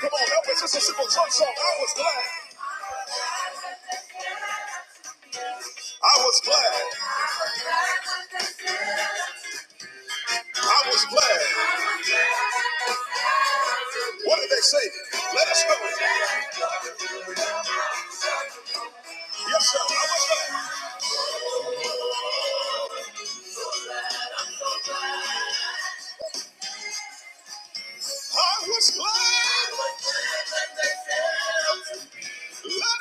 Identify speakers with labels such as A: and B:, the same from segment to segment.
A: Come on, help us. It's a simple church song. I was glad. I was glad. I was glad. What did they say? Let us know. Yes, sir. I was glad. I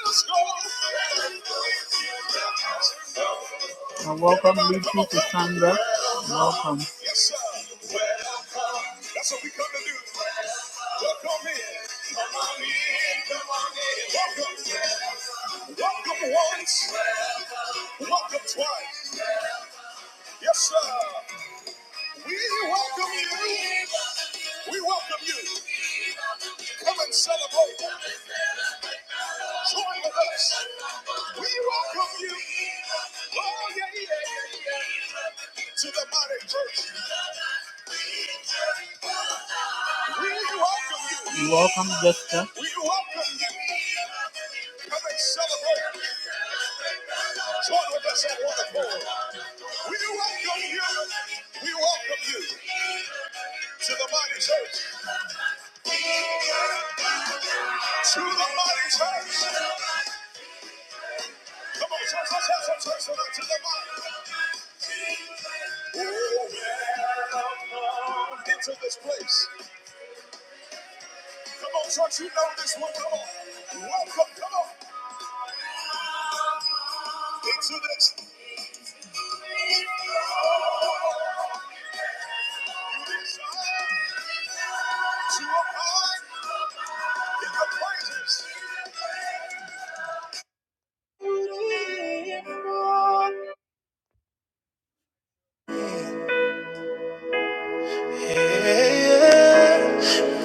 A: was glad. Let us go. I welcome Lucy to Sandra. Welcome. Yes, sir. Welcome. That's what we come to do. Welcome in. Come on in. Come on in. Welcome. Welcome once. Welcome twice. Yes, sir. We welcome you. We welcome you. Come and celebrate. Join with us. We welcome you. Oh, yeah, yeah, yeah, yeah. To the mighty church. You welcome, Jessica. We welcome you. Come and celebrate. Join with us at Waterfall. We welcome you. We welcome you to the mighty church. To the mighty church. Come on, church, church, church, church, church, church, to the mighty. Oh, welcome into this place. Come on, church, you know this one. Come on. Welcome, come on, into this. You desire to abide. Yeah,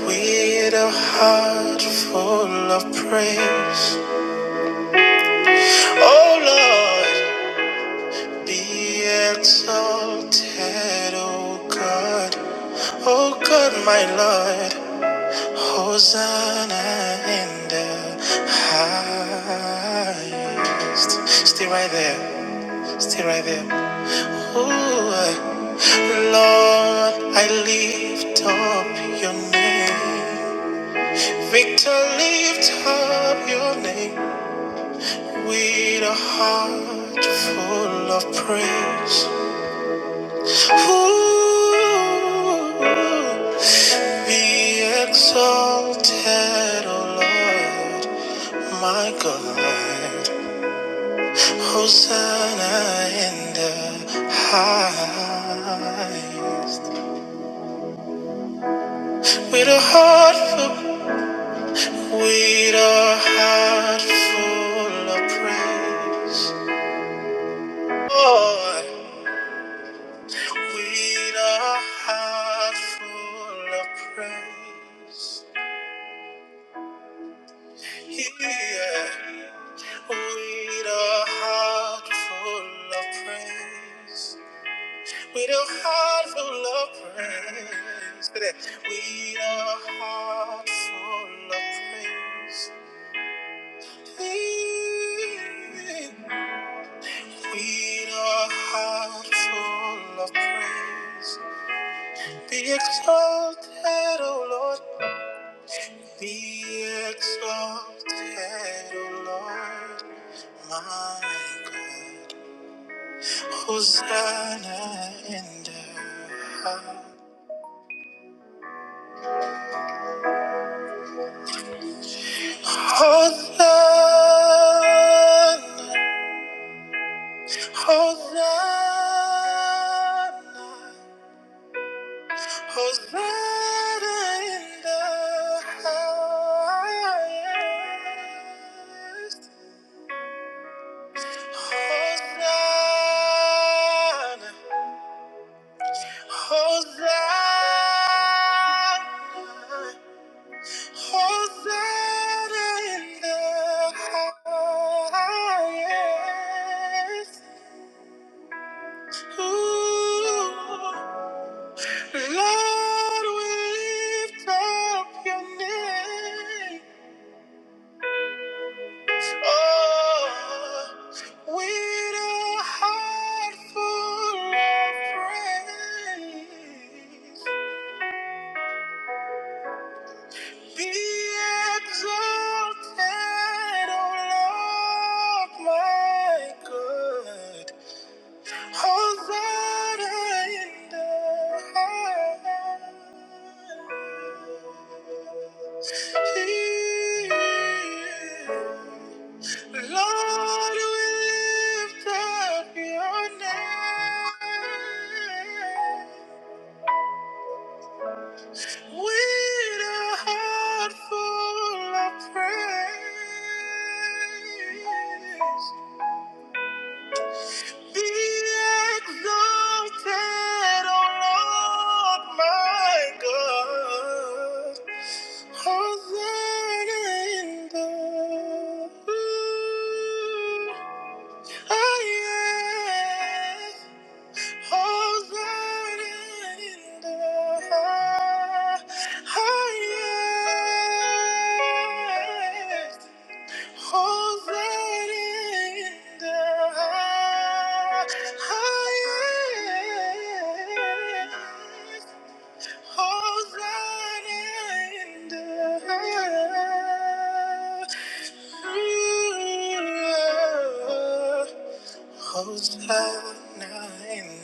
A: with a heart full of praise. Oh Lord, be exalted, oh God. Oh God, my Lord. Hosanna in the highest. Stay right there. Stay right there. Oh, Lord, I lift up your name. Victor, lift up your name with a heart full of praise. Ooh, be exalted, O Lord, my God. Hosanna in the highest. With a heart full With a heart full of praise, Lord, with a heart full of praise, yeah, with a heart full of praise, with a heart full of praise, with a heart full of praise. Hey. Lead a heart full of praise. Be exalted, O Lord. Be exalted, O Lord, my God. Hosanna in the highest. Hosanna, Hosanna. Hosanna in the highest. Hosanna, Hosanna, Hosanna in the highest. Ooh. Lord, we lift up your name. Oh, we don't hide full of praise. Be exalted, O Lord, my God. Hosanna in Lord, we lift up your name with a heart full of praise. Be exalted, O Lord, my God. Hosanna in the- Ah, yes. Hosanna in the highest. Hold Hold Hold in in in the the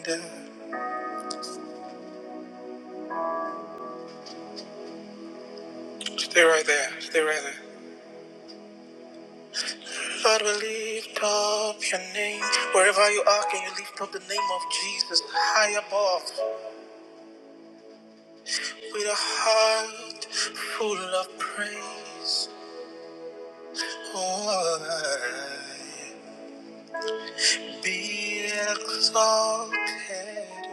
A: the. Stay right there. Stay right there. Lord, we lift up your name. Wherever you are, can you lift up the name of Jesus high above? With a heart full of praise, oh, I be exalted, O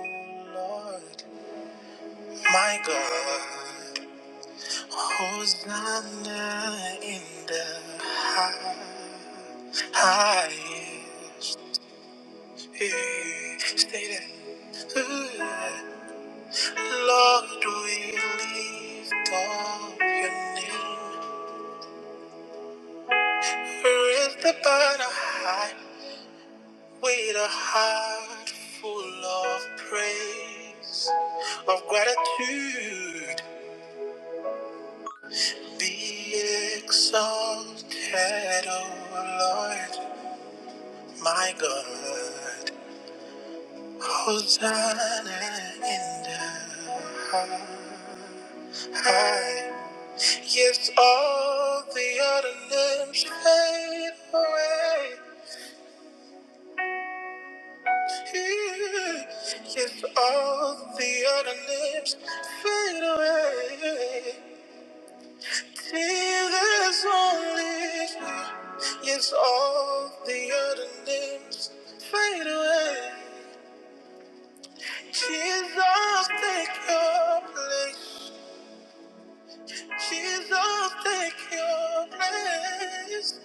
A: Lord, my God. Hosanna in the high, highest. Yeah, stay there. Ooh. Lord, we lift up your name. Raise the banner high. With a heart full of praise, of gratitude, be exalted, O Lord, my God. Hosanna in the high. Yes, all the other names fade away. Yeah. If all the other names fade away, till there's only you. Yes, all the other names fade away. Jesus, take your place. Jesus, take your place.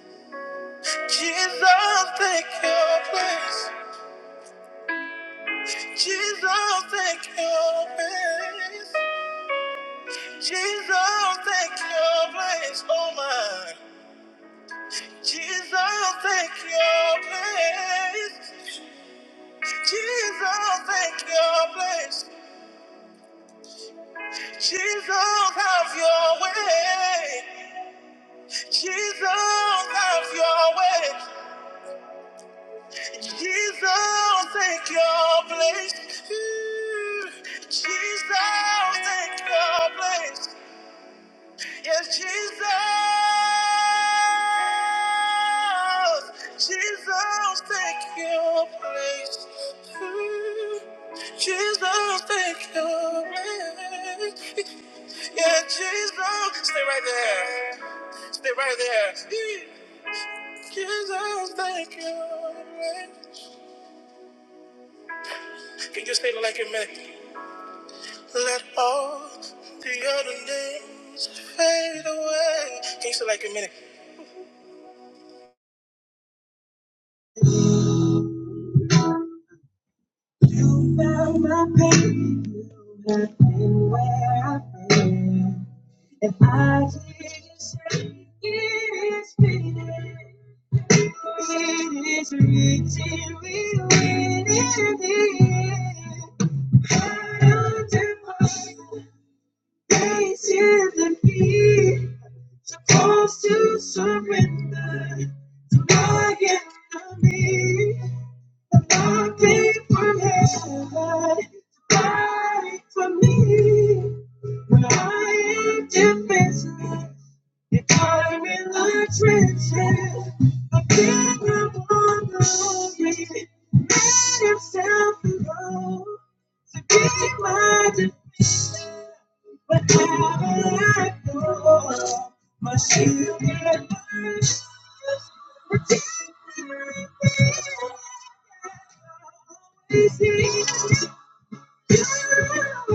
A: Jesus, take your place. Jesus, take your place. Jesus, take your place, oh my. Jesus, take your place. Jesus, take your place. Jesus, have your way. Jesus, have your way. Jesus, take your place. Ooh. Jesus, take your place. Yes, Jesus. Jesus, take your place. Jesus, take your place. Yeah, Jesus. Stay right there. Stay right there. Yeah. Jesus, take your place. Can you say it like a minute? Let all the other names fade away. Can you say it like a minute?
B: You found my pain. You have been where I've been. If I did just say it is written, it is written, we win in the end. Wonderful, amazing to be supposed to surrender to my enemy. I came from heaven to die for me when I am defenseless. You caught me in the trenches. I think not won to be. Man himself alone to be my defender. But how will I go? My shield and my shield protect me. Always need me. Thank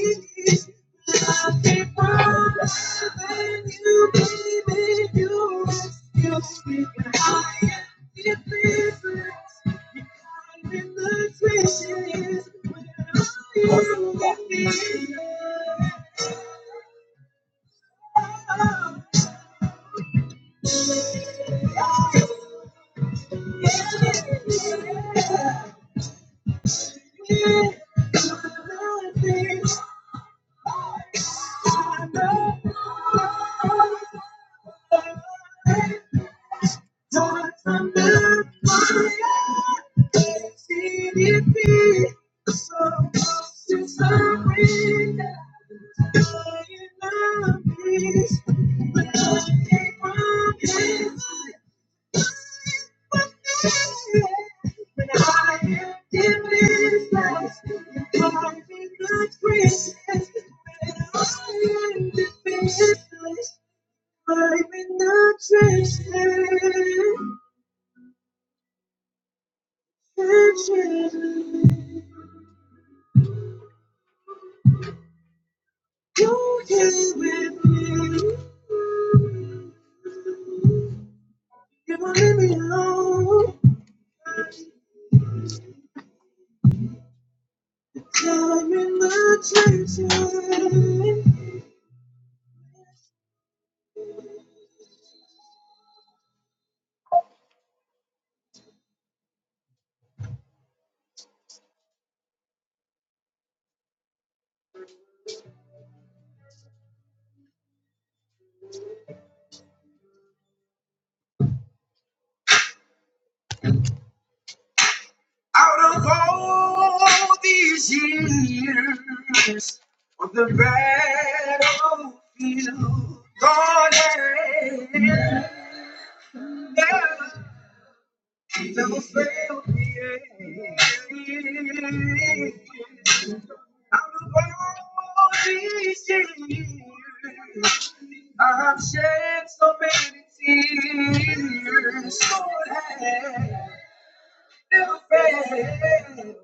B: you. I keep on loving you, baby. You rescue me. when I am defenseless. I'm in the trenches. Without you, I'm defenseless. I'm not you You came with me. me won't leave me alone. I'm in the church. Out of all these years on the battlefield, God has never, never failed me. I've shed so many tears. Lord, have never failed.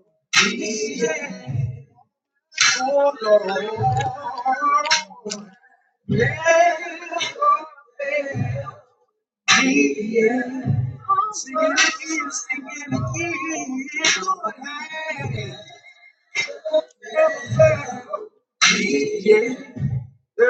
B: Yeah. Oh Lord, never failed. Yeah. Singing again, singing again. Lord, have never failed. Yeah. I'm a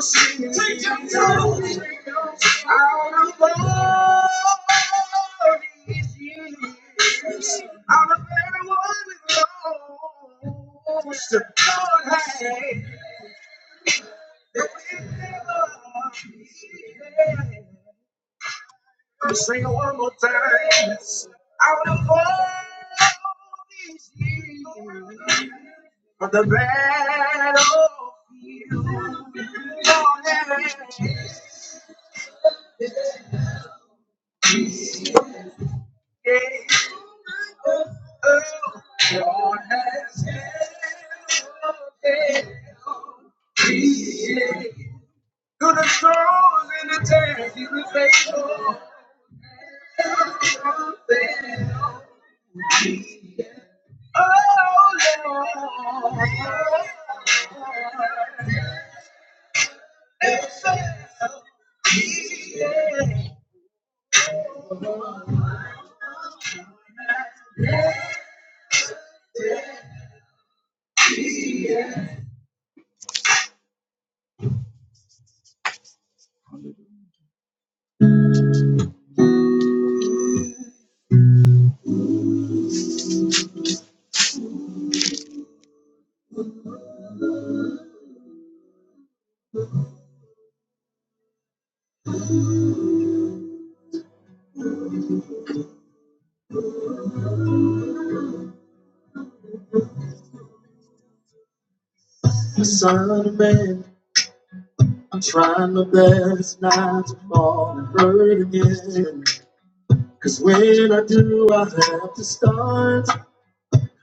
B: singer. Take your time. Out of all these years, I'm a better one with the Lord had. Sing it one more time. Out of all these years. On the battlefield, your hand is gay. Oh, your hands held me. Through the storms and the tests, you were faithful. Oh, Lord. yeah. The son of man, I'm trying my best not to fall and hurt again. Cause when I do, I have to start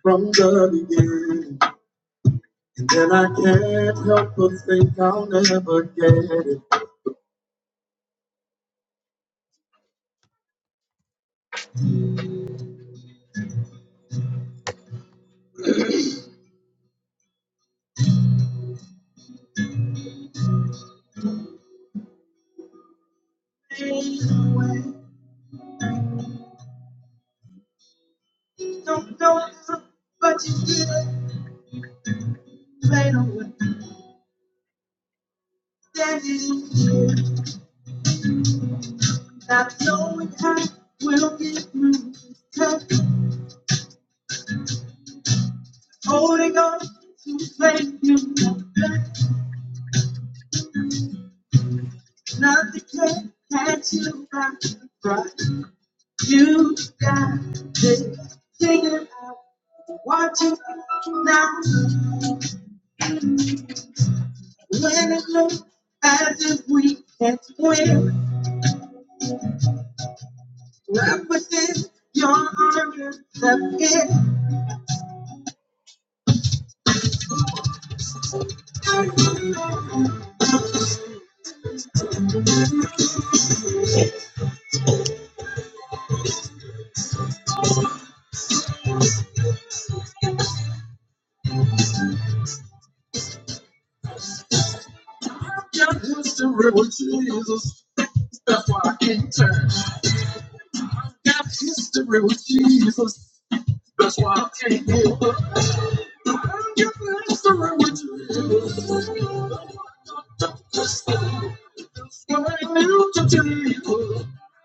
B: from the beginning. And then I can't help but think I'll never get it. Fade away, Don't know, it, but you did it right away. Standing here, not knowing how we'll get through this test. Holding on to faith, you know, that nothing can catch you back. Right. You got this figured out. Watching now when it looks as if we can't win. Represent your honor, step in. Got history with Jesus. That's why I can't turn. Got history with Jesus. That's why I can't give up. Got history with Jesus. When I knew to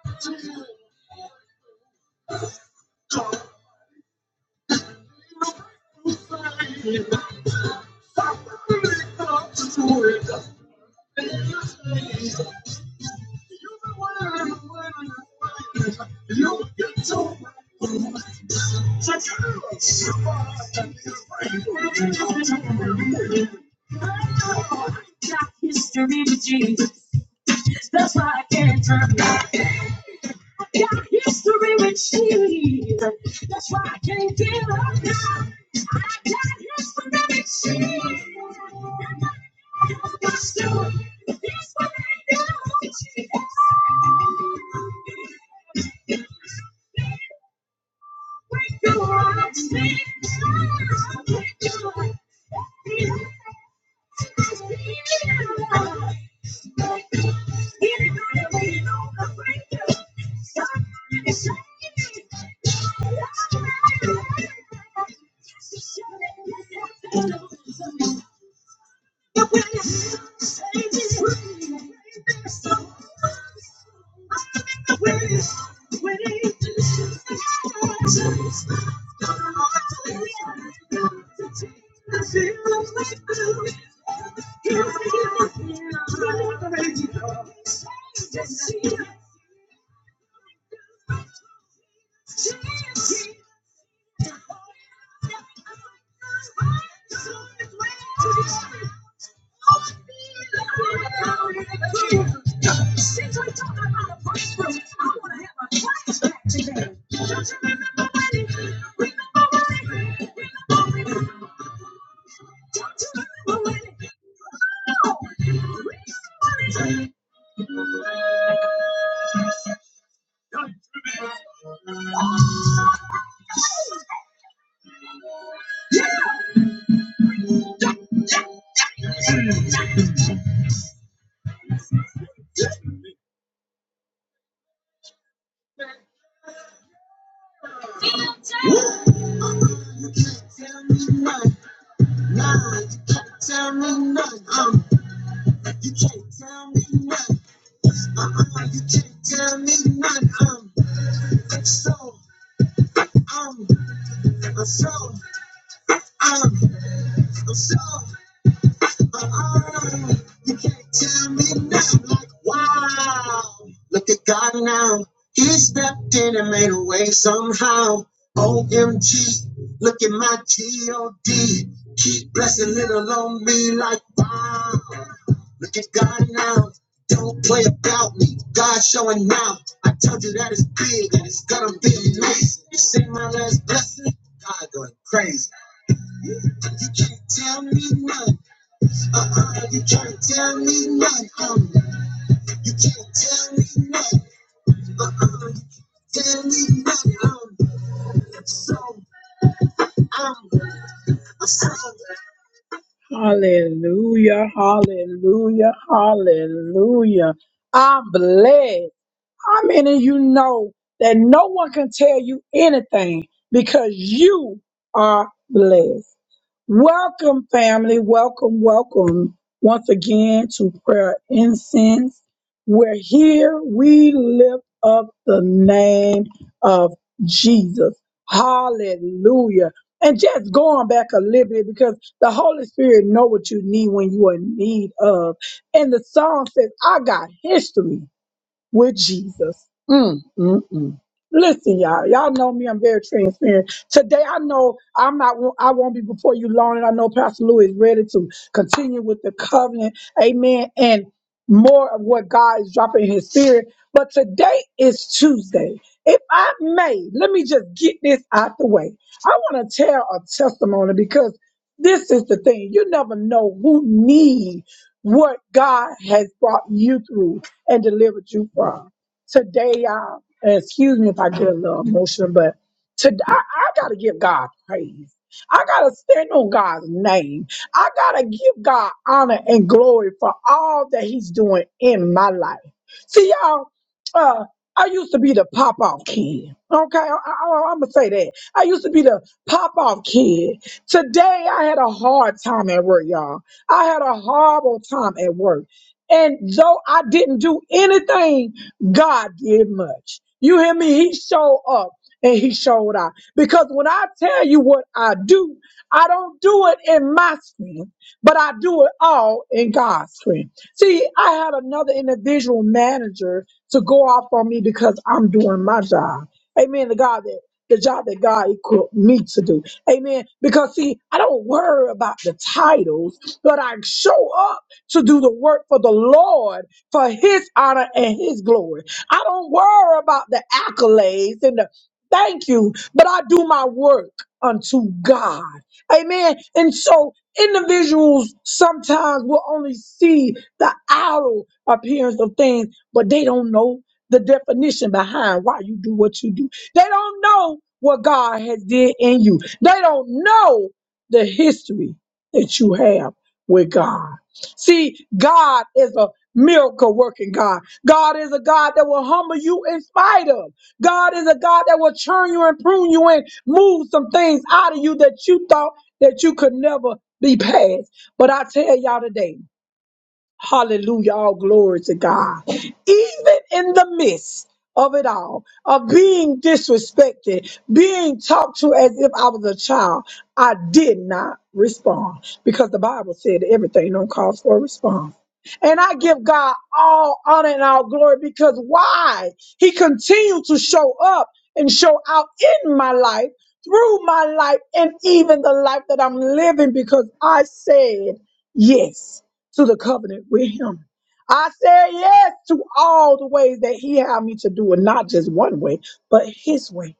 B: Jesus. Jesus. Got history with Jesus. That's why I can't turn back. Got history with Jesus. That's why I can't give up now. I got history with Jesus. And I know my story. Here's what I still history know. Thank you. Since we talked about the past, I wanna have my place back again. Don't you remember when? Remember when? Remember when? You can't tell me none, none. You can't tell me none, um. You can't tell me none, uh huh. You can't tell me none, um. So I'm. myself, I'm So, um, so, I'm. you can't tell me now. Like, wow, look at God now. He stepped in and made a way somehow. OMG, look at my G-O-D. Keep blessing little on me like, wow, look at God now. Don't play about me. God showing now, I told you that it's big and it's gonna be nice. You see my last blessing? God going crazy. You can't tell me none. Uh-uh, you can't tell me none. i Hallelujah, hallelujah, hallelujah. I'm blessed. How many of you know that no one can tell you anything because you are blessed? Welcome, family. Welcome, welcome once again to Prayer Incense. We're here. We lift up the name of Jesus. Hallelujah. And just going back a little bit because the Holy Spirit know what you need when you are in need of. And the song says, I got history with Jesus. Mm, mm, mm. Listen, y'all. Y'all know me. I'm very transparent. Today, I know I'm not. I won't be before you long, and I know Pastor Lou is ready to continue with the covenant. Amen. And more of what God is dropping in His spirit. But today is Tuesday. If I may, let me just get this out the way. I want to tell a testimony because this is the thing. You never know who needs what God has brought you through and delivered you from. Today, you uh, excuse me if I get a little emotional, but today I, I gotta give God praise. I gotta stand on God's name. I gotta give God honor and glory for all that He's doing in my life. See, y'all, uh, I used to be the pop off kid. Okay, I, I, I'm gonna say that. I used to be the pop off kid. Today, I had a hard time at work, y'all. I had a horrible time at work. And though I didn't do anything, God did much. You hear me? He showed up and he showed out. Because when I tell you what I do, I don't do it in my strength, but I do it all in God's strength. See, I had another individual manager to go off on me because I'm doing my job. Amen. The God that the job that God equipped me to do. Amen. Because see, I don't worry about the titles that I show up to do the work for the Lord for his honor and his glory. I don't worry about the accolades and the thank you, but I do my work unto God. Amen. And so individuals sometimes will only see the outer appearance of things, but they don't know the definition behind why you do what you do. They don't know what God has did in you. They don't know the history that you have with God. See, God is a miracle working God. God is a God that will humble you in spite of. God is a God that will churn you and prune you and move some things out of you that you thought that you could never be past. But I tell y'all today, Hallelujah. All glory to God. Even in the midst of it all, of being disrespected, being talked to as if I was a child, I did not respond because the Bible said everything don't cause for a response. And I give God all honor and all glory because why? He continued to show up and show out in my life, through my life, and even the life that I'm living because I said yes to the covenant with him. I said yes to all the ways that he had me to do it, not just one way, but his way.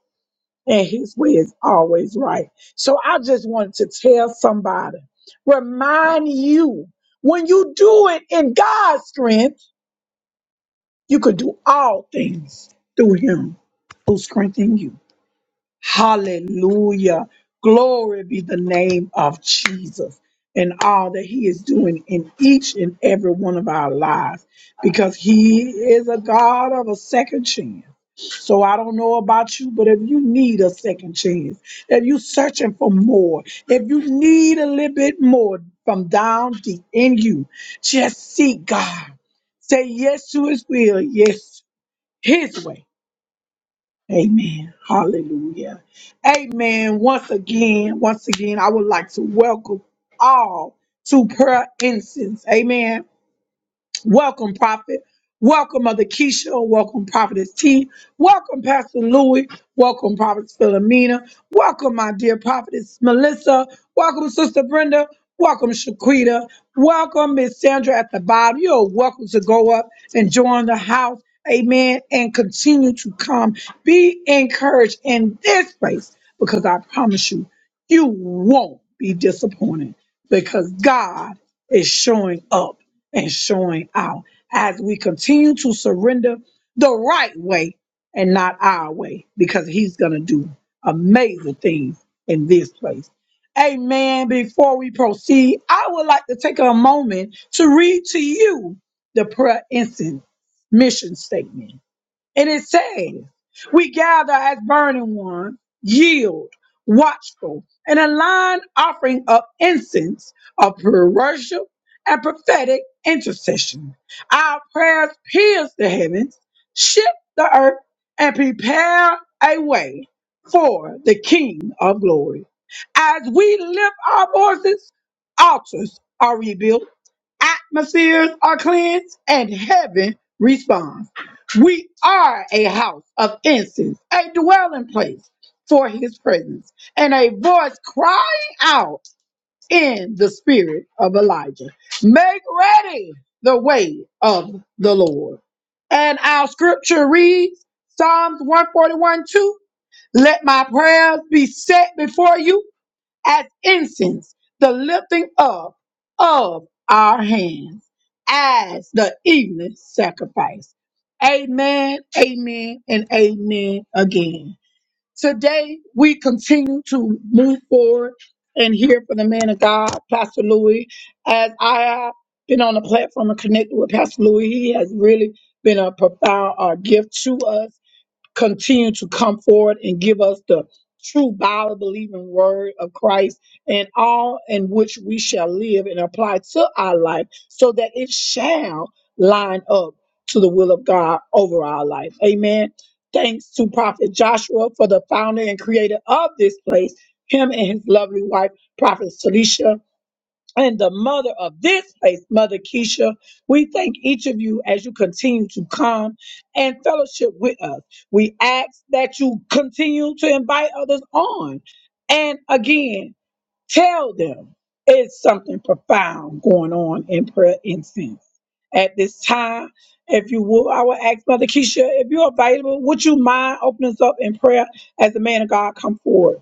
B: And his way is always right. So I just wanted to tell somebody, remind you, when you do it in God's strength, you can do all things through him who strengthens you. Hallelujah. Glory be the name of Jesus and all that he is doing in each and every one of our lives because he is a God of a second chance. So I don't know about you, but if you need a second chance, if you're searching for more, if you need a little bit more from down deep in you, just seek God. Say yes to his will, yes, his way Amen. Hallelujah. Amen. Once again, once again, I would like to welcome all to prayer incense. Amen. Welcome, Prophet. Welcome, Mother Keisha. Welcome, Prophetess T. Welcome, Pastor Louis. Welcome, Prophetess Philomena. Welcome, my dear Prophetess Melissa. Welcome, Sister Brenda. Welcome, Shaquita. Welcome, Miss Sandra at the bottom. You're welcome to go up and join the house. Amen. And continue to come. Be encouraged in this place because I promise you, you won't be disappointed because God is showing up and showing out as we continue to surrender the right way and not our way because he's going to do amazing things in this place. Amen. Before we proceed, I would like to take a moment to read to you the prayer incense mission statement. And it says, We gather as burning one, yield, watchful, and a line offering up incense of pure worship and prophetic intercession. Our prayers pierce the heavens, shift the earth, and prepare a way for the King of glory. As we lift our voices, altars are rebuilt Atmospheres are cleansed and heaven responds. We are a house of incense, a dwelling place for his presence, and a voice crying out in the spirit of Elijah. Make ready the way of the Lord. And our scripture reads Psalms 141 2. Let my prayers be set before you as incense, the lifting up of our hands as the evening sacrifice. Amen, amen, and amen again. Today, we continue to move forward and hear from the man of God, Pastor Louis. As I have been on the platform and connected with Pastor Louis, he has really been a profound uh, gift to us continue to come forward and give us the true Bible believing word of Christ and all in which we shall live and apply to our life so that it shall line up to the will of God over our life. Amen. Thanks to Prophet Joshua for the founder and creator of this place, him and his lovely wife, Prophet Salisha and the mother of this place, Mother Keisha. We thank each of you as you continue to come and fellowship with us. We ask that you continue to invite others on. And again, tell them it's something profound going on in prayer incense. At this time, if you will, I will ask Mother Keisha, if you're available, would you mind opening us up in prayer as the man of God come forward?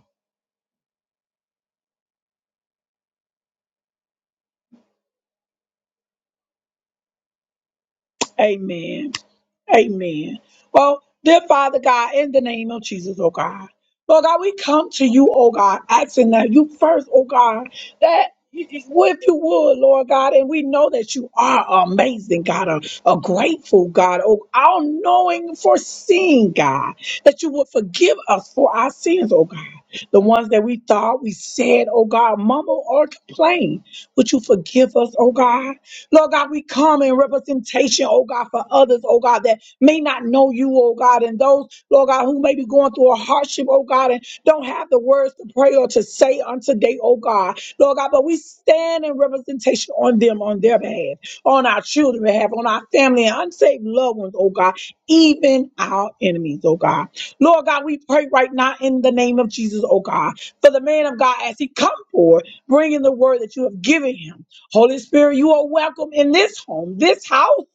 B: Amen. Amen. Well, dear Father God, in the name of Jesus, oh God. Lord God, we come to you, oh God, asking that you first, oh God, that you- you- if you would, Lord God, and we know that you are amazing, God, a, a grateful God, oh, all knowing, foreseeing God, that you would forgive us for our sins, oh God, the ones that we thought we said, oh God, mumble or complain. Would you forgive us, oh God? Lord God, we come in representation, oh God, for others, oh God, that may not know you, oh God, and those, Lord God, who may be going through a hardship, oh God, and don't have the words to pray or to say unto day, oh God, Lord God, but we stand in representation on them, on their behalf, on our children behalf, on our family and unsaved loved ones, oh God, even our enemies, oh God. Lord God, we pray right now in the name of Jesus, oh God, for the man of God as he come forward, bringing the word that you have given him. Holy Spirit, you are welcome in this home, this house.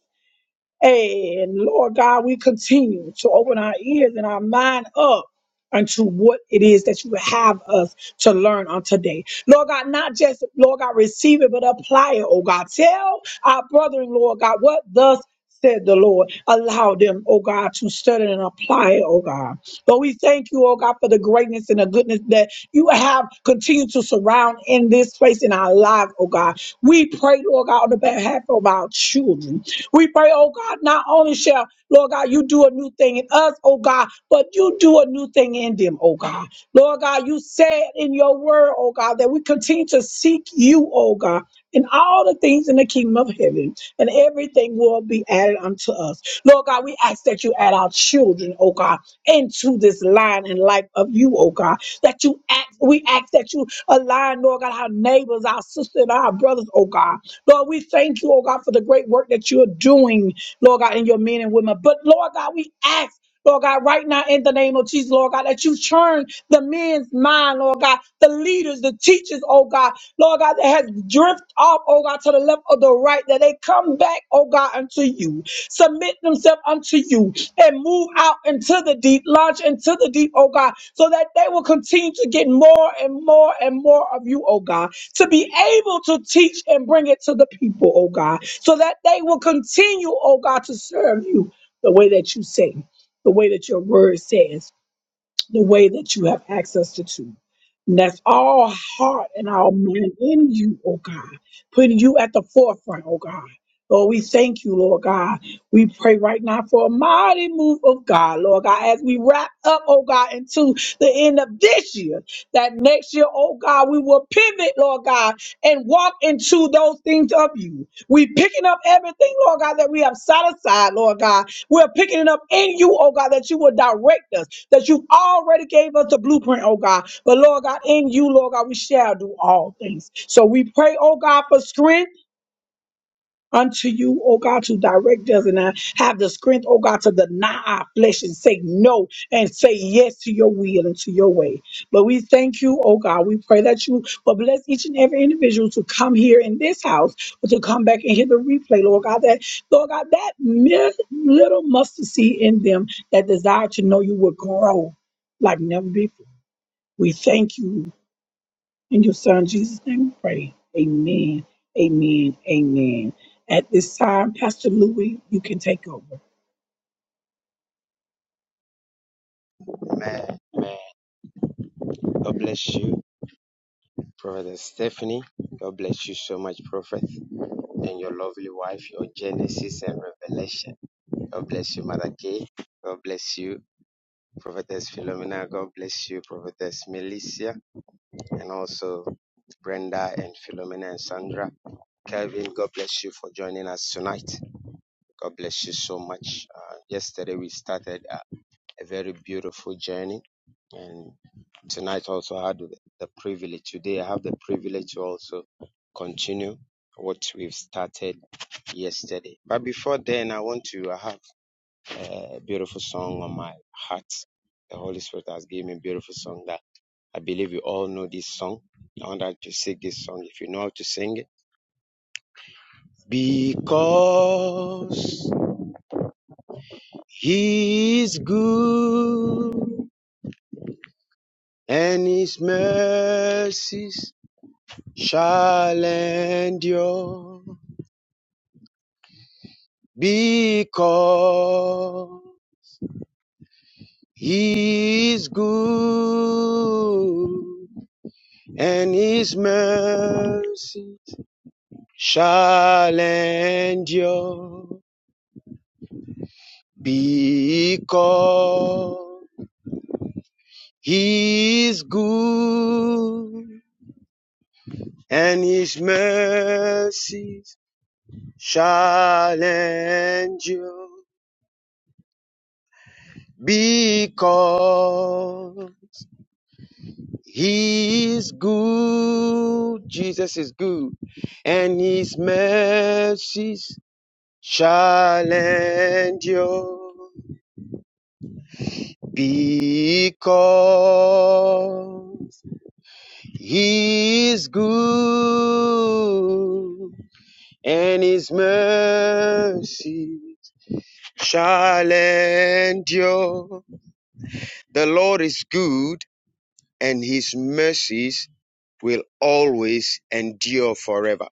B: And Lord God, we continue to open our ears and our mind up unto what it is that you have us to learn on today. Lord God, not just, Lord God, receive it, but apply it, oh God. Tell our brethren, Lord God, what thus said the Lord. Allow them, oh God, to study and apply it, oh God. Lord, we thank you, oh God, for the greatness and the goodness that you have continued to surround in this place in our life, oh God. We pray, Lord God, on the behalf of our children. We pray, oh God, not only shall, Lord God, you do a new thing in us, oh God, but you do a new thing in them, oh God. Lord God, you said in your word, oh God, that we continue to seek you, oh God. In all the things in the kingdom of heaven, and everything will be added unto us. Lord God, we ask that you add our children, oh God, into this line and life of you, oh God. That you act, we ask that you align, Lord God, our neighbors, our sisters, and our brothers, oh God. Lord, we thank you, oh God, for the great work that you're doing, Lord God, in your men and women. But Lord God, we ask. Lord God, right now in the name of Jesus, Lord God, that you turn the men's mind, Lord God, the leaders, the teachers, oh God, Lord God, that has drift off, oh God, to the left or the right, that they come back, oh oh God, unto you, submit themselves unto you, and move out into the deep, launch into the deep, oh God, so that they will continue to get more and more and more of you, oh God, to be able to teach and bring it to the people, oh God, so that they will continue, oh God, to serve you the way that you say, the way that your word says the way that you have access to truth. And that's all heart and all mind in you, oh God, putting you at the forefront, oh God. Lord, we thank you, Lord God. We pray right now for a mighty move of God, Lord God, as we wrap up, oh God, into the end of this year. That next year, oh God, we will pivot, Lord God, and walk into those things of you. We picking up everything, Lord God, that we have set aside, Lord God. We're picking it up in you, oh God, that you will direct us, that you already gave us the blueprint, oh God. But Lord God, in you, Lord God, we shall do all things. So we pray, oh God, for strength unto you, O God, to direct us and I have the strength, O God, to deny our flesh and say no and say yes to your will and to your way. But we thank you, O God. We pray that you will bless each and every individual to come here in this house or to come back and hear the replay, Lord God, that Lord God, that mi- little mustard seed in them that desire to know you will grow like never before. We thank you. In your son Jesus' name we pray. Amen. Amen. Amen. At this time, Pastor Louis, you can take over.
C: Amen. God bless you, Prophet Stephanie. God bless you so much, Prophet, and your lovely wife, your Genesis and Revelation. God bless you, Mother Kay. God bless you, Prophetess Philomena. God bless you, Prophetess Melissa, and also Brenda and Philomena and Sandra. Kevin, God bless you for joining us tonight. God bless you so much. Uh, yesterday we started. uh, a very beautiful journey. And tonight also I had the privilege, today I have the privilege to also continue what we've started yesterday. But before then, I want to, I have a beautiful song on my heart. The Holy Spirit has given me a beautiful song that I believe you all know this song. I want us to sing this song if you know how to sing it. Because He is good. and his mercies shall endure because he is good and his mercies shall endure because he is good and his mercies shall endure Because he is good, Jesus is good, and his mercies shall endure. Because he is good, and his mercies shall endure. The Lord is good, and his mercies will always endure forever.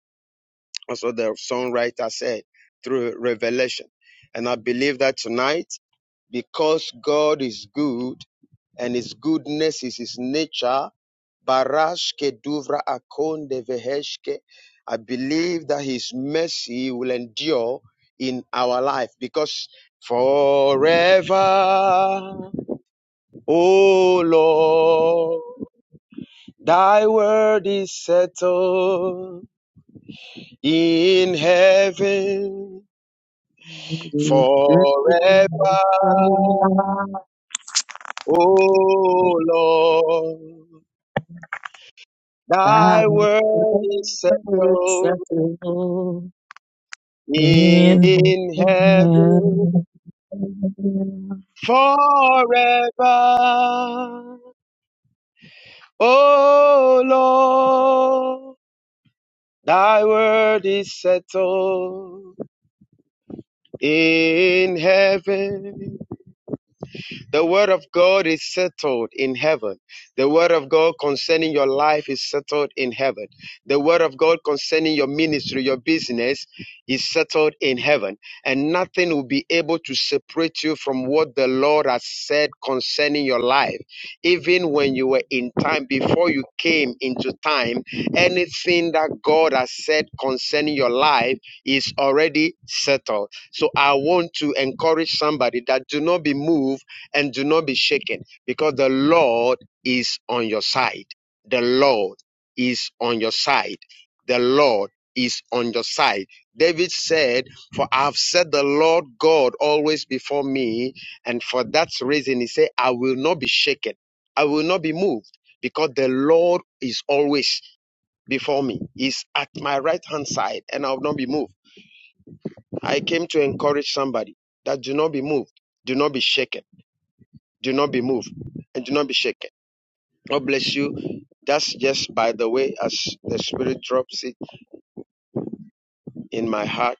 C: That's what the songwriter said through revelation. And I believe that tonight, because God is good and his goodness is his nature, Barashke Duvra Akonde Veheshke, I believe that his mercy will endure in our life because forever, O Lord, thy word is settled in heaven
D: Matthew 13,
C: forever.
D: 25
C: O Lord, thy
D: Matthew
C: word is settled in heaven forever. O Lord, thy word is settled in heaven The word of God is settled in heaven. The word of God concerning your life is settled in heaven. The word of God concerning your ministry, your business is settled in heaven. And nothing will be able to separate you from what the Lord has said concerning your life. Even when you were in time, before you came into time, anything that God has said concerning your life is already settled. So I want to encourage somebody that do not be moved and do not be shaken because the Lord is on your side. The Lord is on your side. The Lord is on your side. David said, For I have set the Lord God always before me. And for that reason, he said, I will not be shaken. I will not be moved because the Lord is always before me. He's at my right hand side and I will not be moved. I came to encourage somebody that do not be moved, do not be shaken do not be moved and do not be shaken. God bless you. That's just by the way, as the Spirit drops it in my heart,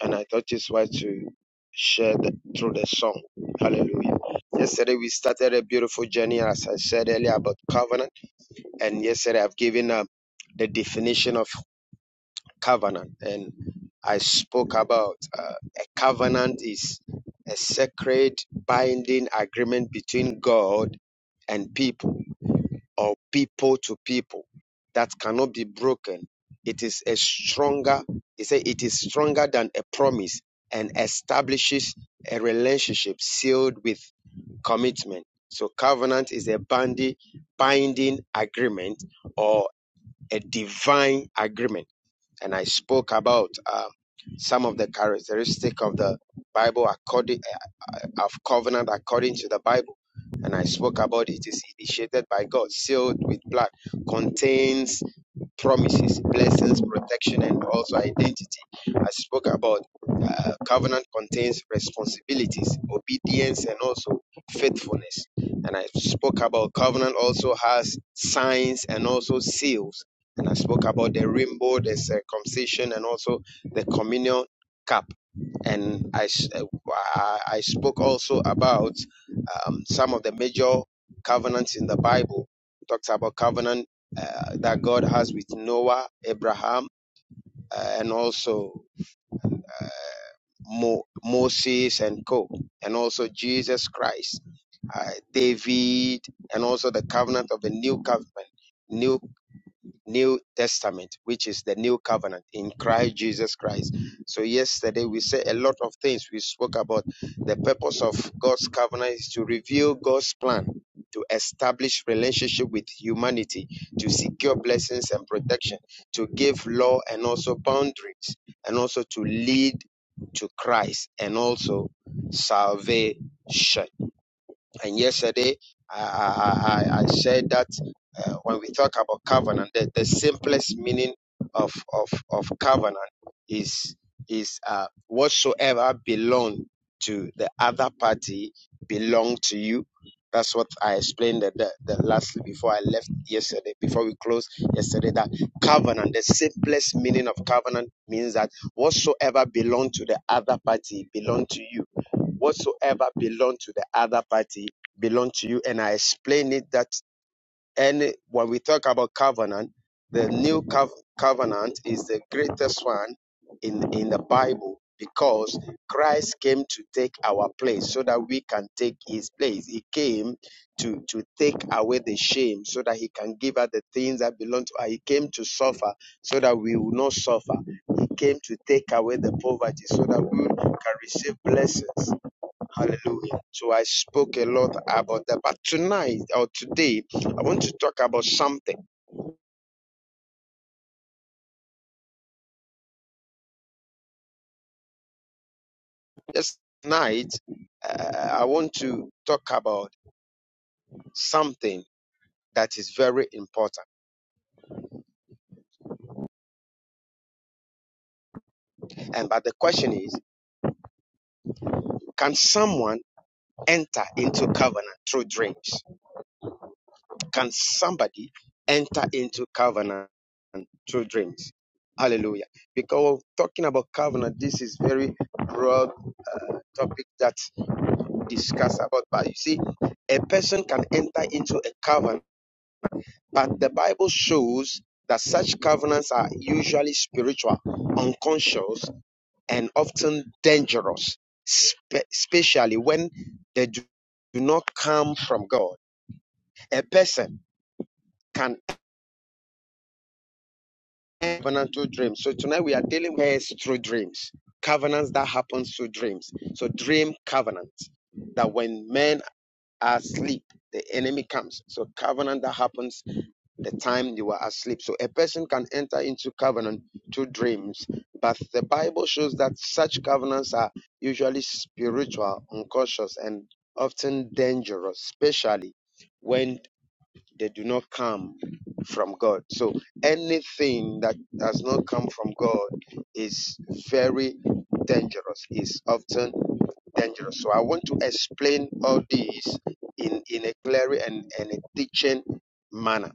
C: and I thought it's wise to share the, through the song. Hallelujah. Yesterday we started a beautiful journey, as I said earlier, about covenant. And yesterday I've given um, the definition of covenant, and I spoke about uh, a covenant is a sacred binding agreement between God and people or people to people that cannot be broken. It is a stronger, he said it is stronger than a promise and establishes a relationship sealed with commitment. So covenant is a bandi- binding agreement or a divine agreement. And I spoke about uh, some of the characteristic of the Bible according uh, of covenant according to the Bible and I spoke about it. It's initiated by God, sealed with blood, contains promises, blessings, protection, and also identity. I spoke about uh, covenant contains responsibilities, obedience, and also faithfulness. And I spoke about covenant also has signs and also seals. And I spoke about the rainbow, the circumcision, and also the communion cup and uh, I I spoke also about um, some of the major covenants in the Bible. Talks about covenant uh, that God has with Noah, Abraham, uh, and also Mo- Moses and co, and also Jesus Christ, uh, David, and also the covenant of the new covenant, New. New Testament, which is the new covenant in Christ Jesus Christ. So, yesterday we said a lot of things. We spoke about the purpose of God's covenant is to reveal God's plan to establish relationship with humanity, to secure blessings and protection, to give law and also boundaries, and also to lead to Christ and also salvation. And yesterday, I, I, I I- I said that uh, when we talk about covenant, the, the simplest meaning of, of, of covenant is, is uh, whatsoever belong to the other party belong to you. That's what I explained the, the, the last before I left yesterday, before we closed yesterday, that covenant, the simplest meaning of covenant means that whatsoever belong to the other party belong to you. Whatsoever belong to the other party belong to you. And I explain it that any when we talk about covenant, the new cov- covenant is the greatest one in in the Bible because Christ came to take our place so that we can take his place. He came to to take away the shame so that he can give us the things that belong to us. He came to suffer so that we will not suffer. He came to take away the poverty so that we can receive blessings Hallelujah. So I spoke a lot about that. But tonight or today, I want to talk about something. Just tonight, uh, I want to talk about something that is very important. And but the question is, can someone enter into covenant through dreams? Can somebody enter into covenant through dreams? Hallelujah. Because talking about covenant, this is very broad topic that discuss about but you see a person can enter into a covenant but the bible shows that such covenants are usually spiritual unconscious and often dangerous spe- especially when they do, do not come from god a person can enter covenant through dreams so tonight we are dealing with is through dreams covenants that happens through dreams so dream covenants that when men are asleep the enemy comes so covenant that happens the time you were asleep. So a person can enter into covenant through dreams, but the Bible shows that such covenants are usually spiritual, unconscious, and often dangerous, especially when they do not come from God. So anything that does not come from God is very dangerous, is often dangerous. So I want to explain all these in, in a clear and, and a teaching manner.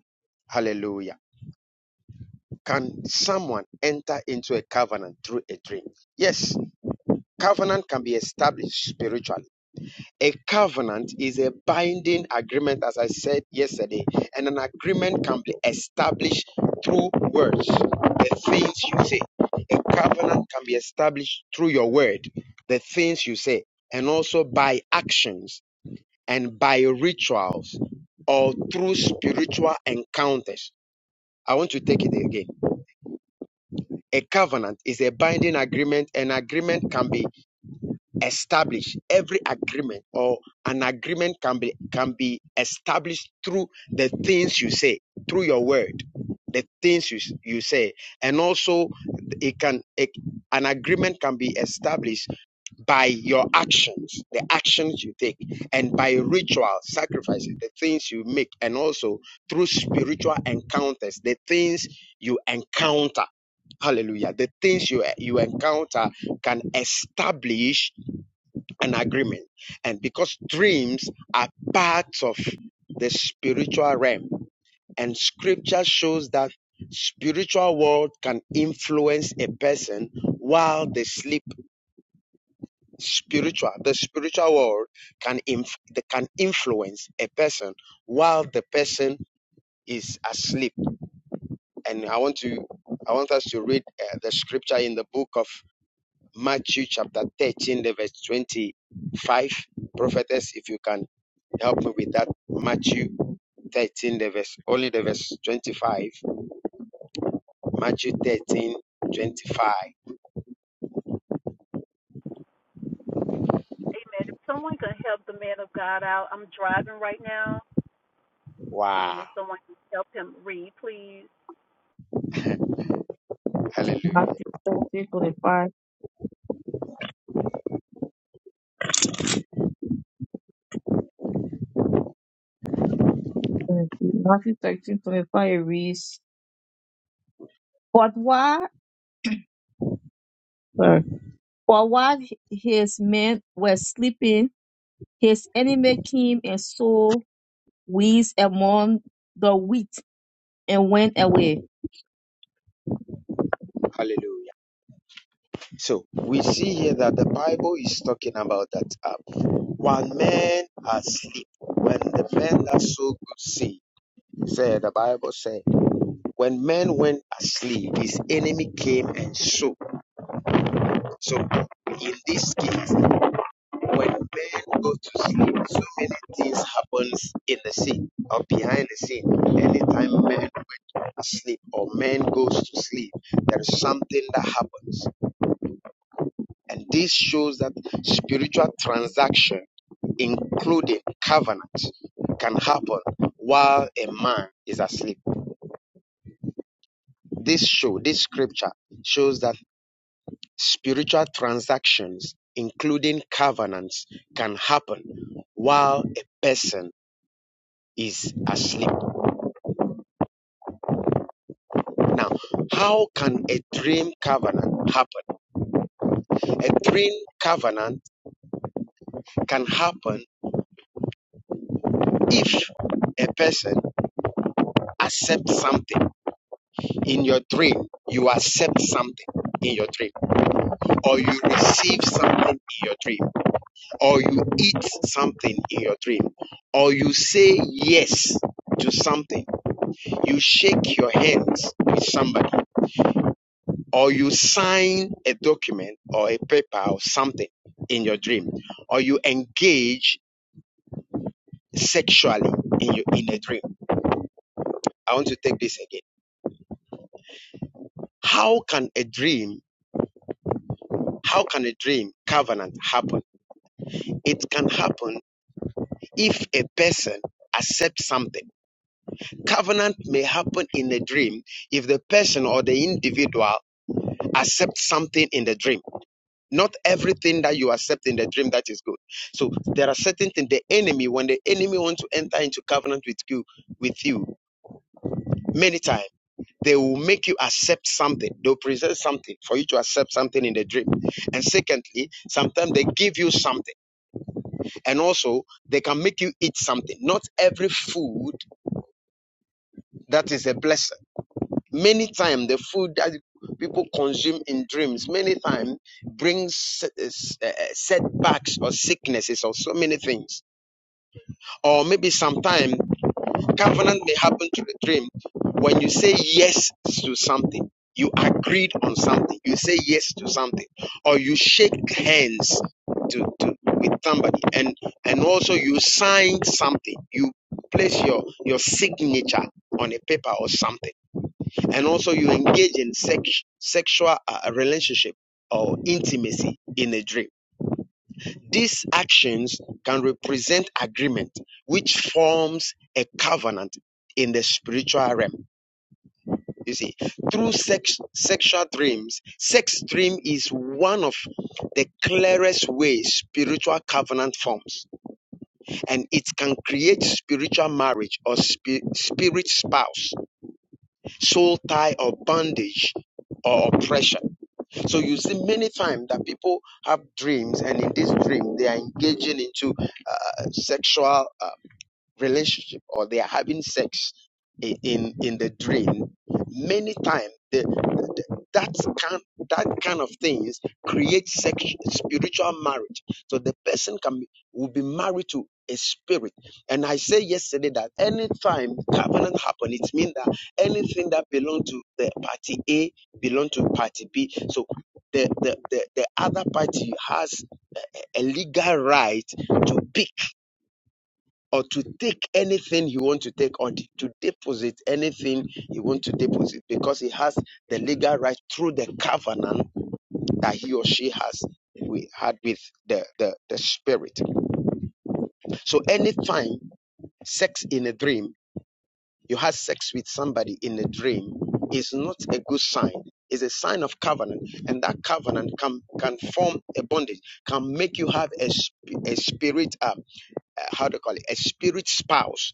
C: Hallelujah. Can someone enter into a covenant through a dream? Yes, covenant can be established spiritually. A covenant is a binding agreement, as I said yesterday, and an agreement can be established through words, the things you say. A covenant can be established through your word, the things you say, and also by actions and by rituals or through spiritual encounters. I want to take it again. A covenant is a binding agreement. An agreement can be establish every agreement or an agreement can be can be established through the things you say through your word the things you, you say and also it can it, an agreement can be established by your actions the actions you take and by ritual sacrifices the things you make and also through spiritual encounters the things you encounter hallelujah the things you you encounter can establish an agreement. And because dreams are part of the spiritual realm, and scripture shows that spiritual world can influence a person while they sleep spiritual the spiritual world can inf- they can influence a person while the person is asleep and i want to i want us to read uh, the scripture in the book of Matthew chapter 13, the verse 25. Prophetess, if you can help me with that. Matthew 13, the verse, only the verse 25. Matthew 13, 25. Wow. Hallelujah.
D: thirteen twenty-five reads, But while, sorry, but while his men were sleeping, his enemy came and sowed weeds among the wheat and went away.
C: Hallelujah. So we see here that the Bible is talking about that uh, one man asleep. When the man that so good seed, said the Bible said, when men went asleep, his enemy came and sowed. So in this case, when men go to sleep, so many things happens in the scene or behind the scene. Anytime men sleep or men goes to sleep, there is something that happens. And this shows that spiritual transaction, including covenant, can happen while a man is asleep. This show, this scripture shows that Spiritual transactions, including covenants, can happen while a person is asleep. Now, how can a dream covenant happen? A dream covenant can happen if a person accepts something in your dream. You accept something in your dream, or you receive something in your dream, or you eat something in your dream, or you say yes to something you shake your hands with somebody or you sign a document or a paper or something in your dream or you engage sexually in your in a dream i want to take this again how can a dream how can a dream covenant happen it can happen if a person accepts something covenant may happen in a dream if the person or the individual accepts something in the dream Not everything that you accept in the dream that is good. So there are certain things the enemy, when the enemy wants to enter into covenant with you, with you, many times they will make you accept something. They'll present something for you to accept something in the dream. And secondly, sometimes they give you something. And also they can make you eat something. Not every food that is a blessing. Many times the food that people consume in dreams, many times brings se- eh, eh, setbacks or sicknesses or so many things. Or maybe sometimes covenant may happen to the dream. When you say yes to something, you agreed on something. You say yes to something, or you shake hands to, to with somebody, and and also you sign something. You place your your signature on a paper or something and also you engage in sex, sexual uh, relationship or intimacy in a dream. These actions can represent agreement, which forms a covenant in the spiritual realm. You see, through sex, sexual dreams, sex dream is one of the clearest ways spiritual covenant forms, and it can create spiritual marriage or spi- spirit spouse, soul tie or bondage or oppression. So you see many times that people have dreams, and in this dream they are engaging into uh, sexual. uh, relationship or they are having sex in in, in the dream many times the, the- that kind that kind of things create sex, spiritual marriage so the person can be, will be married to a spirit and i said yesterday that anytime covenant happen it means that anything that belong to the party a belong to party b so the, the, the, the other party has a legal right to pick or to take anything you want to take or to deposit anything you want to deposit because he has the legal right through the covenant that he or she has we had with the, the, the spirit. So anytime sex in a dream, you have sex with somebody in a dream is not a good sign. It's a sign of covenant, and that covenant can can form a bondage, can make you have a, a spirit, um, uh, how do you call it, a spirit spouse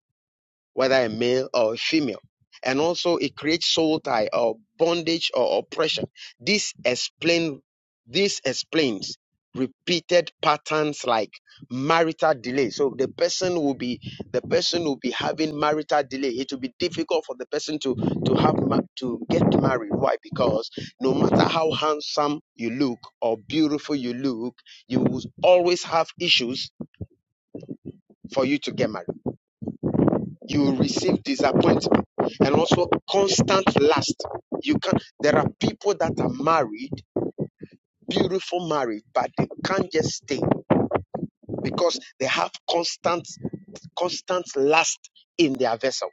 C: whether a male or a female. And also it creates soul tie or bondage or oppression. This explain this explains repeated patterns like marital delay. So the person will be the person will be having marital delay. It will be difficult for the person to to have ma- to get married. Why? Because no matter how handsome you look or beautiful you look, you will always have issues for you to get married you will receive disappointment and also constant lust. You can not there are people that are married, beautiful marriage, but they can't just stay because they have constant, constant lust in their vessel.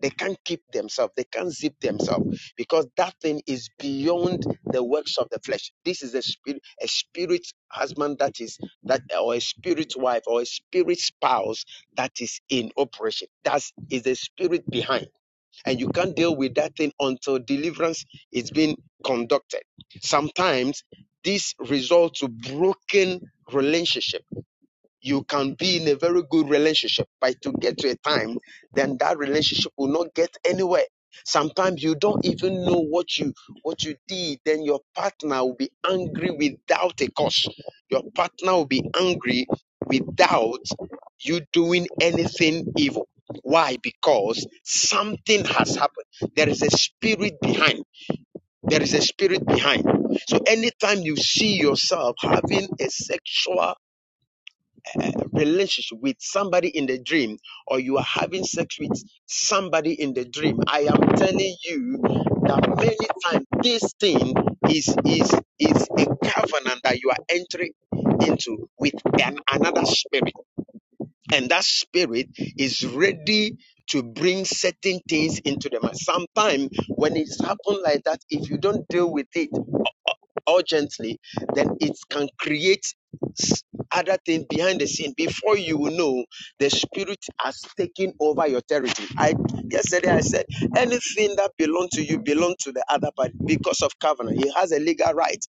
C: They can't keep themselves, they can't zip themselves because that thing is beyond the works of the flesh. This is a spirit, a spirit husband that is that or a spirit wife or a spirit spouse that is in operation. That is the spirit behind and you can't deal with that thing until deliverance is being conducted. Sometimes this results to broken relationship you can be in a very good relationship, but to get to a time, then that relationship will not get anywhere. Sometimes you don't even know what you what you did, then your partner will be angry without a cause. Your partner will be angry without you doing anything evil. Why? Because something has happened. There is a spirit behind. There is a spirit behind. So anytime you see yourself having a sexual relationship with somebody in the dream or you are having sex with somebody in the dream i am telling you that many times this thing is is is a covenant that you are entering into with an, another spirit and that spirit is ready to bring certain things into them and sometimes when it's happened like that if you don't deal with it urgently, then it can create other things behind the scene. Before you know, the spirit has taken over your territory. I yesterday I said anything that belongs to you belongs to the other party because of covenant. He has a legal right.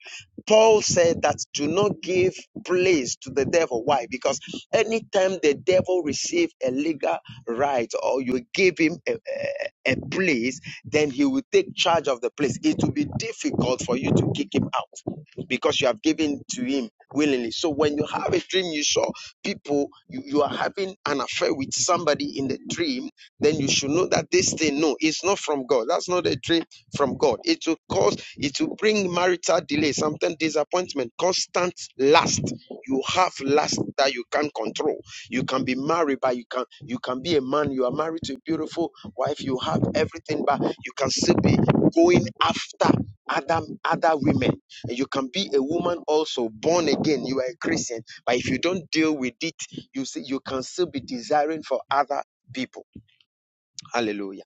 C: Paul said that do not give place to the devil. Why? Because anytime the devil receives a legal right or you give him a, a, a place, then he will take charge of the place. It will be difficult for you to kick him out because you have given to him willingly. So when you have a dream, you saw people, you, you are having an affair with somebody in the dream, then you should know that this thing, no, it's not from God. That's not a dream from God. It will cause, it will bring marital delay, sometimes disappointment, constant lust. You have lust that you can't control. You can be married, but you can you can be a man. You are married to a beautiful wife. You have everything, but you can still be going after other other women and you can be a woman also born again you are a christian but if you don't deal with it you see you can still be desiring for other people hallelujah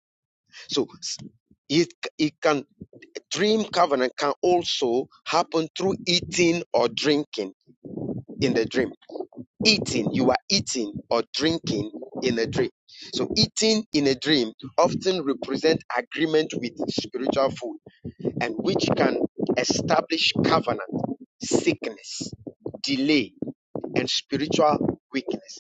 C: so it, it can dream covenant can also happen through eating or drinking in the dream eating you are eating or drinking in a dream so eating in a dream often represent agreement with spiritual food and which can establish covenant, sickness, delay, and spiritual weakness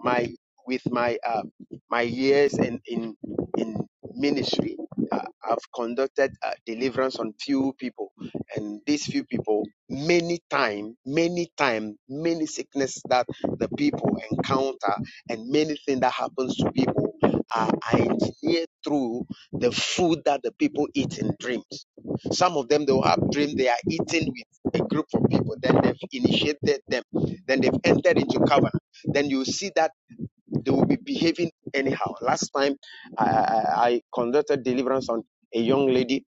C: my with my uh, my years in in in ministry, uh, I've conducted uh, deliverance on few people, and these few people, many time, many time, many sickness that the people encounter, and many thing that happens to people are, are engineered through the food that the people eat in dreams. Some of them they will have dream they are eating with a group of people, then they've initiated them, then they've entered into covenant then you see that they will be behaving anyhow. Last time I, I, I conducted deliverance on a young lady,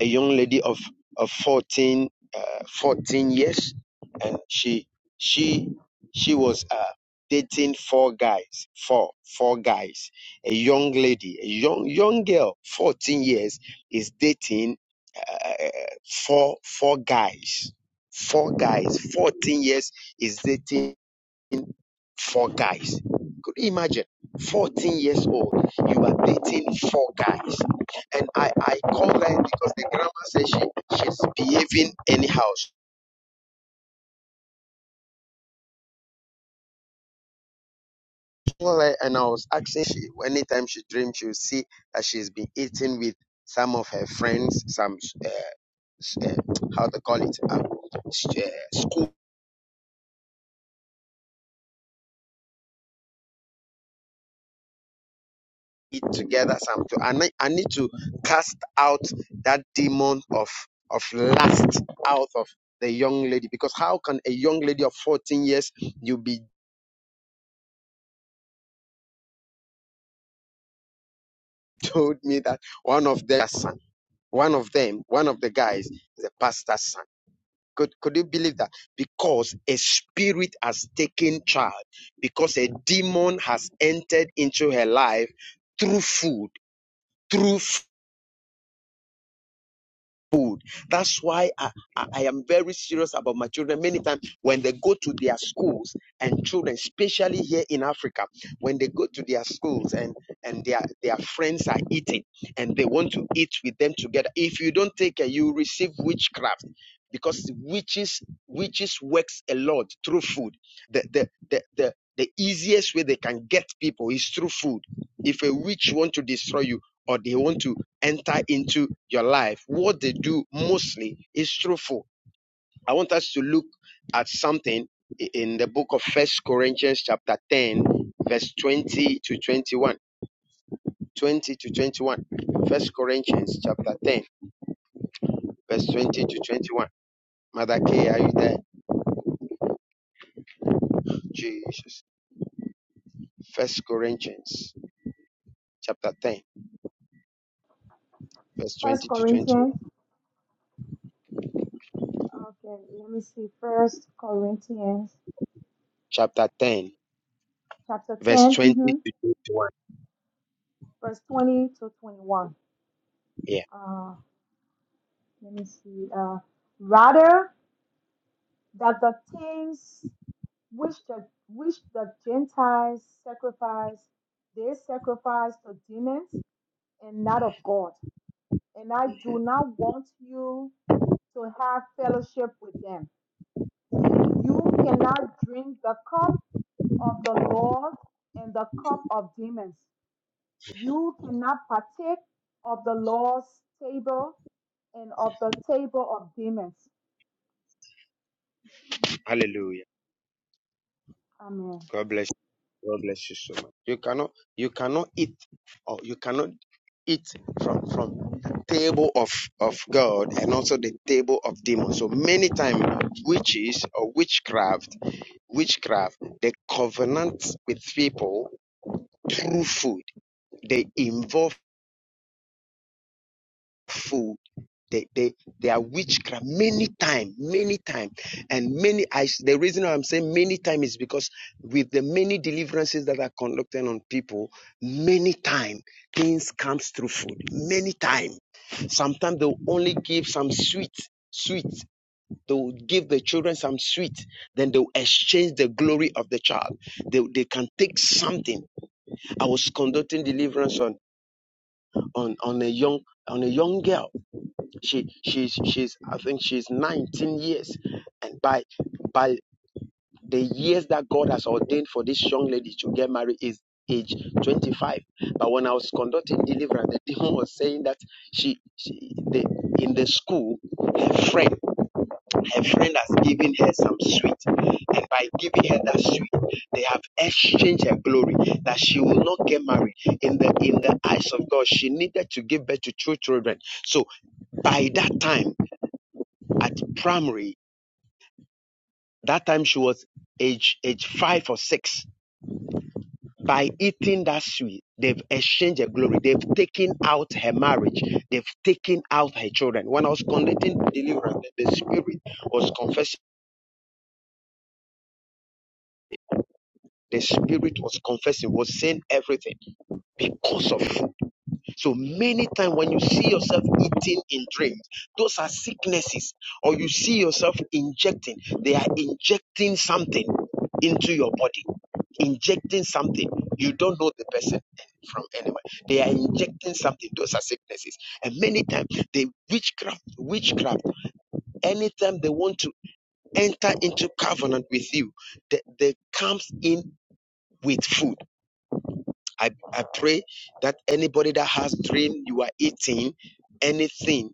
C: a young lady of, of 14, uh, 14 years, and she she she was uh, dating four guys, four four guys. A young lady, a young young girl, 14 years, is dating uh, four four guys, four guys, 14 years is dating dating four guys. Could you imagine? 14 years old, you are dating four guys. And I, I called her because the grandma said she, she's behaving anyhow. She called her and I was asking she anytime she dreams, she'll see that she's been eating with some of her friends, some uh, s- uh, how to call it, um, s- uh, school it together. Some to I need, I need to cast out that demon of of lust out of the young lady because how can a young lady of 14 years you be told me that one of their son, one of them, one of the guys is a pastor's son? Could, could you believe that? Because a spirit has taken child, because a demon has entered into her life through food, through That's why I, I, I am very serious about my children. Many times when they go to their schools and children, especially here in Africa, when they go to their schools and, and their, their friends are eating and they want to eat with them together, if you don't take care, you receive witchcraft because witches witches works a lot through food. The the the, the the easiest way they can get people is through food. If a witch want to destroy you, or they want to enter into your life. What they do mostly is truthful. I want us to look at something in the book of First Corinthians chapter 10, verse 20 to 21. 20 to 21. First Corinthians chapter 10, verse 20 to 21. Mother K, are you there? Jesus. First Corinthians chapter 10, verse
E: First
C: 20 to 21.
E: Corinthians. Okay, let me see. First Corinthians
C: Chapter 10,
E: chapter
C: verse
E: 10,
C: 20
E: hmm
C: to 21.
E: verse 20 to 21.
C: Yeah.
E: Uh, let me see. Uh, rather that the things which the which the Gentiles sacrifice, they sacrifice to demons and not of God. And I do not want you to have fellowship with them. You cannot drink the cup of the Lord and the cup of demons. You cannot partake of the Lord's table and of the table of demons.
C: Hallelujah.
E: Amen.
C: God bless. you. God bless you so much. You cannot you cannot eat or you cannot eat from from table of of God and also the table of demons. So many times witches or witchcraft, witchcraft, they covenant with people through food. They involve food They, they, they are witchcraft many time, many time, and many. I, s- the reason why I'm saying many time is because with the many deliverances that are conducted on people, many time things comes through food. Many time, sometimes they'll only give some sweet, sweet. They'll give the children some sweet, then they'll exchange the glory of the child. They, they can take something. I was conducting deliverance on on on a young on a young girl she she's she's i think she's 19 years and by by the years that god has ordained for this young lady to get married is age 25 but when i was conducting deliverance the demon was saying that she, she the, in the school her friend her friend has given her some sweet and by giving her that sweet they have exchanged her glory that she will not get married in the in the eyes of god she needed to give birth to two children so by that time at primary. That time she was age age five or six. By eating that sweet, they've exchanged her glory. They've taken out her marriage. They've taken out her children. When I was conducting deliverance, the spirit was confessing. The spirit was confessing, was saying everything because of So many times when you see yourself eating in dreams, those are sicknesses, or you see yourself injecting, they are injecting something into your body, injecting something. You don't know the person from anywhere. They are injecting something. Those are sicknesses. And many times they witchcraft, witchcraft, anytime they want to enter into covenant with you, they, they comes in with food I, I pray that anybody that has dream you are eating anything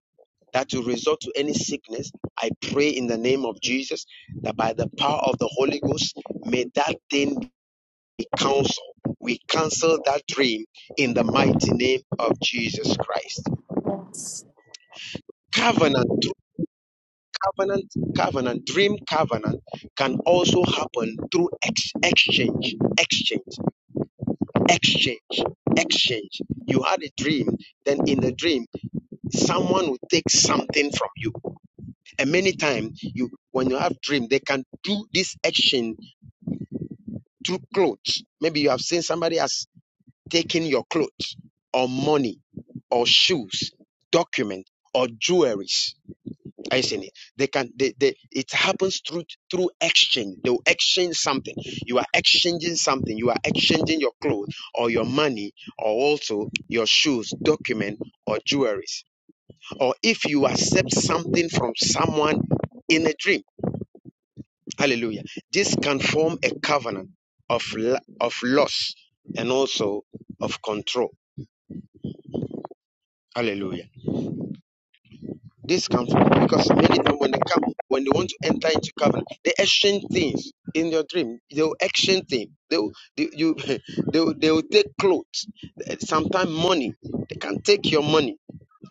C: that will result to any sickness, I pray in the name of Jesus that by the power of the Holy Ghost, may that thing be counseled. We cancel that dream in the mighty name of Jesus Christ. Covenant, through covenant, covenant, dream covenant can also happen through ex- exchange, exchange, exchange, exchange. You had a dream, then in the dream, someone will take something from you. And many times you when you have dream, they can do this action through clothes. Maybe you have seen somebody has taken your clothes or money or shoes, document or jewelries. I seen it. They can they, they it happens through through exchange. They will exchange something. You are exchanging something. You are exchanging your clothes or your money or also your shoes, document or jewelries. or if you accept something from someone in a dream. Hallelujah. This can form a covenant of, of loss and also of control. Hallelujah. This can form because many times when they come, when they want to enter into covenant, they exchange things in your dream. They'll exchange things. They'll, they, you, they'll, they'll take clothes, sometimes money. They can take your money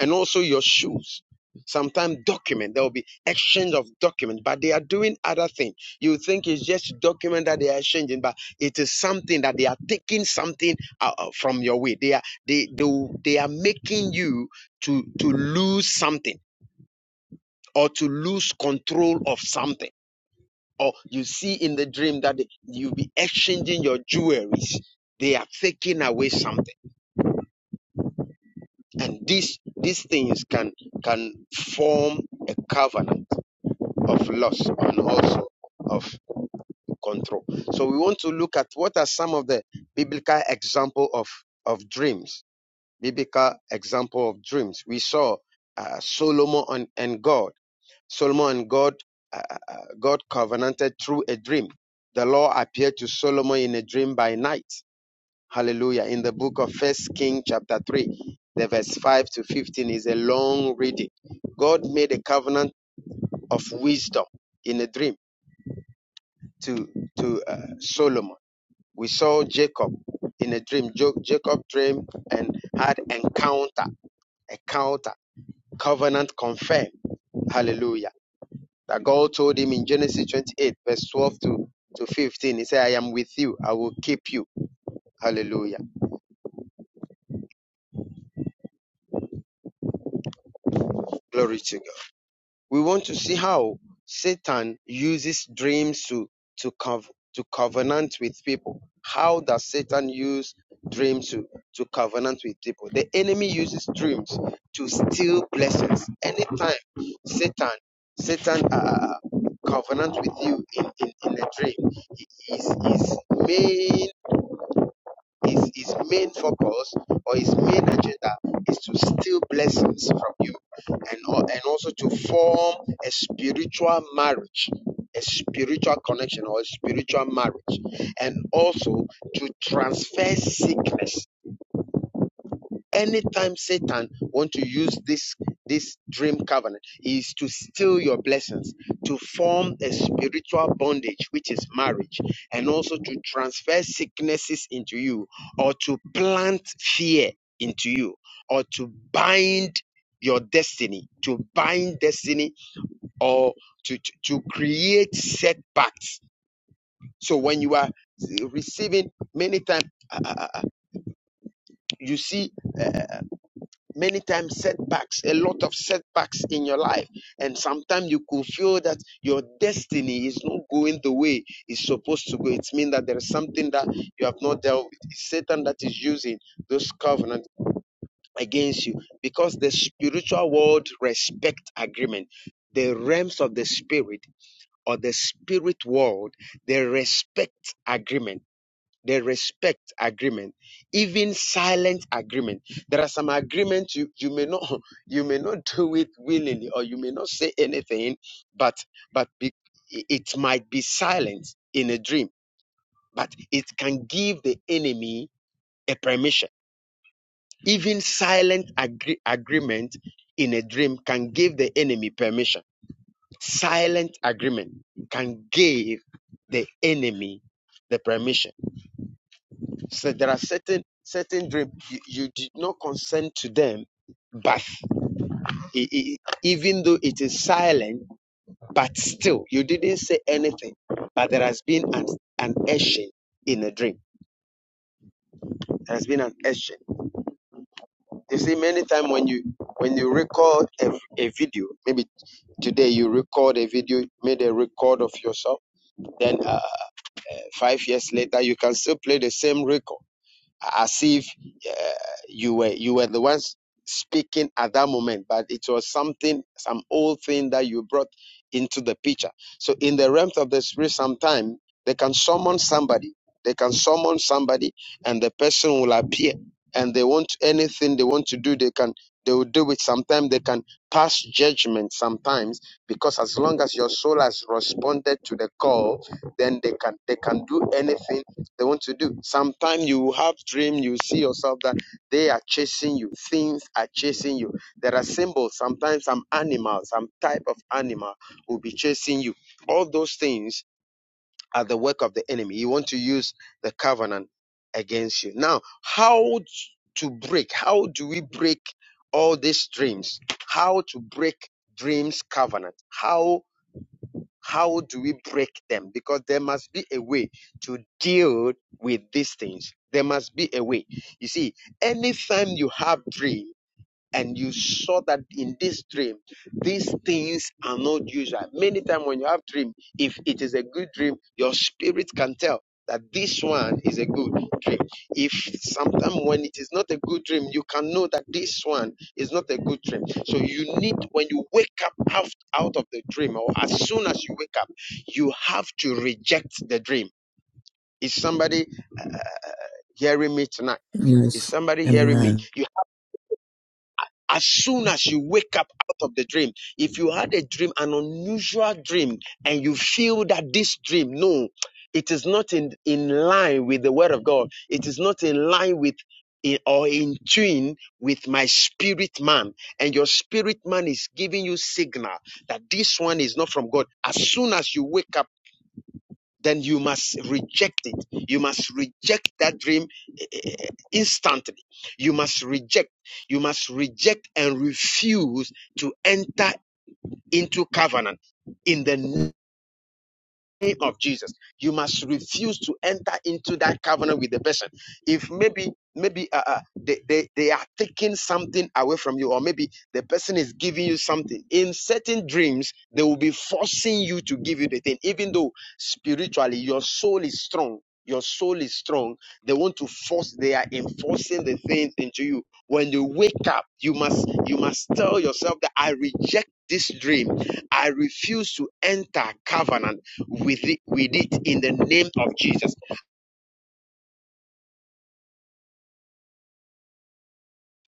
C: and also your shoes. Sometimes document there will be exchange of document, but they are doing other things. You think it's just document that they are exchanging, but it is something that they are taking something uh, uh, from your way. They are they they will- they are making you to to lose something or to lose control of something. Or you see in the dream that they- you be exchanging your jewelries. They are taking away something, and these these things can can form a covenant of loss and also of control. So we want to look at what are some of the biblical example of of dreams. Biblical example of dreams. We saw uh, Solomon and, and God. Solomon and God. Uh, uh, uh, God covenanted through a dream. The Lord appeared to Solomon in a dream by night. Hallelujah. In the book of First King chapter three, the verse five to fifteen is a long reading. God made a covenant of wisdom in a dream to to uh, Solomon. We saw Jacob in a dream. Jo- Jacob dreamed and had encounter, encounter, covenant confirmed. Hallelujah. That God told him in Genesis 28, verse 12 to, to 15, He said, I am with you, I will keep you. Hallelujah. Glory to God. we want to see how Satan uses dreams to to cov- to covenant with people. How does Satan use dreams to, to covenant with people? The enemy uses dreams to steal blessings. Anytime Satan Satan uh, covenant with you in, in, in a dream, his, his main his, his main focus or his main agenda is to steal blessings from you and, and also to form a spiritual marriage, a spiritual connection or a spiritual marriage, and also to transfer sickness anytime satan want to use this this dream covenant is to steal your blessings to form a spiritual bondage which is marriage and also to transfer sicknesses into you or to plant fear into you or to bind your destiny to bind destiny or to, to, to create setbacks so when you are receiving many times uh, uh, uh, you see uh, many times setbacks, a lot of setbacks in your life. And sometimes you could feel that your destiny is not going the way it's supposed to go. It means that there is something that you have not dealt with. It's Satan that is using those covenants against you because the spiritual world respect agreement. The realms of the spirit or the spirit world, they respect agreement they respect agreement, even silent agreement. There are some agreements you, you may not you may not do it willingly or you may not say anything, but but be, it might be silent in a dream, but it can give the enemy a permission. Even silent agree, agreement in a dream can give the enemy permission. Silent agreement can give the enemy the permission. So there are certain certain dream you, you did not consent to them, but i- i- even though it is silent, but still you didn't say anything. But there has been an an action in a dream. There has been an action. You see, many times when you when you record a, a video, maybe today you record a video, made a record of yourself. Then uh, five years later, you can still play the same record as if uh, you were you were the ones speaking at that moment but it was something some old thing that you brought into the picture so in the realms of the spirit sometimes they can summon somebody they can summon somebody and the person will appear and they want anything they want to do they can they will do it sometimes they can pass judgment sometimes because as long as your soul has responded to the call then they can they can do anything they want to do. Sometimes you have dream, you see yourself that they are chasing you. Things are chasing you. There are symbols. Sometimes some animal, some type of animal will be chasing you. All those things are the work of the enemy. You want to use the covenant against you. Now, how to break? How do we break all these dreams? How to break dreams covenant? How how do we break them? Because there must be a way to deal with these things. There must be a way. You see, anytime you have dreams and you saw that in this dream, these things are not usual. Many times when you have dream, if it is a good dream, your spirit can tell that this one is a good dream. If sometimes when it is not a good dream, you can know that this one is not a good dream. So you need when you wake up out, out of the dream, or as soon as you wake up, you have to reject the dream. Is somebody hearing me tonight? Is somebody
A: And
C: hearing me? You as soon as you wake up out of the dream, if you had a dream, an unusual dream, and you feel that this dream, no, it is not in, in line with the word of God, it is not in line with in, or in tune with my spirit man, and your spirit man is giving you signal that this one is not from God. As soon as you wake up, then you must reject it. You must reject that dream eh, eh, eh, instantly. You must reject. You must reject and refuse to enter into covenant in the name of Jesus. You must refuse to enter into that covenant with the person. If maybe maybe uh, uh, they, they they are taking something away from you, or maybe the person is giving you something. In certain dreams, they will be forcing you to give you the thing, even though spiritually your soul is strong. Your soul is strong. They want to force. They are enforcing the things into you. When you wake up, you must you must tell yourself that I reject this dream. I refuse to enter covenant with it, with it in the name of Jesus.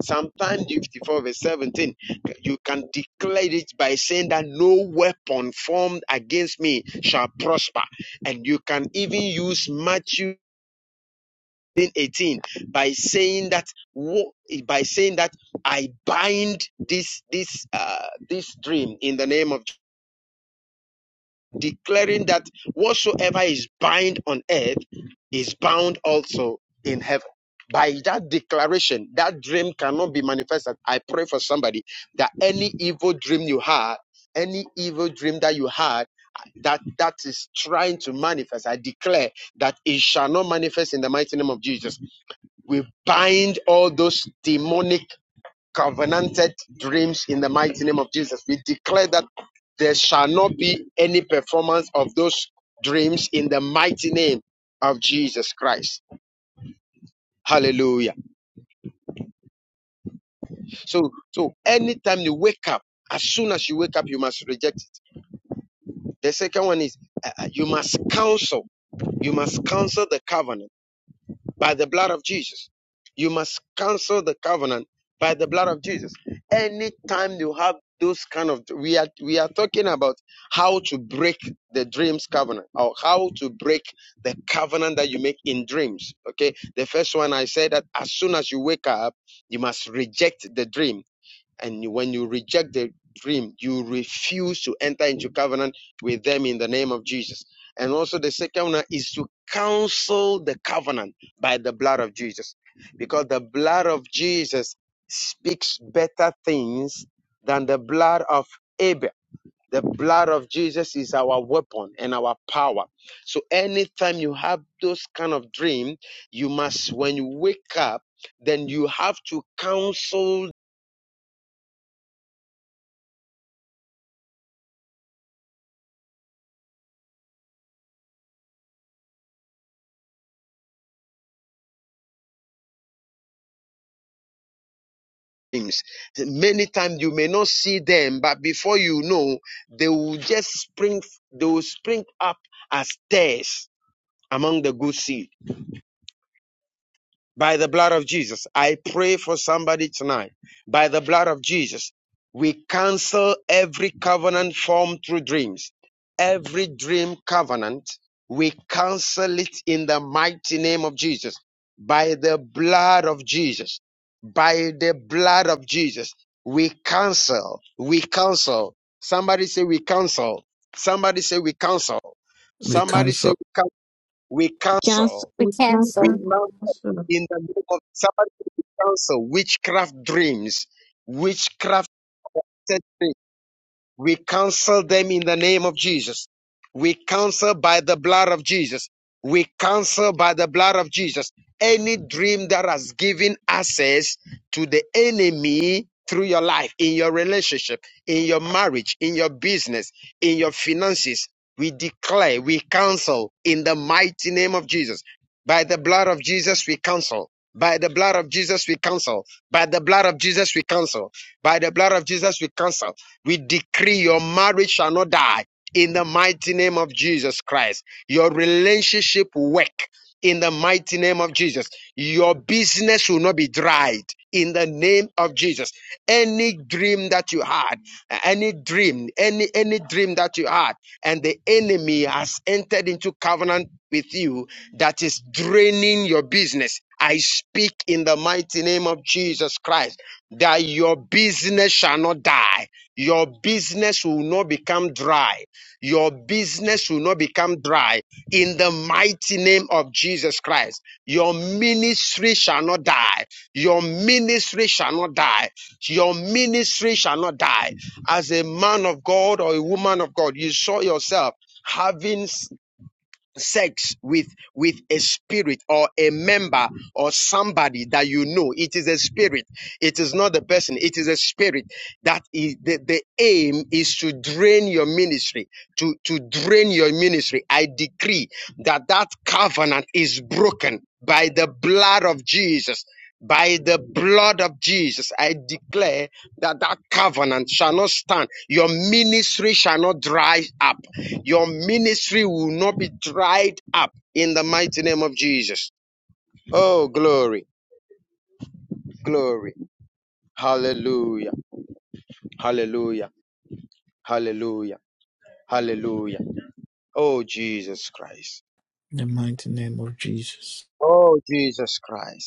C: Sometimes, 54, verse 17, you can declare it by saying that no weapon formed against me shall prosper. And you can even use Matthew 18 by saying that by saying that I bind this this uh, this dream in the name of declaring that whatsoever is bind on earth is bound also in heaven. By that declaration, that dream cannot be manifested. I pray for somebody that any evil dream you had, any evil dream that you had, that that is trying to manifest. I declare that it shall not manifest in the mighty name of Jesus. We bind all those demonic covenanted dreams in the mighty name of Jesus. We declare that there shall not be any performance of those dreams in the mighty name of Jesus Christ. Hallelujah. So, so anytime you wake up, as soon as you wake up, you must reject it. The second one is uh, uh, you must counsel. You must counsel the covenant by the blood of Jesus. You must cancel the covenant by the blood of Jesus. Anytime you have those kind of we are we are talking about how to break the dreams covenant or how to break the covenant that you make in dreams. Okay. The first one I said that as soon as you wake up, you must reject the dream and when you reject the dream, you refuse to enter into covenant with them in the name of Jesus. And also, the second one is to counsel the covenant by the blood of Jesus, because the blood of Jesus speaks better things than the blood of Abel. The blood of Jesus is our weapon and our power. So, anytime you have those kind of dream, you must, when you wake up, then you have to counsel dreams. Many times you may not see them, but before you know, they will just spring, they will spring up as tares among the good seed by the blood of Jesus. I pray for somebody tonight. By the blood of Jesus, we cancel every covenant formed through dreams. Every dream covenant, we cancel it in the mighty name of Jesus. By the blood of Jesus. By the blood of Jesus. We cancel. We cancel. Somebody say we cancel. Somebody say we cancel.
A: we
C: Somebody say
A: cancel.
C: we cancel. We
D: We cancel,
C: cancel.
F: We
D: we cancel,
C: We
F: cancel.
D: we
C: cancel
D: cancel
C: in the name of somebody cancel witchcraft dreams, witchcraft. set we counsel them in the name of Jesus. We counsel by the blood of Jesus. We counsel by the blood of Jesus any dream that has given access to the enemy through your life, in your relationship, in your marriage, in your business, in your finances. We declare, we counsel in the mighty name of Jesus. By the blood of Jesus, we counsel. By the blood of Jesus, we counsel. By the blood of Jesus, we counsel. By the blood of Jesus, we counsel we decree your marriage shall not die in the mighty name of Jesus Christ. Your relationship work in the mighty name of Jesus. Your business will not be dried in the name of Jesus. Any dream that you had, any dream, any any dream that you had, and the enemy has entered into covenant with you that is draining your business. I speak in the mighty name of Jesus Christ that your business shall not die your business will not become dry. Your business will not become dry in the mighty name of Jesus Christ. Your ministry shall not die. Your ministry shall not die. Your ministry shall not die. As a man of God or a woman of God, you saw yourself having sex with with a spirit or a member or somebody that you know it is a spirit it is not the person it is a spirit that is the, the aim is to drain your ministry to to drain your ministry i decree that that covenant is broken by the blood of jesus by the blood of Jesus, I declare that that covenant shall not stand. Your ministry shall not dry up. Your ministry will not be dried up in the mighty name of Jesus. Oh, glory, glory. Hallelujah, hallelujah, hallelujah, hallelujah. Oh, Jesus Christ.
A: In the mighty name of Jesus.
C: Oh, Jesus Christ.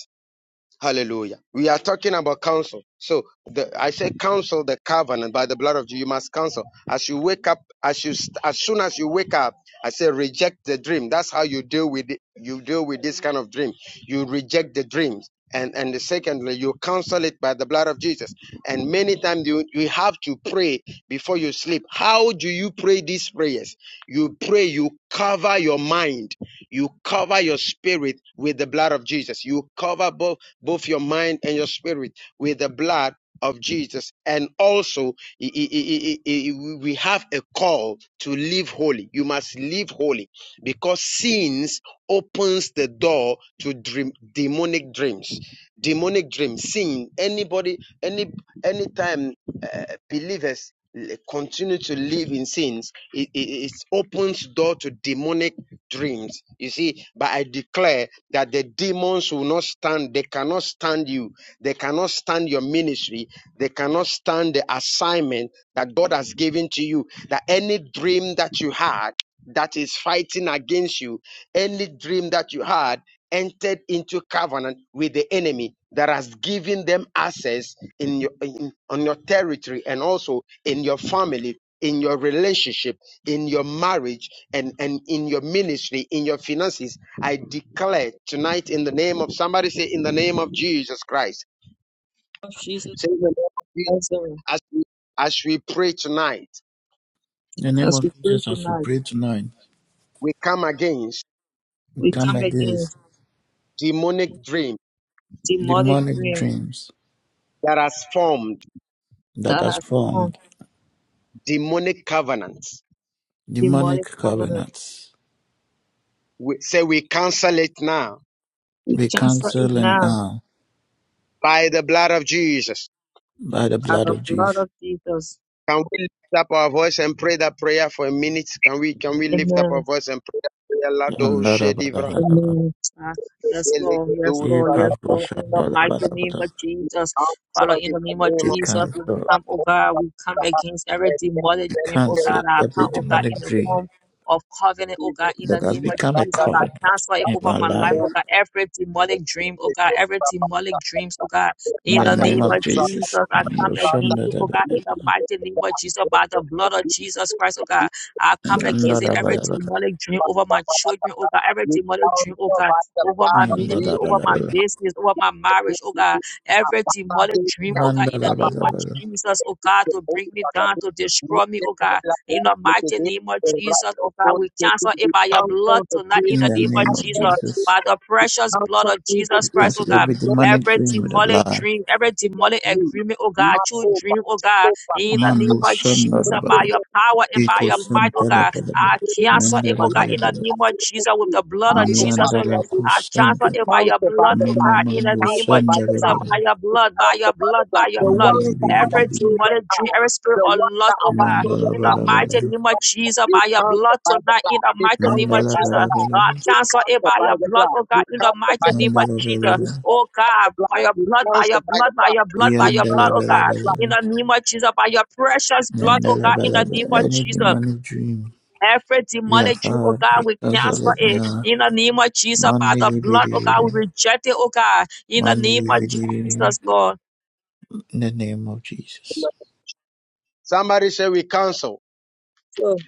C: Hallelujah. We are talking about counsel. So the, I say counsel the covenant by the blood of Jesus. You must counsel. As you wake up, as you st- as soon as you wake up, I say reject the dream. That's how you deal with it. You deal with this kind of dream. You reject the dreams. And and secondly, you counsel it by the blood of Jesus. And many times you, you have to pray before you sleep. How do you pray these prayers? You pray, you cover your mind, you cover your spirit with the blood of Jesus. You cover both both your mind and your spirit with the blood of Jesus. And also, i- i- i- i- i- we have a call to live holy. You must live holy because sins opens the door to dream, demonic dreams. Demonic dreams, sin. Anybody, any anytime uh, believers uh, continue to live in sins it, it, it opens door to demonic dreams you see but i declare that the demons will not stand they cannot stand you they cannot stand your ministry they cannot stand the assignment that god has given to you that any dream that you had that is fighting against you any dream that you had entered into covenant with the enemy that has given them access in your in, on your territory and also in your family in your relationship in your marriage and and in your ministry in your finances i declare tonight in the name of somebody say in the name of jesus christ
D: of Jesus
C: say in the name
D: Christ
C: of jesus
D: as, uh,
C: as we, as we pray tonight
A: In the name
D: as
A: of
D: we pray
A: Jesus, as we
D: tonight.
A: pray tonight,
C: we come against
A: we
D: We
A: come
D: come
A: against
D: against
C: demonic dream
D: demonic
A: demonic
D: dream
A: dreams
C: that has formed
A: that
D: that
A: has
D: has come,
A: formed,
C: demonic covenants
A: demonic
D: demonic covenant.
A: covenants.
C: we say we cancel it now
D: We
A: We
D: cancel it
A: cancel and
D: now
A: now
C: by the blood of jesus
A: by the
D: by
A: blood
D: the
A: of
D: blood
A: Jesus.
D: of Jesus.
C: Can we lift up our voice and pray that prayer for a minute? Can we can we lift up our
D: Amen.
C: voice and pray that prayer? Lado shedivra
A: Andadabadabadaba.
D: Amen. Ah, Yes, Lord. Yes,
C: elegedu
D: Lord.
C: sata.
D: Yes, Lord. In the mighty name
A: Yepabroshadabadabadabada.
D: of Jesus.
C: Answer
D: Father, in
C: in
D: the name
C: the
D: of
C: name
A: We
C: of
D: Jesus, we
A: cancel,
D: come, oh God, we come against
C: the
D: every
C: Lord.
D: demonic
A: we
D: dream, oh
A: cancel
D: God. I
C: It
A: every
D: come, oh God,
A: demonic
D: in the
A: dream
D: form of covenant, oh
C: is the
D: God, in the
A: that has
D: name
C: Lord
D: of
A: become a
D: Jesus. I
A: covenant
D: transfer it
A: in
D: over
A: my
D: my life, oh
C: who
A: life.
D: God. Every demonic dream, oh
C: is
D: God, every demonic dreams, oh God,
A: In
D: in
A: the
D: the
A: name
D: name
A: of
D: of
C: just
A: Jesus.
D: Jesus, I come against it, oh God,
C: yet
D: in the
A: Androshandadabadaba.
D: mighty name of Jesus, by the blood of Jesus Christ, oh God. I come against it,
C: taken the
D: every demonic dream over my children, oh God, every demonic
C: without
D: dream, oh
C: the
D: God, over my
C: body to
D: ministry, over my
A: Mandalabadabada.
D: business, over my marriage, oh God, every demonic dream, oh God, in the name of
A: Mandalabadabada.
D: Jesus, oh God, to bring me down, to
C: the
D: destroy me,
C: wicked
D: oh
C: things
D: God,
C: that are
D: in the
C: wicked to
D: mighty
C: do.
D: name of
C: right
D: Jesus, oh God, we cancel
C: We
D: it by your blood
C: counsel the
D: tonight,
C: day,
D: in
A: In
D: the
A: the
C: we
D: name of
A: name of
D: Jesus,
A: Jesus,
D: by the precious
C: count
D: blood of
A: we
D: Jesus Christ, oh
A: cancel
C: the
D: God.
A: every demonic
D: Every
A: dream with the
D: demonic
A: blood.
D: dream, every demonic
C: day,
D: agreement, oh God,
C: not
D: true
C: over,
D: dream, oh God, in the
C: over,
D: name
A: Mando
D: of Jesus, by
A: Sandalabada.
D: your
C: over.
D: power and by
A: Eco
D: your might, oh God,
A: Santalabadabada.
D: I cancel it, oh God, in the
A: Mandalabadabada.
D: name of Jesus, with the blood of Jesus, oh God.
A: Miandala
D: I cancel
A: Kusanta.
D: it by your blood,
C: the
D: oh
C: block,
A: Mima
D: God, in the
A: Mando
D: name of Jesus,
A: Sandalabada.
D: by your blood, by your blood, by your blood.
A: Mandi
C: that our
D: Every
A: Bidi.
C: children
D: demonic dream,
C: are,
D: every spirit
C: the
D: of
C: ones
D: lust,
C: that
D: oh
C: our
D: God.
C: children
D: In the
C: are,
D: mighty
A: Mandalabadabada.
C: it's
D: name of
C: counseled,
D: Jesus, by your blood
C: by the
D: tonight, in
C: block,
D: the
C: it's
D: mighty name of
C: counseled by
D: Jesus,
C: the block,
A: Mandalabadabada.
D: I
C: it's
D: cancel it by
C: counseled by
D: your
C: the
D: blood,
C: block,
D: oh God,
C: it's
D: in the
C: counseled by
D: mighty
C: the
D: name of
C: block,
D: Jesus.
C: it's
A: Mandalabadabada.
D: Oh
C: the
D: God, by your blood, by your
C: by
D: blood,
C: the
D: by
C: block.
D: your blood, by your blood, oh God in
A: Yandalabadabada.
D: the name of Jesus, by your precious blood, oh God, in the name
A: Mandalabadabada.
D: of
A: Any
D: Jesus.
A: demonic dream.
D: Every
A: We are
D: demonic dream, oh
A: covered
D: God, we
A: because of
D: cancel
A: it
D: it.
A: now.
D: In the name of Jesus, by
A: Monday,
D: the blood,
A: bitty,
D: oh God,
A: bitty.
D: we reject it, oh God. In the
A: Monday,
D: name of
A: bitty, bitty.
D: Jesus, Lord.
A: In the name of Jesus.
C: Somebody say we counsel.
D: So,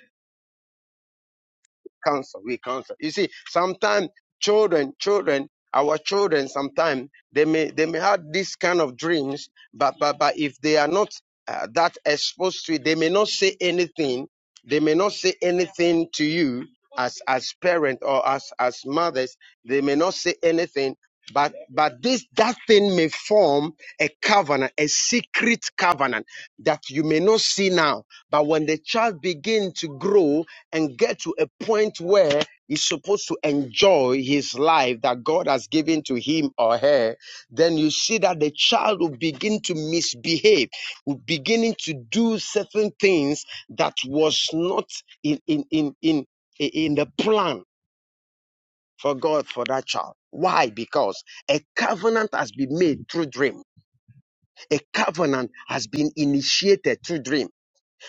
C: counsel. We counsel. You see, sometimes children, children, our children, sometimes they may they may have this kind of dreams, but but but if they are not uh, that exposed to it, they may not say anything. They may not say anything to you as as parent or as as mothers. They may not say anything. But but this that thing may form a covenant, a secret covenant that you may not see now. But when the child begin to grow, and get to a point where he's supposed to enjoy his life that God has given to him or her, then you see that the child will begin to misbehave, will beginning to do certain things that was not in in in in, in the plan for God for that child. Why? Because a covenant has been made through dream. A covenant has been initiated through dream,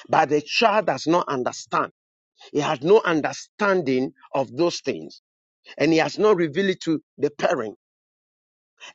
C: but the child does not understand he has no understanding of those things and he has not revealed it to the parents.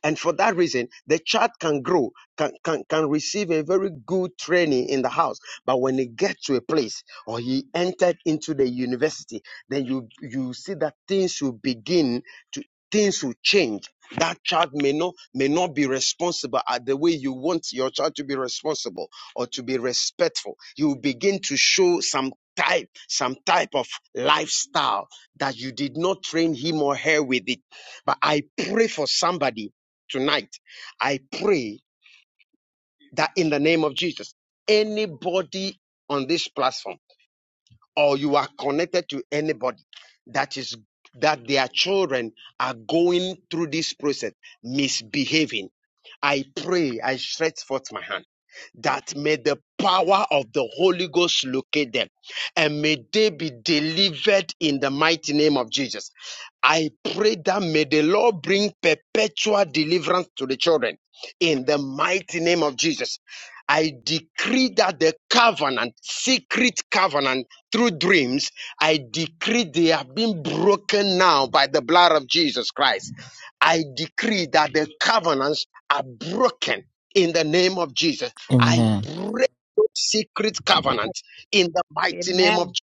C: And for that reason, the child can grow, can, can, can receive a very good training in the house. But when he gets to a place or he entered into the university, then you, you see that things will begin to, things will change. That child may not, may not be responsible at the way you want your child to be responsible or to be respectful. You will begin to show some type, some type of lifestyle that you did not train him or her with it. But I pray for somebody tonight, I pray that in the name of Jesus, anybody on this platform or you are connected to anybody that is that their children are going through this process misbehaving. I pray, I stretch forth my hand that may the power of the Holy Ghost locate them and may they be delivered in the mighty name of Jesus. I pray that may the Lord bring perpetual deliverance to the children in the mighty name of Jesus. I decree that the covenant, secret covenant through dreams, I decree they have been broken now by the blood of Jesus Christ. I decree that the covenants are broken in the name of Jesus I
A: Amen.
C: break those secret covenant in the mighty name of
D: amen.
C: Jesus.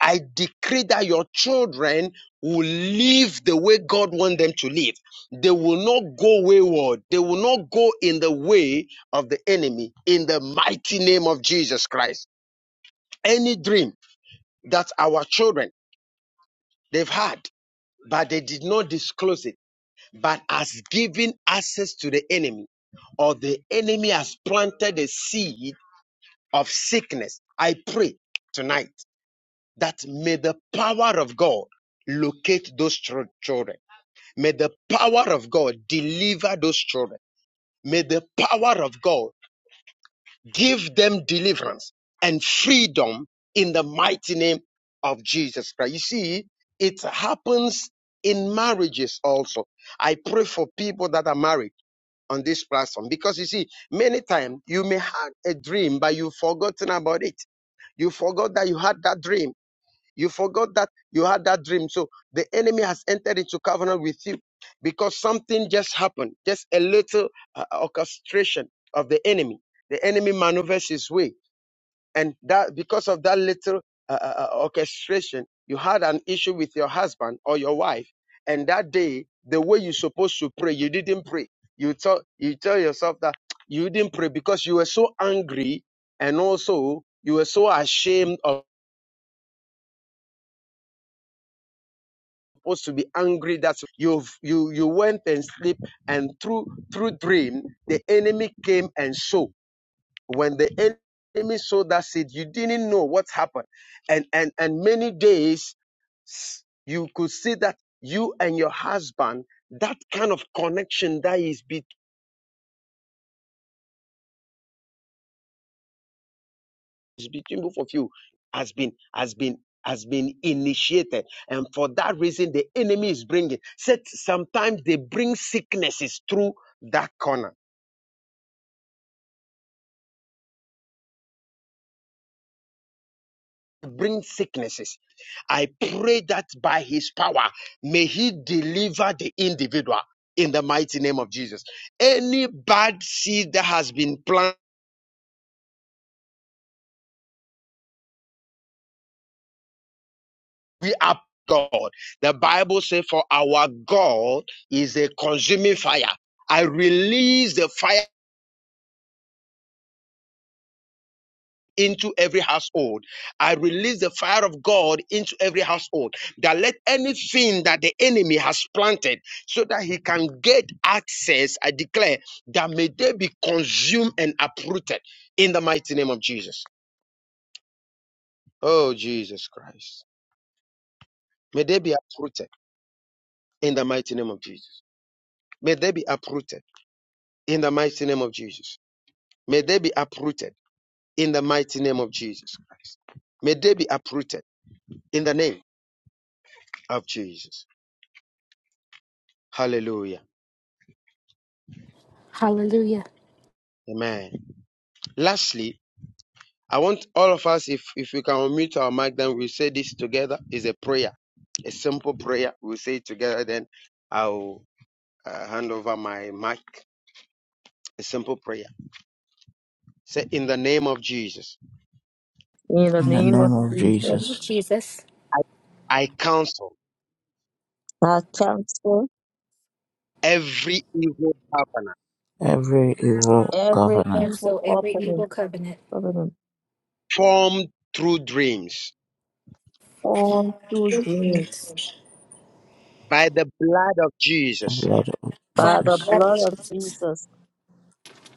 C: I decree that your children will live the way God wants them to live. They will not go wayward. They will not go in the way of the enemy in the mighty name of Jesus Christ. Any dream that our children they've had, but they did not disclose it, but has given access to the enemy, or the enemy has planted a seed of sickness. I pray tonight that may the power of God locate those chil- children. May the power of God deliver those children. May the power of God give them deliverance and freedom in the mighty name of Jesus Christ. You see, it happens in marriages also. I pray for people that are married on this platform because you see, many times you may have a dream, but you've forgotten about it you forgot that you had that dream. You forgot that you had that dream. So the enemy has entered into covenant with you because something just happened, just a little uh, orchestration of the enemy. The enemy maneuvers his way. And that because of that little uh, uh, uh, orchestration, you had an issue with your husband or your wife. And that day, the way you're supposed to pray, you didn't pray. You tell, you tell yourself that you didn't pray because you were so angry and also you were so ashamed of supposed to be angry that you've you you went and sleep and through through dream the enemy came and saw. When the enemy saw that seed, you didn't know what happened. And and and many days you could see that you and your husband, that kind of connection that is, between both of you has been has been has been initiated and for that reason the enemy is bringing said sometimes they bring sicknesses through that corner bring sicknesses. I pray that by his power, may he deliver the individual in the mighty name of Jesus. Any bad seed that has been planted, we are God. The Bible says, For our God is a consuming fire. I release the fire into every household. I release the fire of God into every household. That let anything that the enemy has planted so that he can get access, I declare, that may they be consumed and uprooted in the mighty name of Jesus. Oh, Jesus Christ. May they be uprooted in the mighty name of Jesus. May they be uprooted in the mighty name of Jesus. May they be uprooted in the mighty name of Jesus Christ. May they be uprooted in the name of Jesus. Hallelujah.
F: Hallelujah.
C: Amen. Lastly, I want all of us, if if we can unmute our mic, then we'll say this together. It's a prayer, a simple prayer. We'll say it together, then I'll uh, hand over my mic. A simple prayer. Say, in the name of Jesus,
D: In the
A: In the
D: name
A: name
D: of
A: of
D: Jesus,
A: Jesus.
C: I counsel
D: I cancel
C: every evil covenant
A: Every evil
D: every
A: covenant,
D: evil
F: Cancel every evil
D: covenant,
F: covenant.
D: covenant,
C: formed through dreams.
D: all true dreams.
F: Agreements.
C: By the blood of
A: the
C: Jesus,
A: blood of
D: By
F: Wow,
D: the
A: Jesus.
F: that
D: blood
F: was
D: of
F: Jesus.
D: Jesus,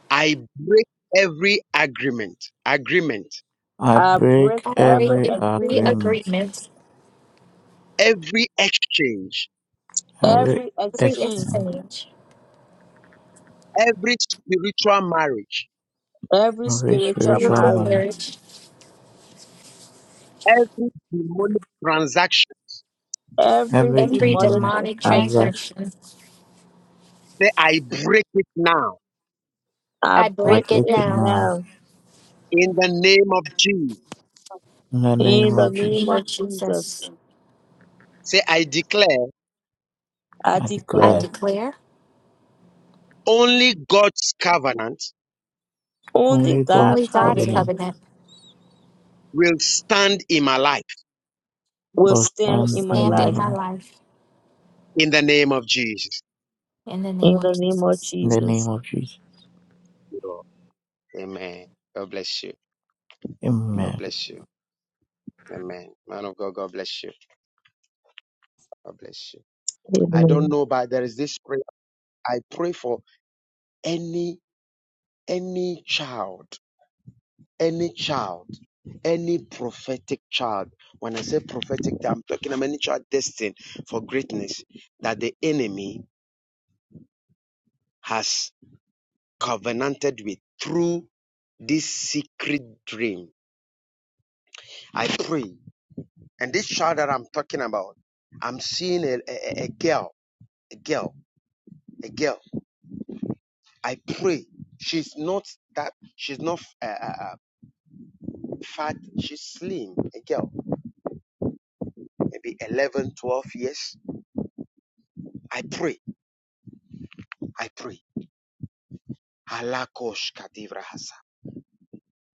C: I break every agreement, agreement,
A: I
D: I break
A: break
F: Every,
D: every
A: every
F: every
D: agreement,
A: agreement,
F: agreement,
C: every exchange,
A: every
D: every
F: every
D: exchange,
A: exchange,
F: exchange,
C: every spiritual marriage
D: every
A: every
D: spiritual
A: spiritual
F: every
D: marriage.
A: money,
F: marriage,
C: Every demonic transaction,
D: Every
A: every
F: every
D: demonic
A: demonic
F: demonic
D: transaction,
A: transaction.
F: transaction,
C: say, I break it now
D: I
F: I
A: I
D: break
F: break it
A: break
D: it
A: it
F: now.
A: now.
D: now
C: in the name of Jesus.
A: In the name
D: in the
A: of
F: In the
D: name
F: name
A: Jesus,
F: of
D: of Jesus.
F: Jesus,
C: Say, I declare
D: I
A: I
F: I
A: declare
D: declare
F: declare
C: only God's covenant
D: only
A: only
D: God
F: only
A: God's
F: God's
D: covenant
A: covenant
F: covenant
C: will stand in my life
D: will
A: will
D: stand
F: will
A: stand
D: in my
A: in
F: stand
A: my
F: in
D: life
F: my
A: life.
F: life.
C: in the name of Jesus.
F: In the
D: in
F: name of
D: the name of
F: Jesus.
A: In the name
D: Jesus.
A: of Jesus.
C: Amen. God bless you. God
A: Amen.
C: bless you. Amen. Man of God, God bless you. God bless you. I don't
D: Amen.
C: know, but there is this prayer. I pray for any any child any child, any prophetic child. When I say prophetic, I'm talking about any child destined for greatness that the enemy has covenanted with through this secret dream. I pray. And this child that I'm talking about, I'm seeing a, a, a girl, a girl, a girl. I pray. She's not that, she's not uh, uh, uh, fat, she's slim, a girl, maybe 11, 12 years. I pray, I pray. Halakosh kadivrahasa.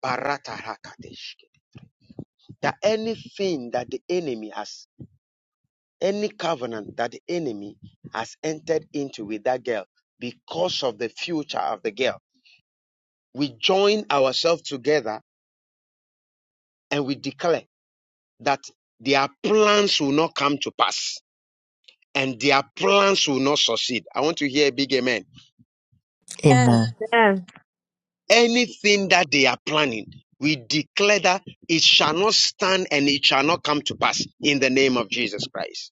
C: Barata rakadeshke. That anything that the enemy has, any covenant that the enemy has entered into with that girl because of the future of the girl, we join ourselves together and we declare that their plans will not come to pass and their plans will not succeed. I want to hear a big amen.
D: Yes,
A: Amen.
D: Amen.
C: Anything that they are planning, we declare that it shall not stand and it shall not come to pass in the name of Jesus Christ.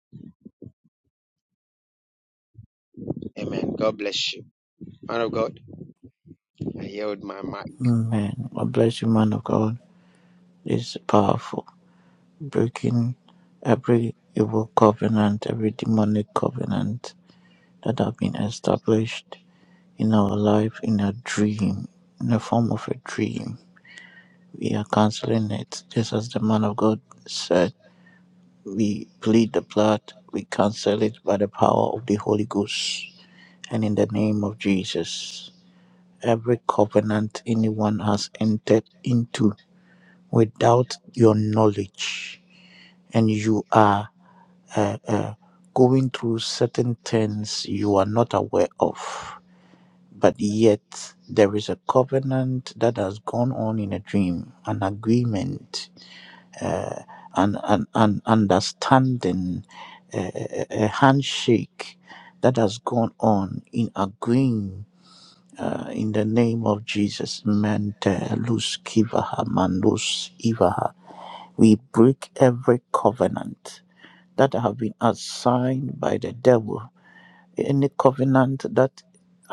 C: Amen. God bless you. Man of God, I yield my mic.
A: Amen. I bless you, man of God. It's powerful. Breaking every evil covenant, every demonic covenant that have been established in our life in a dream, in the form of a dream. We are canceling it. Just as the man of God said, we plead the blood, we cancel it by the power of the Holy Ghost. And in the name of Jesus. every covenant anyone has entered into without your knowledge and you are uh, uh, going through certain things you are not aware of but yet there is a covenant that has gone on in a dream an agreement uh, an, an, an understanding uh, a, a a handshake that has gone on in agreeing Uh, in the name of Jesus, Mente Lus Kivaha Mandus Ivaha, we break every covenant that have been assigned by the devil any covenant that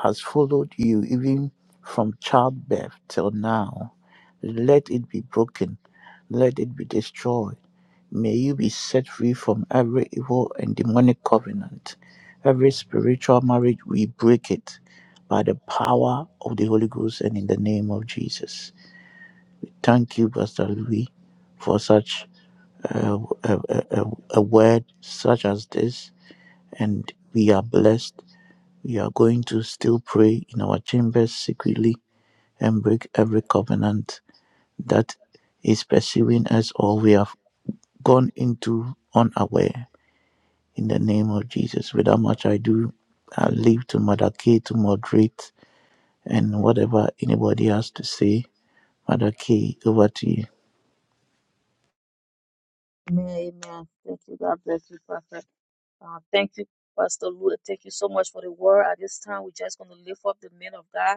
A: has followed you, even from childbirth till now, let it be broken, let it be destroyed. May you be set free from every evil and demonic covenant. Every spiritual marriage, we break it by the power of the Holy Ghost and in the name of Jesus. Thank you, Pastor Louis, for such uh, a, a, a, a word such as this. And we are blessed we are going to still pray in our chambers secretly and break every covenant that is pursuing us or we have gone into unaware. In the name of Jesus. Without much ado, I leave to Mother K to moderate and whatever anybody has to say. Mother K, over to you.
D: Amen. Amen. Thank you. God bless you, Prophet. Uh, thank you, Pastor Lou. Thank you so much for the word. At this time, we're just going to lift up the man of God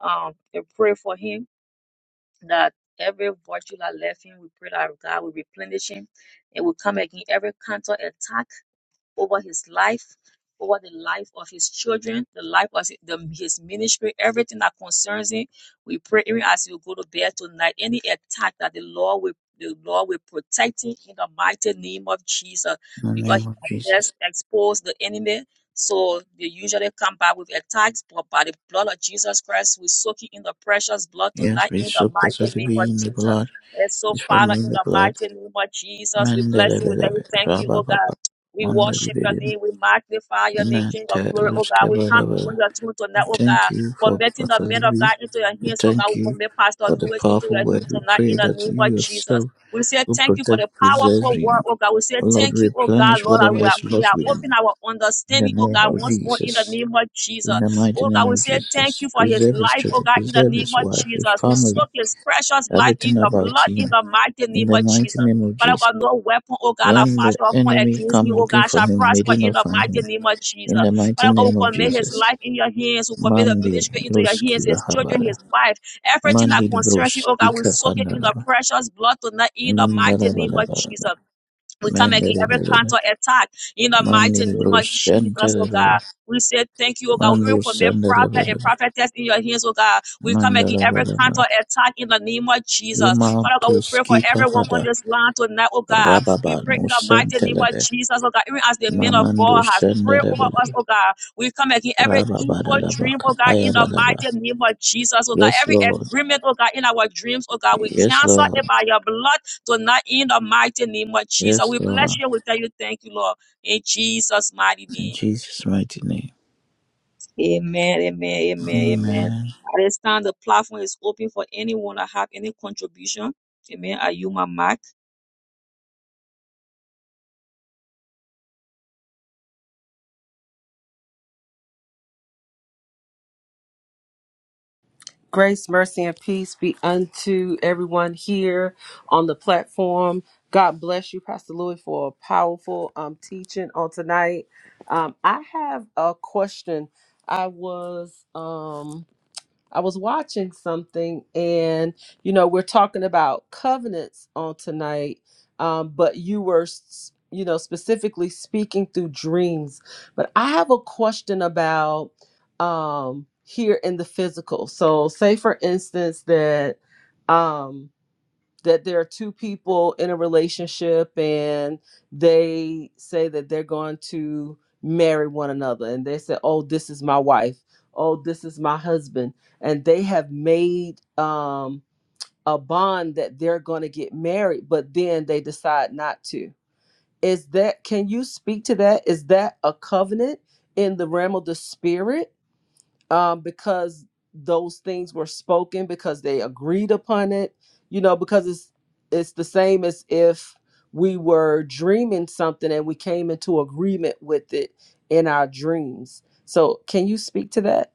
D: um, and pray for him that every virtue that left him, we pray that God will replenish him. It will come against every counter attack over his life, over the life of his children, the life of the, his ministry, everything that concerns him. We pray even as you go to bed tonight, any attack that the Lord will the Lord will protect him in the mighty name of Jesus
A: In the
D: because
A: name
D: he
A: of
D: has
A: Jesus.
D: just exposed the enemy. So they usually come back with attacks, but by the blood of Jesus Christ, we soak it in the precious blood
A: Yes,
D: tonight
A: we
D: in the
A: soak the
D: mighty name
A: Saturday
D: of
A: in the
D: Jesus.
A: blood,
D: And so,
A: his
D: Father,
A: family in
D: in
A: the
D: the
A: blood.
D: mighty name of Jesus, we
A: Man, da, da,
D: bless you.
A: da,
D: We thank you, thank you, oh God. We worship your name. We magnify your name,
A: Amen.
D: King of
A: Te-
D: glory,
A: Lord,
D: oh God. We come before
A: Kebalaba,
D: your throne tonight,
A: we
D: oh
A: Thank
D: God.
A: you for
D: Committing the
A: Pastor
D: men of
A: Louis.
D: God into your
A: We
D: hands, oh God.
A: thank
D: We
A: you
D: commit Pastor
A: for the
D: Lewis into
A: powerful
D: your hands
A: word. We
D: tonight
A: pray
D: in the
A: that
D: name of
A: you
D: Jesus.
A: yourself
D: We say
A: will
D: thank you for the
A: protect, preserve
D: powerful word,
A: him.
D: oh God. We say
A: Lord,
D: thank you, oh God,
A: replenish
D: Lord,
A: whatever
D: and we are,
A: is
D: we
A: lost
D: are
A: with
D: open
A: him.
D: our
A: In the
D: understanding, oh
A: name
D: God,
A: of
D: once more in the
A: Jesus.
D: name of Jesus.
A: In the mighty
D: Oh God,
A: name
D: we
A: of
D: say thank
A: Jesus.
D: you for his
A: Preserve his
D: life, oh
A: children,
D: God, in the
A: preserve
D: name
A: his
D: of
A: wife, his
D: Jesus. We
A: family,
D: soak his precious life
A: everything
D: in your
A: about
D: blood in
A: him.
D: the mighty
A: In
D: name
A: the
D: of Jesus.
A: mighty name of
D: Father
A: Jesus.
D: God, no weapon, oh God, la
A: When the
D: fashion upon
A: enemy
D: against me,
A: come
D: oh
A: looking
D: God,
A: for
D: shall
A: him, may they
D: prosper in
A: not
D: the
A: find him.
D: mighty name of
A: In
D: Jesus.
A: the mighty
D: Father God,
A: name
D: we
A: of
D: commit his
A: Jesus.
D: life in your hands, we commit the
A: Mandi
D: ministry into your
A: Ruski
D: hands, his children,
A: Bahabara
D: his wife, everything that
A: Mandi
D: concerns you,
A: Brus
D: oh God, we
A: Ika
D: soak it in the
A: Pandalaba
D: precious blood tonight in the mighty
A: Mandala
D: name of
A: Balabala
D: Jesus. We come against every
A: Mandalabala
D: counter attack in the mighty
A: Mandi
D: name of
A: Brus
D: Jesus, oh God.
A: Dantalabala
D: We say thank you, oh God. We
A: Mandu
D: commit prophet and
A: Sandalabala
D: prophetess in your hands, oh God. We come against
A: Mandala
D: every
A: Balaba
D: counter attack in the name of Jesus.
A: Ima
D: Father God, we pray for
A: Tuski
D: everyone on
A: Pahada
D: this line tonight, oh God. We
A: Rababa
D: pray
A: no
D: in the mighty name of
A: Santalaba
D: Jesus, oh God. Even as the men of
A: Mamando
D: God has prayed over us,
A: Sandalabala
D: oh God. We come against every
A: Rababa
D: evil
A: Dalaba
D: dream, oh God,
A: Kapaya
D: in the
A: Balaba
D: mighty name of Jesus, oh God.
A: Yes
D: Every
A: Lord
D: agreement, oh God, in our dreams, oh God. We
A: Yes
D: cancel
A: Lord
D: it by your blood tonight in the mighty name of Jesus.
A: Yes
D: We bless
A: Lord
D: you. We tell you thank you, Lord, in Jesus' mighty
A: in
D: name.
A: Jesus mighty name
D: Amen, amen, amen, amen.
A: Amen
D: At this time, the platform is open for anyone to have any contribution. Amen. Are you my mark?
G: Grace, mercy, and peace be unto everyone here on the platform. God bless you, Pastor Louis, for a powerful um, teaching on tonight. Um, I have a question. I was um, I was watching something, and you know, we're talking about covenants on tonight, um, but you were, s- you know, specifically speaking through dreams. But I have a question about um, here in the physical. So, say for instance that. Um, that there are two people in a relationship and they say that they're going to marry one another and they say oh this is my wife oh this is my husband and they have made um a bond that they're going to get married but then they decide not to is that can you speak to that is that a covenant in the realm of the spirit um, because those things were spoken because they agreed upon it you know because it's it's the same as if we were dreaming something and we came into agreement with it in our dreams so can you speak to that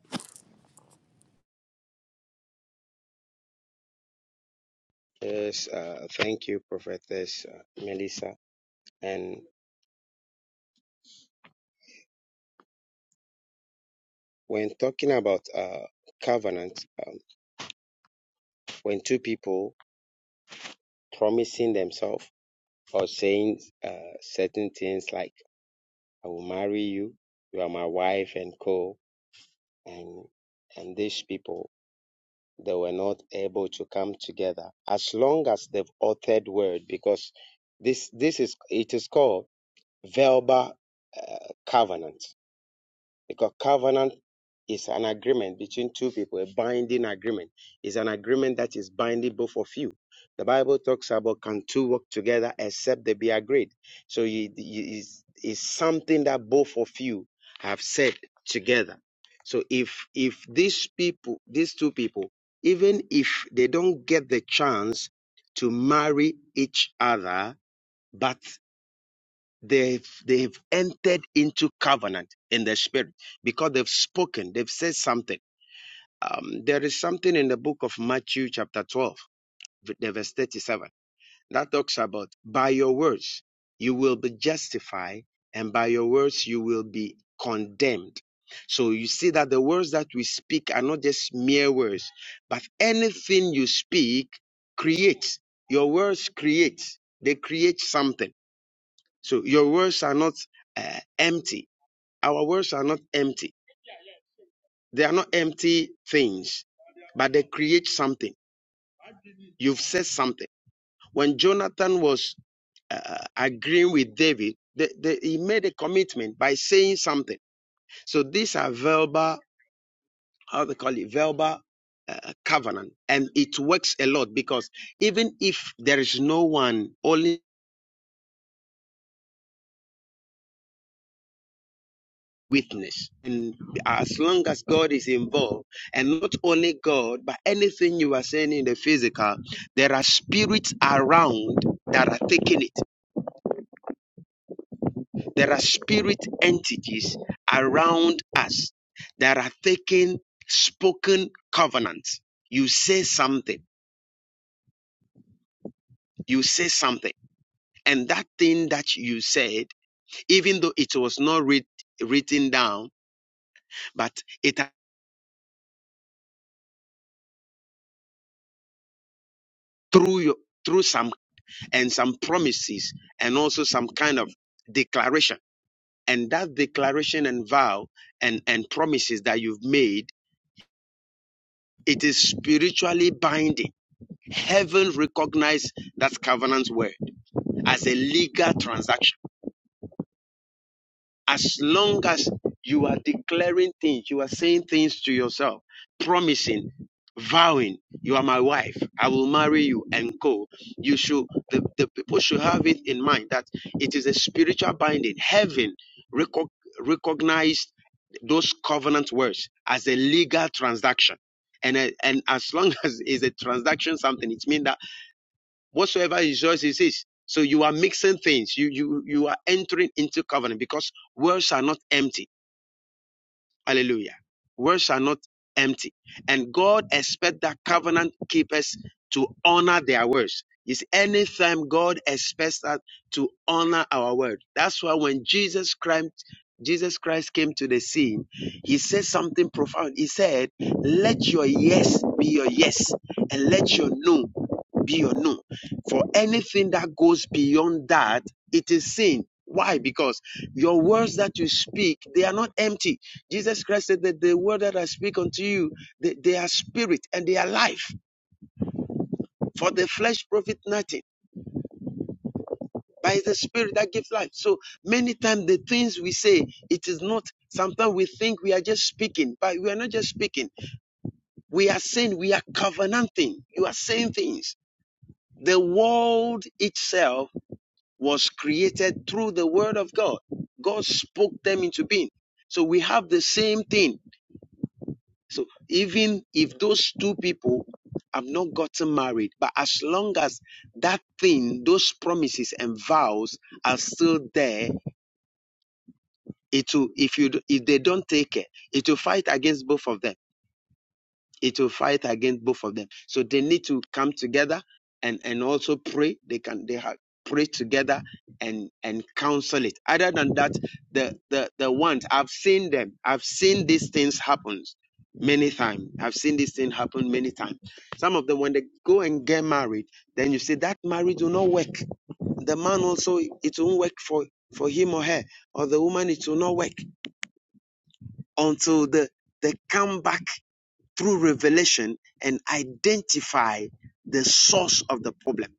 C: Yes, uh, thank you, Prophetess uh, Melissa. And when talking about uh, covenant, um, when two people promising themselves or saying uh, certain things like "I will marry you," "You are my wife," and co, and and these people they were not able to come together as long as they've authored word because this this is it is called verbal uh, covenant because covenant is an agreement between two people, a binding agreement. It's an agreement that is binding both of you. The Bible talks about can two work together except they be agreed. So it is is something that both of you have said together. So if if these people, these two people, even if they don't get the chance to marry each other, but they've they've entered into covenant in the spirit because they've spoken they've said something um, there is something in the book of matthew chapter 12 the verse 37 that talks about by your words you will be justified and by your words you will be condemned so you see that the words that we speak are not just mere words but anything you speak creates your words create they create something so your words are not uh, empty. Our words are not empty. They are not empty things, but they create something. You've said something. When Jonathan was uh, agreeing with David, the, the, he made a commitment by saying something. So these are verbal, how they call it, verbal uh, covenant. And it works a lot because even if there is no one, only witness. And as long as God is involved, and not only God, but anything you are saying in the physical, there are spirits around that are taking it. There are spirit entities around us that are taking spoken covenants. You say something, you say something, and that thing that you said, even though it was not writ- written down, but it through your through some. and some promises and also some kind of declaration. And that declaration and vow and, and promises that you've made, it is spiritually binding. Heaven recognized that covenant word as a legal transaction As long as you are declaring things, you are saying things to yourself, promising, vowing, you are my wife, I will marry you, and co. You should, the, the people should have it in mind that it is a spiritual binding. Heaven recog- recognized those covenant words as a legal transaction. And, uh, and as long as it's a transaction, something, it means that Whatsoever is yours is his. So you are mixing things. You you you are entering into covenant because words are not empty. Hallelujah. Words are not empty. And God expects that covenant keepers to honor their words. It's anytime God expects us to honor our word. That's why when Jesus Christ Jesus Christ came to the scene, he said something profound. He said, Let your yes be your yes, and let your no be or no. For anything that goes beyond that, it is sin. Why? Because your words that you speak, they are not empty. Jesus Christ said that the word that I speak unto you, they, they are spirit and they are life. For the flesh profit nothing. But it's the spirit that gives life. So many times the things we say, it is not. Sometimes we think we are just speaking, but we are not just speaking. We are saying we are covenanting. You are saying things. The world itself was created through the word of God. God spoke them into being. So we have the same thing. So even if those two people have not gotten married, but as long as that thing, those promises and vows are still there, it will, if you, if they don't take it, it will fight against both of them. it will fight against both of them. So they need to come together and and also pray. They can they have pray together and and counsel it. Other than that, the the the ones I've seen them. I've seen these things happen many times. I've seen this thing happen many times. Some of them when they go and get married, then you see that marriage will not work. The man also it won't work for for him or her or the woman it will not work until the they come back through revelation and identify the source of the problem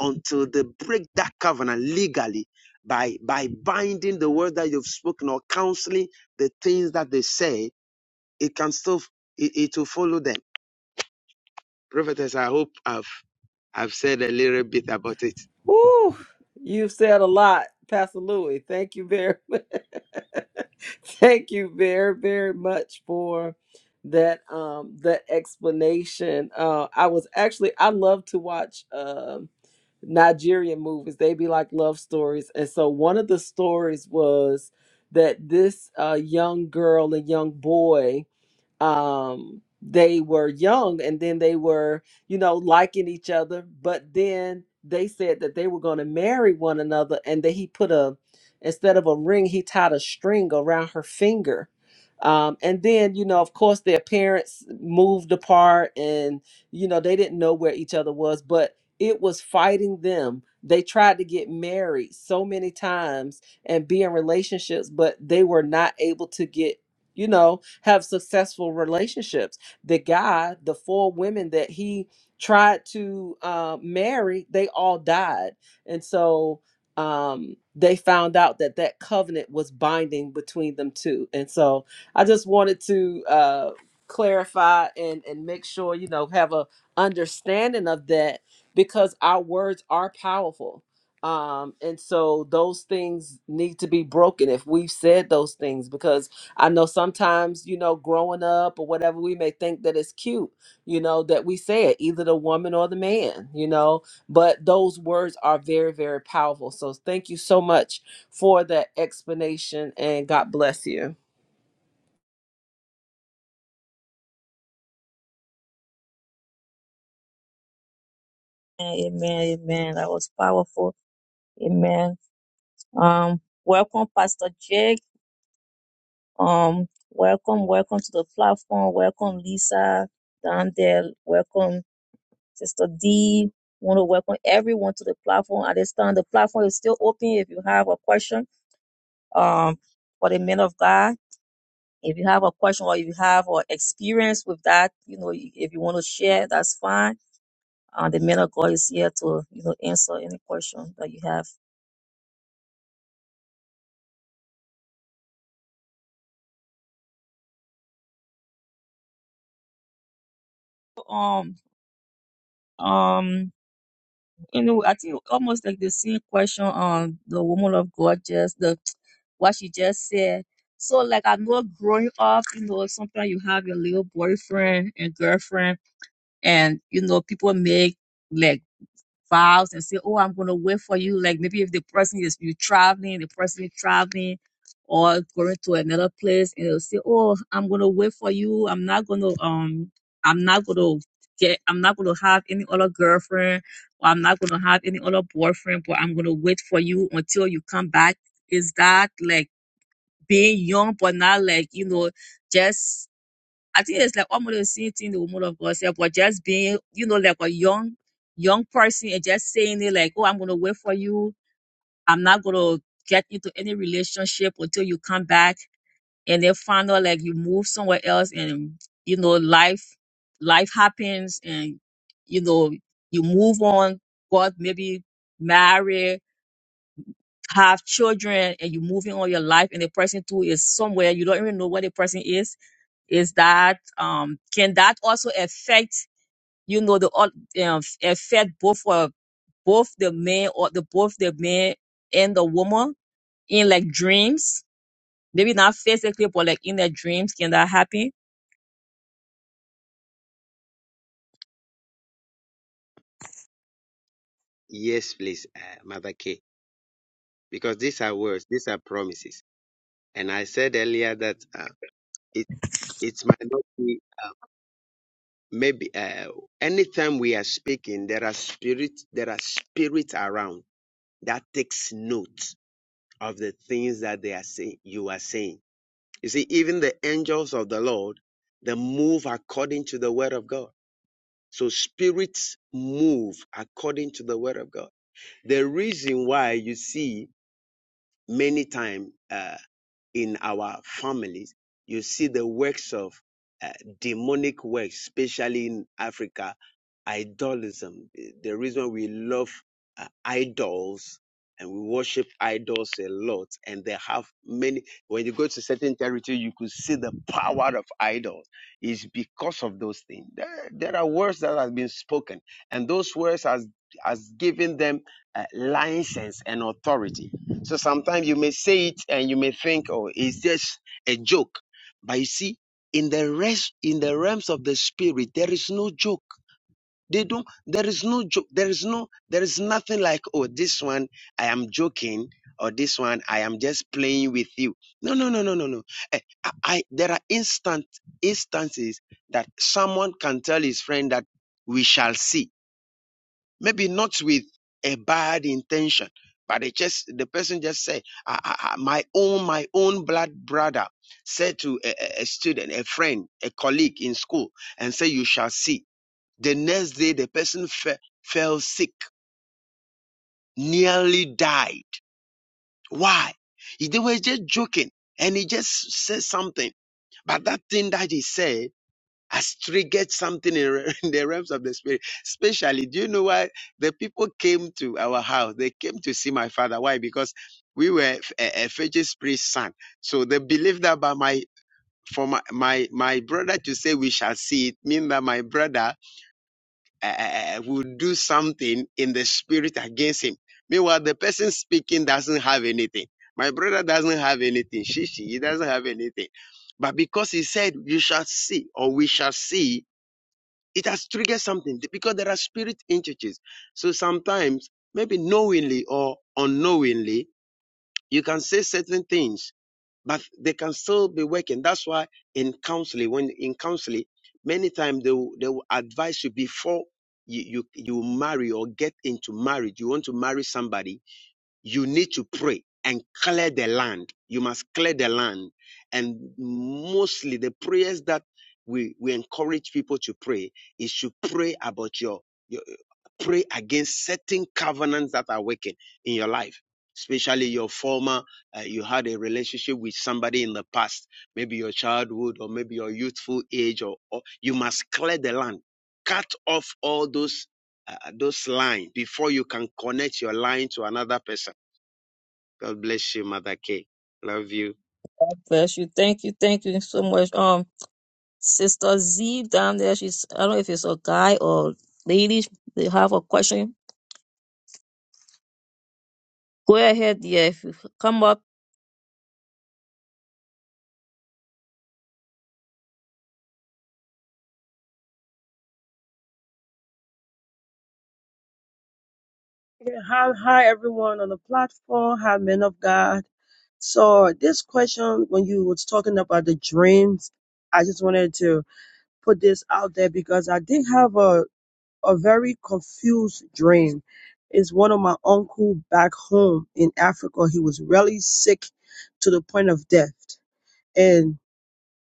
C: until they break that covenant legally by by binding the word that you've spoken or counseling the things that they say it can still it, it will follow them prophetess i hope i've i've said a little bit about it
G: Woo, you've said a lot pastor louis thank you very much thank you very very much for that um that explanation uh i was actually i love to watch um Nigerian movies. They be like love stories. And so one of the stories was that this uh, young girl and young boy um they were young and then they were you know liking each other but then they said that they were going to marry one another and that he put a instead of a ring he tied a string around her finger um, and then you know of course their parents moved apart and you know they didn't know where each other was but it was fighting them they tried to get married so many times and be in relationships but they were not able to get you know have successful relationships. The guy, the four women that he tried to uh, marry, they all died. And so um, they found out that that covenant was binding between them two. And so I just wanted to uh, clarify and, and make sure, you know, have a understanding of that because our words are powerful um and so those things need to be broken if we've said those things because I know sometimes, you know, growing up or whatever, we may think that it's cute, you know, that we say it, either the woman or the man, you know, but those words are very, very powerful. So thank you so much for that explanation and God bless you.
D: Amen, amen. amen. That was powerful. Amen. Um, welcome, Pastor Jake. Um, welcome, welcome to the platform. Welcome, Lisa, down there. Welcome. Sister D. Want to welcome everyone to the platform at this time. The platform is still open if you have a question um, for the men of God. If you have a question or you have or experience with that, you know, if you want to share, that's fine. Uh, the men of God is here to you know answer any question that you have. Um, um, You know, I think almost like the same question on the woman of God just the what she just said. So like I know growing up, you know, sometimes you have your little boyfriend and girlfriend and you know, people make like vows and say, "Oh, I'm going to wait for you." Like maybe if the person is you traveling, the person is traveling or going to another place, and they'll say, "Oh, I'm going to wait for you. I'm not going to um, I'm not going to get, I'm not going to have any other girlfriend, or I'm not going to have any other boyfriend, but I'm going to wait for you until you come back." Is that like being young, but not like you know, just I think it's like almost the same thing the woman of God said, but just being, you know, like a young, young person and just saying it like, oh, I'm gonna wait for you. I'm not gonna get into any relationship until you come back and then find out like you move somewhere else and you know, life life happens and you know, you move on, God maybe marry, have children, and you moving on your life and the person too is somewhere, you don't even know where the person is is that um, can that also affect you know the all um, affect both uh, both the man or the both the man and the woman in like dreams maybe not physically but like in their dreams can that happen
C: yes please uh, mother k because these are words these are promises and i said earlier that uh, it it might not be maybe uh, anytime we are speaking there are spirits there are spirits around that takes note of the things that they are saying you are saying you see even the angels of the lord they move according to the word of god so spirits move according to the word of god the reason why you see many times uh, in our families. You see the works of uh, demonic works, especially in Africa, idolism. The reason we love uh, idols and we worship idols a lot, and they have many. When you go to certain territory, you could see the power of idols. Is because of those things. There, there are words that have been spoken, and those words has has given them uh, license and authority so sometimes you may say it and you may think, oh, it's just a joke. But you see, in the rest, in the realms of the spirit, there is no joke. They don't, there is no joke. There is no, there is nothing like, oh, this one, I am joking. Or this one, I am just playing with you. No, no, no, no, no, no. Eh, I, I, there are instant instances that someone can tell his friend that we shall see maybe not with a bad intention, but it just the person just said, I, I, I- "My own, my own blood brother said to a, a student, a friend, a colleague in school, and say, you shall see." The next day, the person fe- fell sick, nearly died. Why? He- They were just joking, and he just said something, but that thing that he said has triggered something in, re- in the realms of the spirit. Especially, do you know why the people came to our house? They came to see my father. Why? Because we were a a fetish priest's son. So they believed that by my for my, my my brother to say we shall see it mean that my brother uh, will do something in the spirit against him. Meanwhile, the person speaking doesn't have anything. My brother doesn't have anything. She she he doesn't have anything. But because he said you shall see or we shall see, it has triggered something because there are spirit in churches. So sometimes, maybe knowingly or unknowingly, you can say certain things, but they can still be working. That's why in counseling, when in counseling, many times they will, they will advise you before you, you you marry or get into marriage. You want to marry somebody you need to pray and clear the land. You must clear the land. And mostly the prayers that we, we encourage people to pray is to pray about your, your pray against certain covenants that are working in your life. Especially your former, uh, you had a relationship with somebody in the past, maybe your childhood or maybe your youthful age, or, or you must clear the land, cut off all those uh, those lines before you can connect your line to another person God bless you, Mother K. Love you.
D: bless you thank you thank you so much um sister z down there she's i don't know if it's a guy or lady they have a question go ahead yeah if you could come up
H: Yeah, Hi, hi everyone on the platform. Hi, men of God. So this question, when you was talking about the dreams, I just wanted to put this out there because I did have a a very confused dream. It's one of my uncle back home in Africa. He was really sick to the point of death. And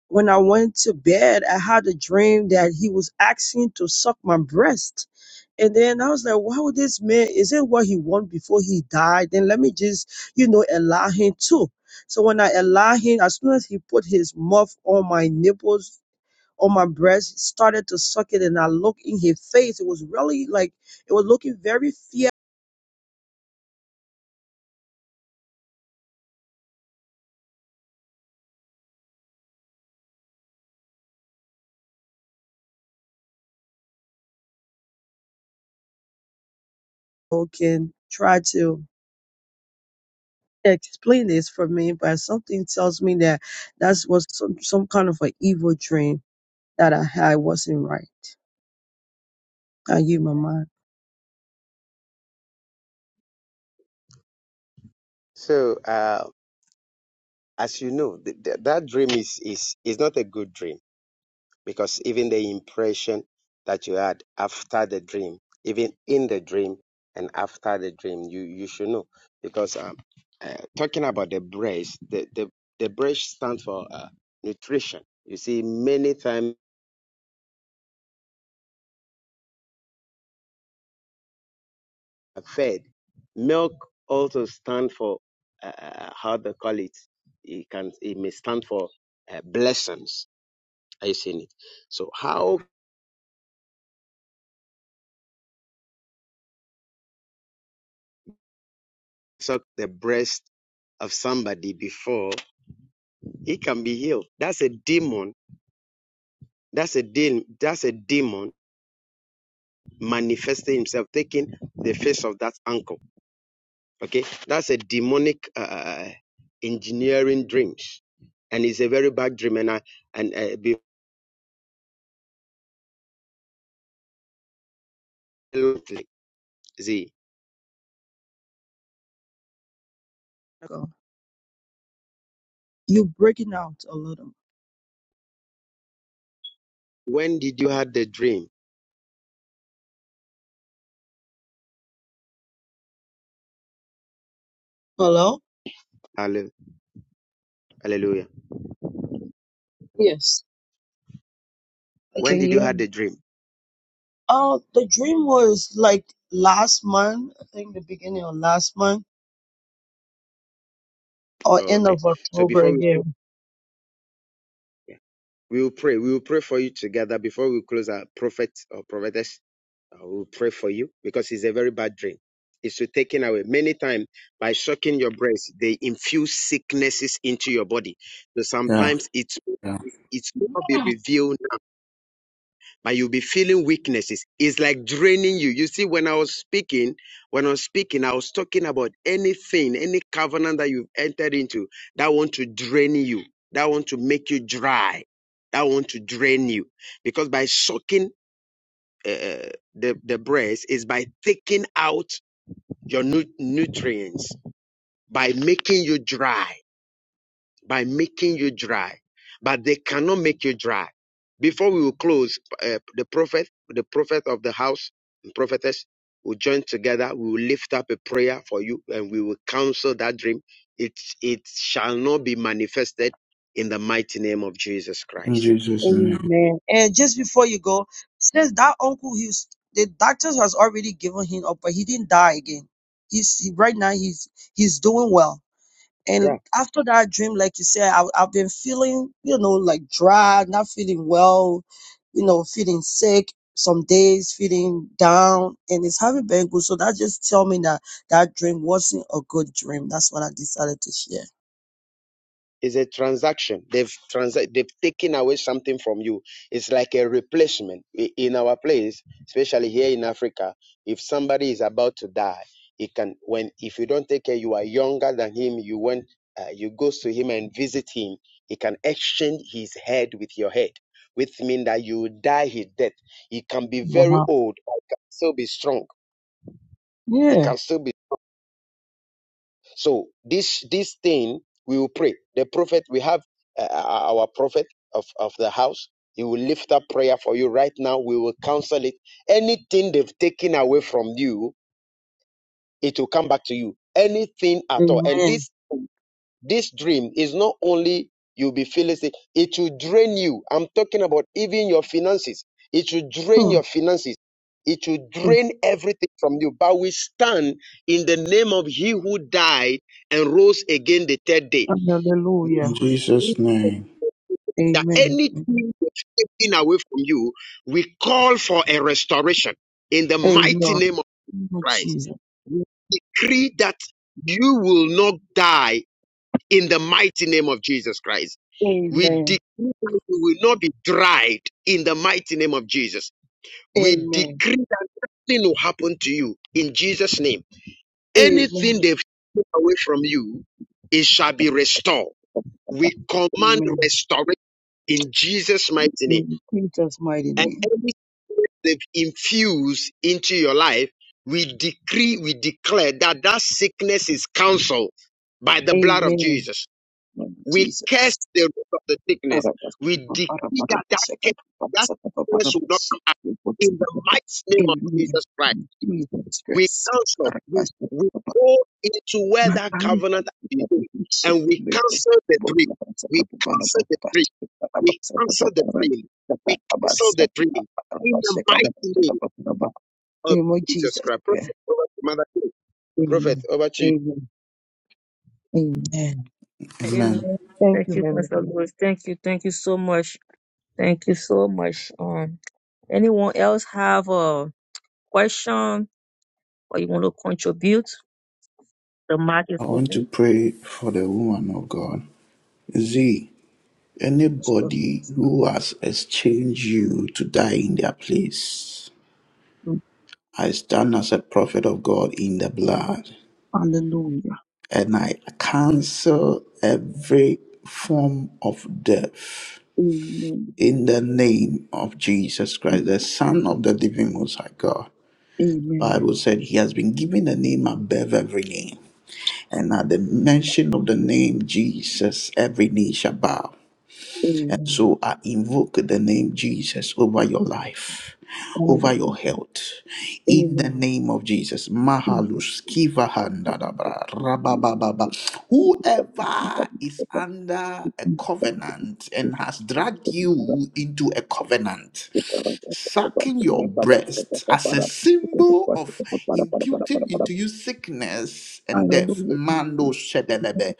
H: when I went to bed, I had a dream that he was asking to suck my breast and then I was like, wow, this man, is it what he want before he died? Then let me just, you know, allow him too. So when I allow him, as soon as he put his mouth on my nipples, on my breast, he started to suck it, and I looked in his face. It was really like it was looking very fearful. Can try to explain this for me, but something tells me that that was some some kind of an evil dream that I had. It wasn't right. Are you, my mind?
C: So, uh, as you know, th- th- that dream is, is, is not a good dream because even the impression that you had after the dream, even in the dream and after the dream, you, you should know. Because um, uh, talking about the breast, the, the, the breast stands for uh, nutrition. You see, many times. fed. Milk also stand for uh, uh, how they call it. It can it may stand for uh, blessings. Are you seeing it? So how suck the breast of somebody before he can be healed? That's a demon. That's a demon. That's a demon manifesting himself, taking the face of that uncle. Okay, that's a demonic uh, uh, engineering dreams, and it's a very bad dream. And I, and uh, be- see.
H: You breaking out a little.
C: When did you had the dream?
H: Hello.
C: Halle- Hallelujah.
H: Yes, I
C: When
H: can
C: did
H: hear.
C: you had
H: you.
C: the dream?
H: Uh, the dream was like last month, I think the beginning of last month or end
C: Okay.
H: of
C: So
H: October,
C: before we
H: yeah.
C: we will pray. We will pray for you together before we close our prophet or prophetess. uh, We will pray for you because it's a very bad dream. It's to taken away. Many times by shocking your breast, they infuse sicknesses into your body. So sometimes it's
A: Yeah.
C: it will not be revealed but you'll be feeling weaknesses. It's like draining you. You see, when I was speaking, when I was speaking, I was talking about anything, any covenant that you've entered into that want to drain you, that want to make you dry, that want to drain you. Because by sucking uh, the, the breast is by taking out your nu- nutrients, by making you dry by making you dry, but they cannot make you dry. Before we will close, uh, the prophet, the prophet of the house, and prophetess will join together. We will lift up a prayer for you, and we will counsel that dream. It it shall not be manifested in the mighty name of Jesus Christ.
H: Amen. And just before you go, since that uncle, he's the doctors has already given him up, but he didn't die again. He's he, right now he's he's doing well.
C: Yeah.
H: And after that dream, like you said, I, I've been feeling, you know, like dry, not feeling well, you know, feeling sick some days, feeling down, and it's having been good. So that just tell me that that dream wasn't a good dream. That's what I decided to share.
C: It's a transaction. They've transa- they've taken away something from you. It's like a replacement I- in our place, especially here in Africa. If somebody is about to die, it can when if you don't take care, you are younger than him. You went, uh, you goes to him and visit him. He can exchange his head with your head, which means that you die his death. He can be very
H: Wow.
C: old, but he can still be strong. He
H: Yeah.
C: can still be so this this thing we will pray. The prophet we have uh, uh, our prophet of of the house. He will lift up prayer for you right now. We will counsel it. Anything they've taken away from you, it will come back to you. Anything at all. And
H: Amen.
C: this this dream is not only you'll be feeling sick, it will drain you. I'm talking about even your finances. It will drain
H: Hmm,
C: your finances. It will
H: hmm.
C: drain everything from you. But we stand in the name of He who died and rose again the third day
H: Hallelujah.
A: In Jesus' name,
C: that
H: Amen.
C: anything that's taken away from you, we call for a restoration in the mighty
H: Amen.
C: name of
H: Oh,
C: Christ.
H: Jesus.
C: We decree that you will not die in the mighty name of Jesus Christ. We decree
H: Amen.
C: that we will not be dried in the mighty name of Jesus. We
H: Amen.
C: decree that thing will happen to you in Jesus' name. Anything
H: Amen.
C: they've taken away from you, it shall be restored. We command
H: Amen.
C: restoration in Jesus' mighty name.
H: In Jesus' mighty
C: And
H: name.
C: everything they've infused into your life, we decree, we declare that that sickness is cancelled by the blood of
H: Amen.
C: Jesus
H: name of
C: We
H: Jesus.
C: curse the root of the sickness. We decree that that, curse, that sickness will not come out in the mighty name of Jesus Christ.
H: Illuminate the
C: We
H: stress.
C: cancel, we, we go into where
H: My
C: that
H: client
C: covenant is, made,
H: shake
C: and
H: and
C: we
H: we post
C: cancel
H: the
C: the
H: bomb
C: dream.
H: of
C: We
H: the Banaba
C: cancel the dream.
H: Pash.
C: We cancel the dream. We cancel the dream in the mighty name of
H: Name of
C: Jesus
H: Jesus
C: Christ.
H: prayer.
C: Prophet, over to Mother- Prophet,
H: Amen.
C: over to you.
H: Amen. Amen.
D: amen
A: amen.
H: Thank
D: thank
H: you,
D: you
H: man. of
D: pastor
H: God.
D: Louis. thank you thank you so much thank you so much um Anyone else have a question or you want to contribute? The mic is
A: I want to
D: open.
A: pray for the woman of God. Z,
H: That's what-
A: anybody who has exchanged you to die in their place, I stand as a prophet of God in the blood
H: Hallelujah.
A: and I cancel every form of death
H: Amen.
A: in the name of Jesus Christ, the Son of the Living Most High God. Bible
H: Amen.
A: said he has been given a name above every name. And at
H: Hallelujah.
A: the mention of the name Jesus, every knee shall bow. And
H: Amen.
A: so I invoke the name Jesus over your life, over your
H: Hallelujah.
A: health. In the
H: Amen.
A: name of Jesus.
H: Jesus.
A: Mahalus kivahandadabra
H: Hallelujah.
A: rabababa. Whoever is under a covenant and has dragged you into a covenant sucking your breast as a symbol of imputing into you sickness and death. Mando shedelebe.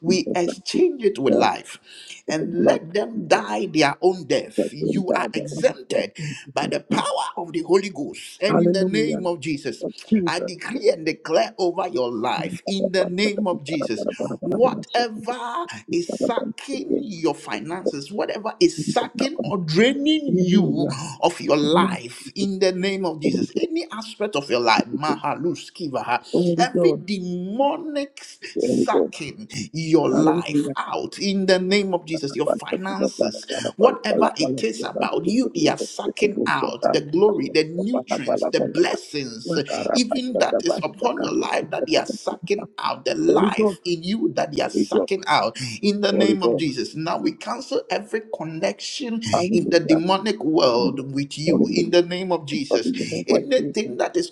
A: We
H: Jesus, thank you.
A: exchange it with
H: Lord,
A: life
H: for the
A: and
H: blood of
A: let them
H: Jesus,
A: die their own death.
H: that you
A: You are
H: died on the death
A: exempted
H: of
A: by the
H: Jesus.
A: power of the Holy Ghost. And in the
H: Hallelujah.
A: name of Jesus,
H: For
A: I
H: Jesus.
A: decree and declare over your
H: Hallelujah. Holy God. Holy God. Hallelujah. Holy God.
A: life in the name of Jesus whatever is sucking your finances, whatever is sucking or draining you do of your life in the name of Jesus. Any aspect of your life, Mahalus Kivaha,
H: Holy
A: every
H: God.
A: demonic
H: Holy God.
A: sucking your life
H: Hallelujah.
A: out in the name of Jesus, your finances, whatever it is about you, they are sucking out the glory, the nutrients, the blessings, even that is upon your life that they are sucking out, the
H: Holy
A: life in you that they are sucking out in the name of
H: God.
A: Jesus. Now we cancel every connection in the the demonic world with you in the name of Jesus.
H: In the name of Jesus.
A: Anything that is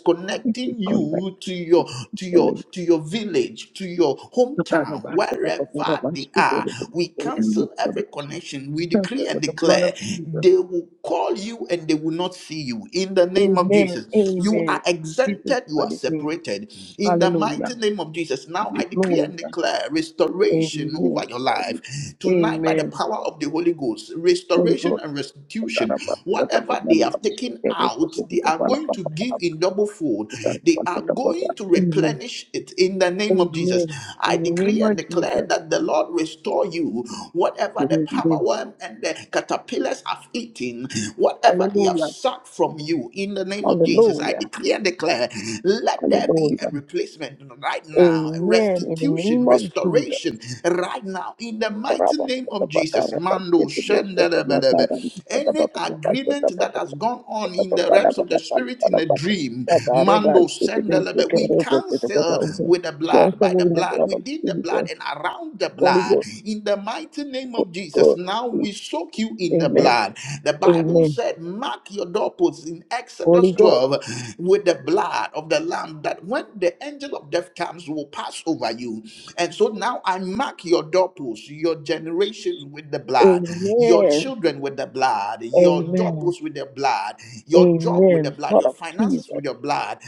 H: We
A: connecting
H: come
A: you to your to
H: back.
A: your to your village, to your
H: Father,
A: hometown,
H: I pick up a blood of
A: wherever
H: my
A: they are,
H: speaking
A: we
H: and lift
A: cancel every
H: them
A: connection. We
H: cancer
A: decree and
H: with the blood
A: declare
H: of Jesus.
A: they will call you and they will not see you in the name of
H: Amen.
A: Jesus. You
H: Amen.
A: are
H: Jesus
A: exempted, you are
H: mighty name.
A: separated in the
H: Hallelujah.
A: mighty name of Jesus. Now I decree and
H: Hallelujah.
A: declare restoration over
H: Amen.
A: your life
H: Amen.
A: tonight by the
H: Amen.
A: power of the Holy Ghost
H: Holy
A: restoration
H: Ghost.
A: and
H: The God
A: restitution.
H: of our the
A: Whatever
H: God
A: they
H: of our
A: have taken
H: speaking and
A: out, they are going to give in double fold.
H: the
A: They
H: God
A: are
H: of our
A: going to
H: Amen.
A: replenish it in the name of Jesus.
H: Amen.
A: I
H: In the name
A: decree and
H: of
A: declare
H: Jesus.
A: that the Lord restore you. Whatever the palmer
H: Amen.
A: worm and the caterpillars have eaten, whatever they have
H: Hallelujah.
A: sucked from you, in the name of Jesus, I
H: Hallelujah.
A: decree and declare, let there be a
H: Hallelujah.
A: replacement right now,
H: Amen. In the
A: restitution,
H: name of Jesus.
A: restoration right now, in the mighty
H: Rabba
A: name of Jesus.
H: Satapatara
A: Mando.
H: Bachetibu Satamatara
A: Any
H: Satapapa
A: agreement that has gone on in the realms of the spirit in a dream, mando sendelebe, we cancel with the blood, by the blood, within the blood
H: Jesus.
A: and around the
H: Holy
A: blood.
H: Ghost.
A: In the mighty name of Jesus,
H: God.
A: now we soak you in the
H: Amen.
A: blood. The Bible
H: Amen.
A: said, mark your doorposts in
H: Holy
A: Exodus
H: Ghost.
A: 12 with the blood of the Lamb, that when the angel of death comes, will pass over you. And so now I mark your doorposts, your generations with with the blood, your
H: Amen.
A: children with the blood, your job
H: Amen.
A: was with the blood, your job with the
H: Amen.
A: blood,
H: Lord
A: your
H: of Jesus.
A: finances with your blood,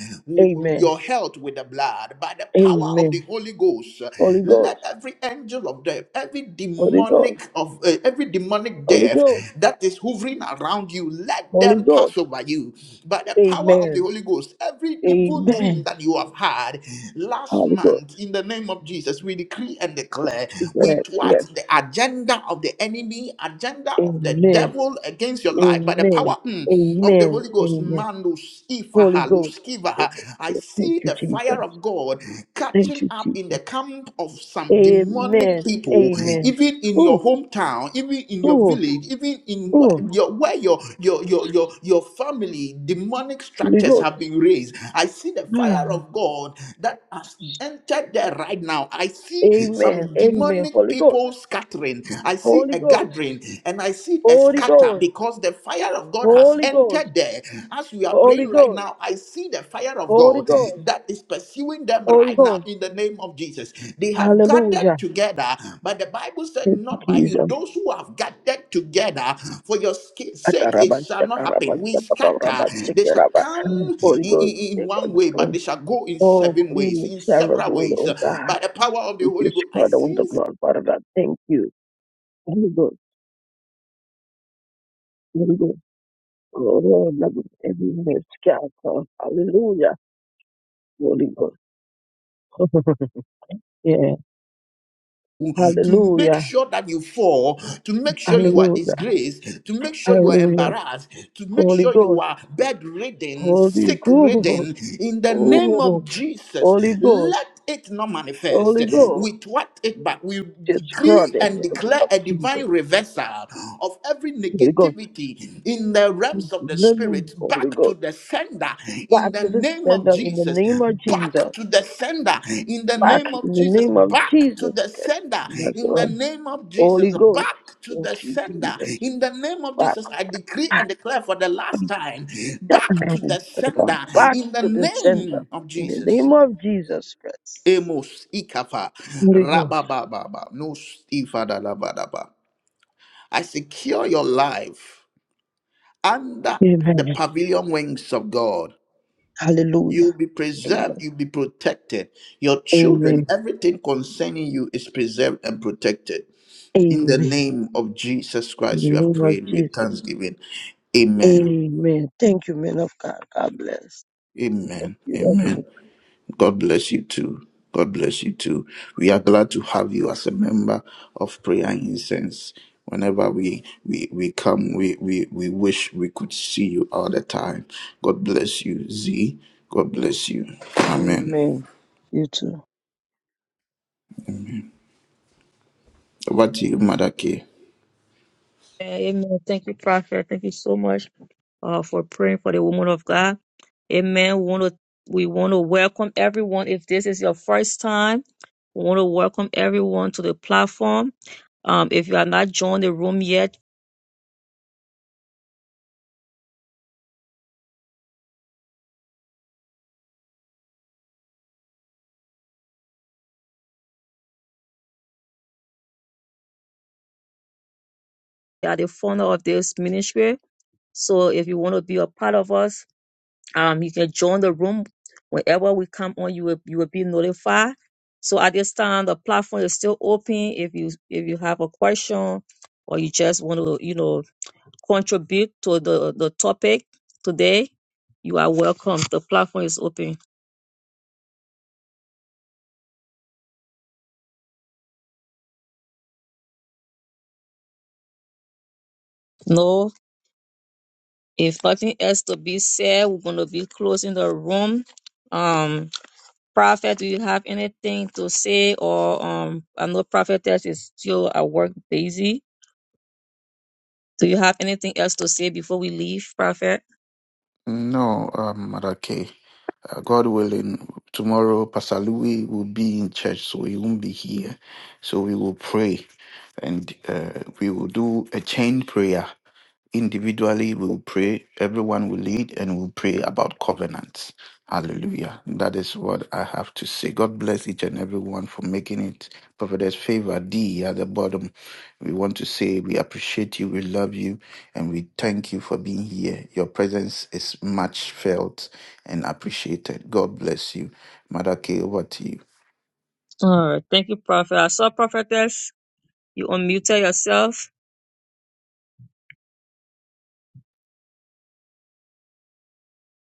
A: w-
H: Amen.
A: your health with the blood. By the power of the
H: Amen.
A: Holy Ghost, uh,
H: Holy
A: let
H: Ghost.
A: every angel of death, every
H: Holy Ghost.
A: demonic of uh, every demonic
H: Holy
A: death
H: Ghost.
A: that is hovering around you, let
H: Holy
A: them
H: Ghost.
A: pass over you. By the power of the
H: Amen.
A: Holy Ghost, every evil
H: Amen.
A: dream that you have had last
H: Holy Ghost.
A: month, in the name of Jesus, we decree and declare
H: we
A: we
H: Yes,
A: thwart
H: yes.
A: the agenda agenda of the enemy, agenda of the
H: Amen.
A: devil against your life by the
H: Amen.
A: power mm, of the
H: Amen.
A: Holy Ghost.
H: Amen.
A: Mando
H: Holy
A: Ifaha,
H: Ghost. Thank
A: Luskivaha. I
H: you, Thank
A: see
H: you,
A: the fire
H: Jesus.
A: of God
H: Thank
A: catching
H: you,
A: up in
H: Jesus.
A: the camp of some demonic
H: Amen.
A: people,
H: Amen.
A: even in
H: Oh,
A: your hometown, even in your
H: oh,
A: village, even in where
H: oh.
A: your where your your your your, your family demonic
H: Holy
A: structures
H: Ghost.
A: have been raised. I see the
H: Ah,
A: fire of God that has entered there right now. I see
H: Amen.
A: some
H: Amen.
A: demonic
H: Holy
A: people
H: Ghost.
A: people scattering. I see
H: Holy
A: a
H: Ghost.
A: gathering and I see a
H: Holy
A: scatter
H: Ghost.
A: because the fire of God has
H: Holy Ghost.
A: entered there. As we are
H: Holy
A: praying right
H: Ghost.
A: now, I see the fire of
H: Holy
A: God
H: Ghost.
A: that is pursuing them
H: Holy
A: right now
H: Ghost.
A: in the name of Jesus. They have gathered
H: Hallelujah.
A: together, but the Bible said,
H: Thank you,
A: Not by you.
H: Jesus.
A: Those who have gathered together for your sk- sake, it shall not happen. We scatter. They shall
H: Atarabanshakarabashakarabashakaraba.
A: come in,
H: Holy Ghost,
A: in in
H: take
A: one way, but
H: control.
A: they shall go in
H: Oh,
A: seven ways,
H: please,
A: in
H: Sarah's
A: several
H: way,
A: ways.
H: oh God.
A: By the power of the
H: We
A: Holy
H: just
A: Ghost, I
H: call on
A: see
H: the blood, Father God. Thank you. Holy Ghost, Holy Ghost. Oh, Lord, everywhere scattered. Hallelujah. Holy Ghost. Yeah.
A: to make
H: Hallelujah.
A: sure that you fall, to make sure you are
H: Hallelujah.
A: disgraced, to make sure you are
H: Hallelujah.
A: embarrassed, to make
H: Holy
A: sure you
H: Ghost.
A: are bedridden,
H: Holy
A: sick
H: Ghost.
A: ridden. In the name
H: Oh,
A: of Jesus,
H: Holy Ghost.
A: let it not manifest.
H: Holy Ghost.
A: With what it back, we
H: Just cry
A: decree
H: them
A: and
H: with the blood
A: declare
H: of
A: a
H: Jesus.
A: divine reversal of every
H: Holy Ghost.
A: negativity in the realms of the
H: living
A: spirit
H: Holy
A: back to
H: Ghost.
A: the sender in
H: God,
A: the
H: to this
A: name of
H: sender in the
A: Jesus
H: name of Jesus.
A: back to the sender in the
H: God,
A: name of
H: in the
A: Jesus
H: name of
A: back to
H: Jesus
A: the
H: Christ of
A: sender in the
H: Nazareth.
A: name of
H: Holy
A: Jesus
H: Ghost.
A: back to
H: Thank
A: the
H: you,
A: sender
H: Jesus.
A: in the name of
H: God,
A: Jesus I decree and
H: back
A: declare for the last time
H: back
A: back to the sender
H: back
A: in the
H: to the sender
A: name of
H: in the
A: Jesus
H: name of Jesus Christ.
A: Amos Ikafa
H: Holy Ghost.
A: Rabababa no Ifadalabadaba I secure your life under
H: Amen.
A: the pavilion wings of God. You'll
H: Hallelujah.
A: be preserved,
H: Amen.
A: you'll be protected. Your children,
H: Amen.
A: everything concerning you is preserved and protected. In the
H: Amen.
A: name of Jesus
H: In the
A: Christ, you have
H: name of
A: prayed with
H: Jesus.
A: thanksgiving. Amen.
H: Amen. Thank you, men of God. God bless. Thank
A: Amen.
H: you,
A: Amen.
H: everyone.
A: God bless you too. God bless you too. We are glad to have you as a member of Prayer and Incense. Whenever we, we, we come, we, we, we wish we could see you all the time. God bless you, Z. God bless you. Amen.
H: Amen. You too.
A: Over to you, Mother K.
D: Amen. Thank you, Prophet. Thank you so much uh, for praying for the woman of God. Amen. We want to we want to welcome everyone. If this is your first time, we want to welcome everyone to the platform. Um, if you are not joined the room yet, you are the founder of this ministry. So if you want to be a part of us, Um, you can join the room whenever we come on. You will you will be notified. So at this time, the platform is still open. If you if you have a question or you just want to you know contribute to the the topic today, you are welcome. The platform is open. No, if nothing else to be said, we're gonna be closing the room. Um, Prophet, do you have anything to say? Or um, I know Prophetess is still at work busy. Do you have anything else to say before we leave, Prophet?
I: No, um, Madake. Uh, God willing, tomorrow Pastor Louis will be in church, so he won't be here. So we will pray and uh, we will do a chain prayer. Individually, we will pray. Everyone will lead and we'll pray about covenants. Hallelujah. That is what I have to say. God bless each and everyone for making it. Prophetess Favor D at the bottom. We want to say we appreciate you, we love you, and we thank you for being here. Your presence is much felt and appreciated. God bless you. Mother K, over to you.
D: All right. Thank you, Prophet. I saw Prophetess. You unmuted yourself,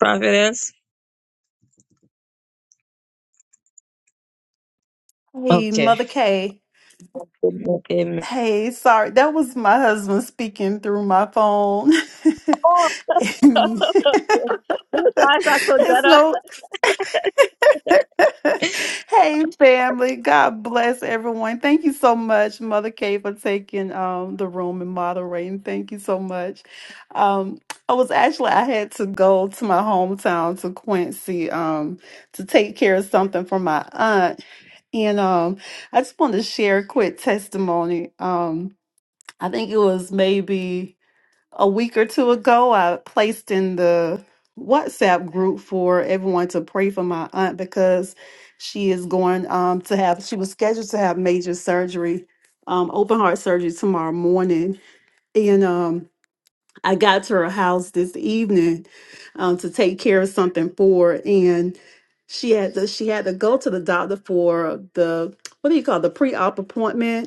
D: Prophetess.
I: Hey,
D: Okay.
I: Mother K.
D: Amen.
I: Hey, sorry, that was my husband speaking through my phone. it's
D: You guys are so better.
I: no hey family god bless everyone thank you so much mother Kay, for taking um the room and moderating thank you so much um i was actually i had to go to my hometown to quincy um to take care of something for my aunt and um i just wanted to share a quick testimony um i think it was maybe a week or two ago, I placed in the WhatsApp group for everyone to pray for my aunt because she is going um, to have, she was scheduled to have major surgery, um, open heart surgery tomorrow morning. And um, I got to her house this evening um, to take care of something for her. And she had to, she had to go to the doctor for the, what do you call it, the pre-op appointment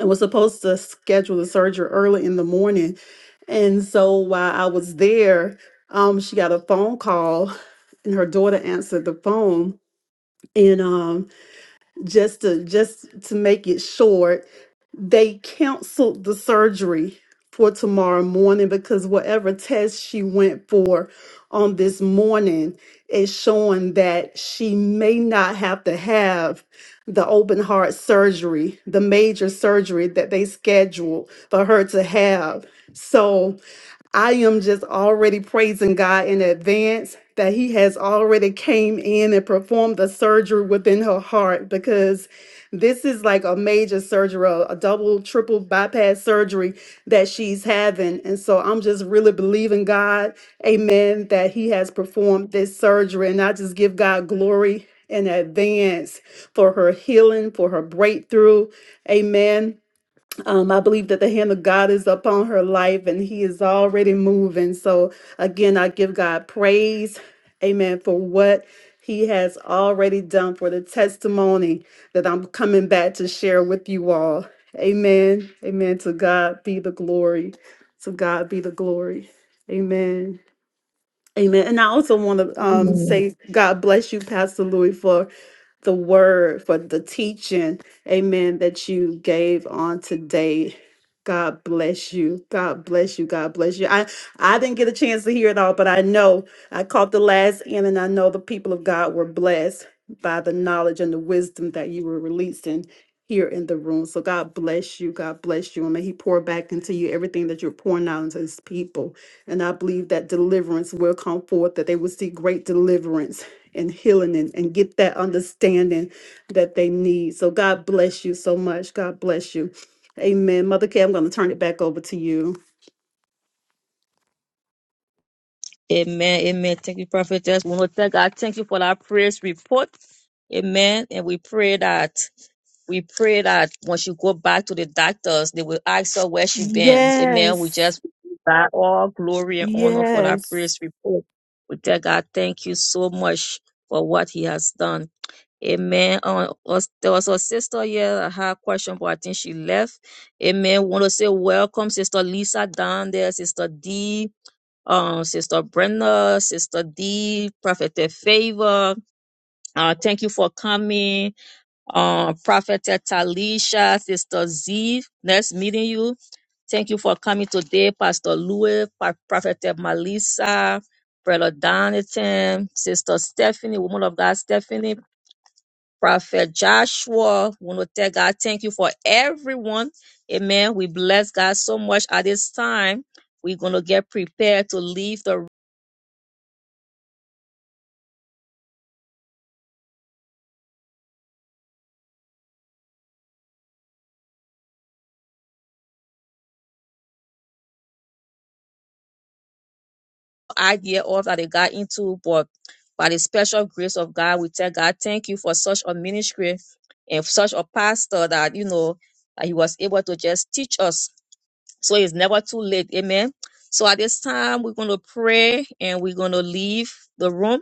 I: I was supposed to schedule the surgery early in the morning. And so while I was there, um, she got a phone call and her daughter answered the phone. and. um, just to just to make it short they canceled the surgery for tomorrow morning because whatever test she went for on this morning is showing that she may not have to have the open heart surgery, the major surgery that they scheduled for her to have. So I am just already praising God in advance that he has already came in and performed the surgery within her heart because this is like a major surgery, a a double, triple bypass surgery that she's having. And so I'm just really believing God, amen, that he has performed this surgery. And I just give God glory in advance for her healing, for her breakthrough. Amen um, I believe that the hand of God is upon her life and he is already moving. So, again, I give God praise, amen, for what he has already done, for the testimony that I'm coming back to share with you all. Amen. Amen. To God be the glory. To God be the glory. Amen. Amen. And I also want to um,
D: Amen.
I: say, God bless you, Pastor Louis, for the word, for the teaching, amen, that you gave on today. God bless you. God bless you. God bless you. I, I didn't get a chance to hear it all, but I know I caught the last end, and I know the people of God were blessed by the knowledge and the wisdom that you were releasing here in the room. So God bless you. God bless you. And may He pour back into you everything that you're pouring out into His people and I believe that deliverance will come forth, that they will see great deliverance and healing and, and get that understanding that they need. So God bless you so much. God bless you. Amen. Mother Kay, i I'm going to turn it back over to you.
D: Amen. Amen. Thank you, prophetess. One more time, God, thank you for that praise report. Amen. And we pray that we pray that when she go back to the doctors, they will ask her where she been. Amen. We
I: Yes.
D: just that all glory and honor for that
I: Yes.
D: praise report. We tell God thank you so much for what He has done. Amen. Um, us- there was a sister here that had a question, but I think she left. Amen. Want to say welcome, Sister Lisa down there, Sister D, um, Sister Brenda, Sister D, Prophet Favor. Uh, thank you for coming. Um, Prophet Talisha, Sister Z, nice meeting you. Thank you for coming today, Pastor Louis, Pa- Prophet Melissa, Brother Donathan, Sister Stephanie, woman of God, Stephanie. Prophet Joshua. We want tell God, thank you for everyone. Amen. We bless God so much at this time. We're going to get prepared to leave the idea off that they got into, but by the special grace of God, we tell God, thank you for such a ministry and such a pastor that, you know, that he was able to just teach us. So it's never too late. Amen. So at this time, we're going to pray and we're going to leave the room.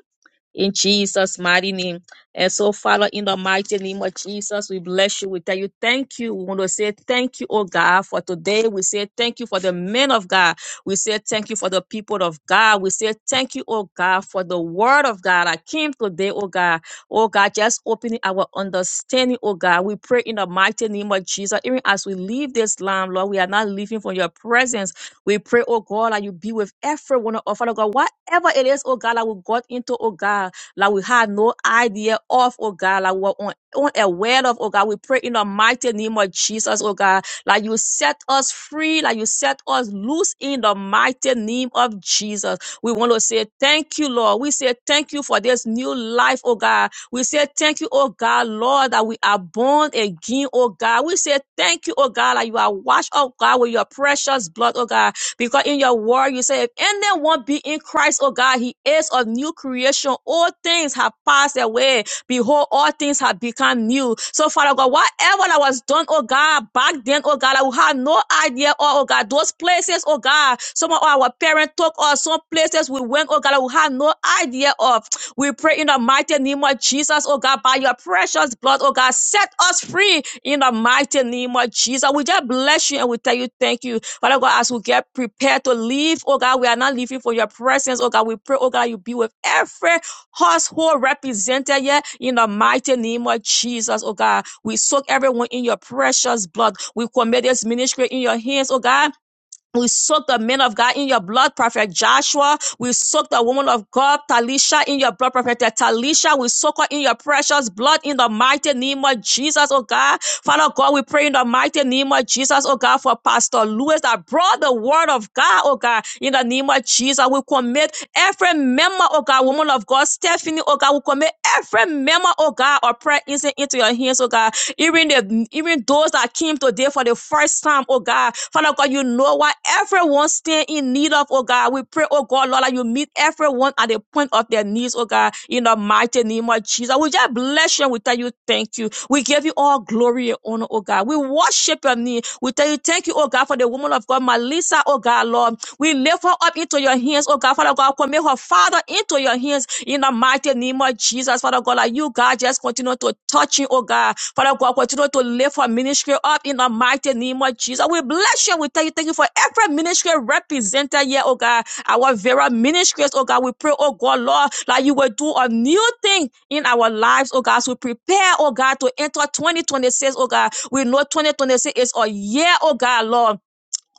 D: in Jesus' mighty name. And so, Father, in the mighty name of Jesus, we bless you. We tell you thank you. We want to say thank you, oh God, for today. We say thank you for the men of God. We say thank you for the people of God. We say thank you, oh God, for the word of God. I came today, oh God. Oh God, just opening our understanding, oh God. We pray in the mighty name of Jesus. Even as we leave this land, Lord, we are not leaving from your presence we pray, oh God, that you be with everyone, oh Father God, whatever it is, oh God, that we got into, oh God, that we had no idea of, oh God, that we were un- unaware of, oh God. We pray in the mighty name of Jesus, oh God, that you set us free, that you set us loose in the mighty name of Jesus. We want to say thank you, Lord. We say thank you for this new life, oh God. We say thank you, oh God, Lord, that we are born again, oh God. We say thank you, oh God, that you are washed, oh God, with your precious blood, oh God. Because in your word, you say, if anyone be in Christ, oh God, he is a new creation. All things have passed away. Behold, all things have become new. So, Father God, whatever that was done, oh God, back then, oh God, I will have no idea, oh, oh God, those places, oh God, some of our parents took us, some places we went, oh God, I will have no idea of. We pray in the mighty name of Jesus, oh God, by your precious blood, oh God, set us free in the mighty name of Jesus. We just bless you and we tell you thank you. Father God, as we get prepared to leave, oh God, we are not leaving for your presence, oh God. We pray, oh God, you be with every household represented here in the mighty name of Jesus, oh God. We soak everyone in your precious blood. We commit this ministry in your hands, oh God. We soak the men of God in your blood, Prophet Joshua. We soak the woman of God, Talisha, in your blood, Prophet Talisha. We soak her in your precious blood in the mighty name of Jesus, oh God. Father God, we pray in the mighty name of Jesus, oh God, for Pastor Lewis that brought the word of God, oh God, in the name of Jesus. We commit every member, oh God, woman of God, Stephanie, oh God, we commit every member, oh God, of prayer incense into your hands, oh oh God. Even the even those that came today for the first time, oh God. Father God, you know what everyone stand in need of, oh God. We pray, oh God, Lord, that you meet everyone at the point of their needs, oh God, in the mighty name of Jesus. We just bless you and we tell you thank you. We give you all glory and honor, oh God. We worship your name. We tell you thank you, oh God, for the woman of God, Melissa, oh God, Lord. We lift her up into your hands, oh God, Father God. Commit her father Father, into your hands in the mighty name of Jesus. Father God, like you, God, just continue to touch him, oh God. Father God, continue to lift our ministry up in the mighty name of Jesus. We bless you. We thank you. Thank you for every ministry represented here, oh God. Our very ministries, oh God. We pray, oh God, Lord, like you will do a new thing in our lives, oh God. So we prepare, oh God, to enter 2026, oh God. We know 2026 is a year, oh God, Lord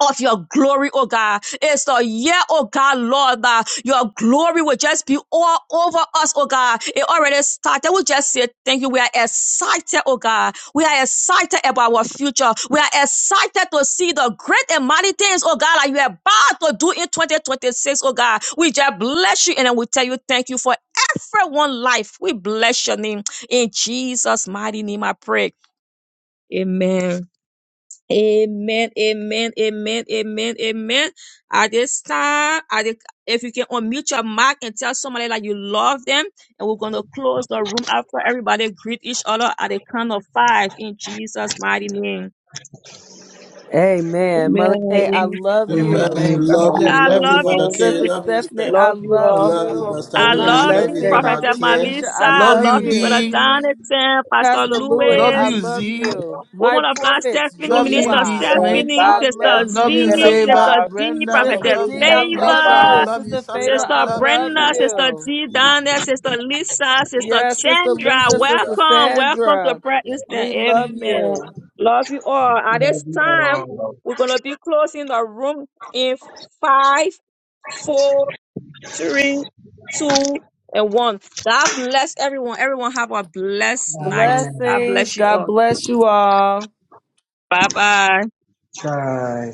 D: of your glory, oh God. It's the year, oh God, Lord, that your glory will just be all over us, oh God. It already started. We just say thank you. We are excited, oh God. We are excited about our future. We are excited to see the great and mighty things, oh God, that you are about to do in 2026, oh God. We just bless you and then we tell you thank you for everyone life. We bless your name. In Jesus' mighty name, I pray. Amen. Amen, amen, amen, amen, amen. At this time, at the, if you can unmute your mic and tell somebody that you love them, and we're going to close the room after everybody greet each other at the count of five in Jesus' mighty name.
G: Amen. Mother Kay, I
D: Amen.
G: love
A: Amen.
J: Amen.
G: you.
A: We
H: Amen. God
A: love
J: Love
H: bless
A: you.
J: you.
D: I
A: Love you,
D: love you
A: Mother
H: everyone.
D: too.
A: K.
G: Sister
A: Love you,
G: Stephanie, I
A: Steph.
H: Love you
A: We
G: love
H: all.
A: Love
H: Have
A: you,
G: you.
H: a
A: Pastor
D: I
H: good
G: My
H: and
A: Louis.
D: love
H: blessed
A: Love
D: you,
A: you,
G: sissy,
H: day.
D: Prophet
A: Donald
G: Prophetess
A: Tier.
G: Delisha,
D: Melissa.
G: I
D: I
A: Love
G: love
A: you,
D: love you, Brother
G: you.
A: D.
D: Jonathan, Pastor
G: Pastor Louis,
A: Love
G: I
D: Lewis,
A: you,
G: love
A: Z.
G: you. My
D: Woman of God,
G: prophets,
D: Stephanie,
A: Love
H: Yes,
A: you,
D: Minister
A: D.
G: Joshua,
H: Lord.
D: Stephanie,
A: Smith.
G: I
H: God bless
D: Sister
G: love
H: you,
A: Love you,
H: men of
D: Z,
G: you.
A: Favor.
D: Sister
H: God.
D: D,
H: Have
A: Brenda,
H: a
D: Prophet
A: we
G: Sister
H: good
A: love
G: D, I
H: day.
A: you.
H: Bye
G: love
A: Lisa,
H: bye.
A: we
D: Favor.
G: you.
A: love you.
G: Sister Favor,
A: Sandra, we
D: Sister
G: I
A: love
G: love
A: you.
D: Brenda, Sister
G: you.
D: T. Donna, Sister Lisa, Sister
G: Yes, Sister
D: Sandra,
G: Lisa, Sister
D: welcome, welcome to
G: Sandra,
D: Prayer Instant.
G: we love
D: Amen.
G: you.
D: Love you all. At
J: Love
D: this
J: you
D: time,
J: all.
D: we're going to be closing the room in five, four, three, two, and one. God bless everyone. Everyone have a blessed night.
J: Amen.
D: God
G: Blessings.
D: bless you
G: God
D: all.
G: bless you all.
D: Bye bye.
J: Bye.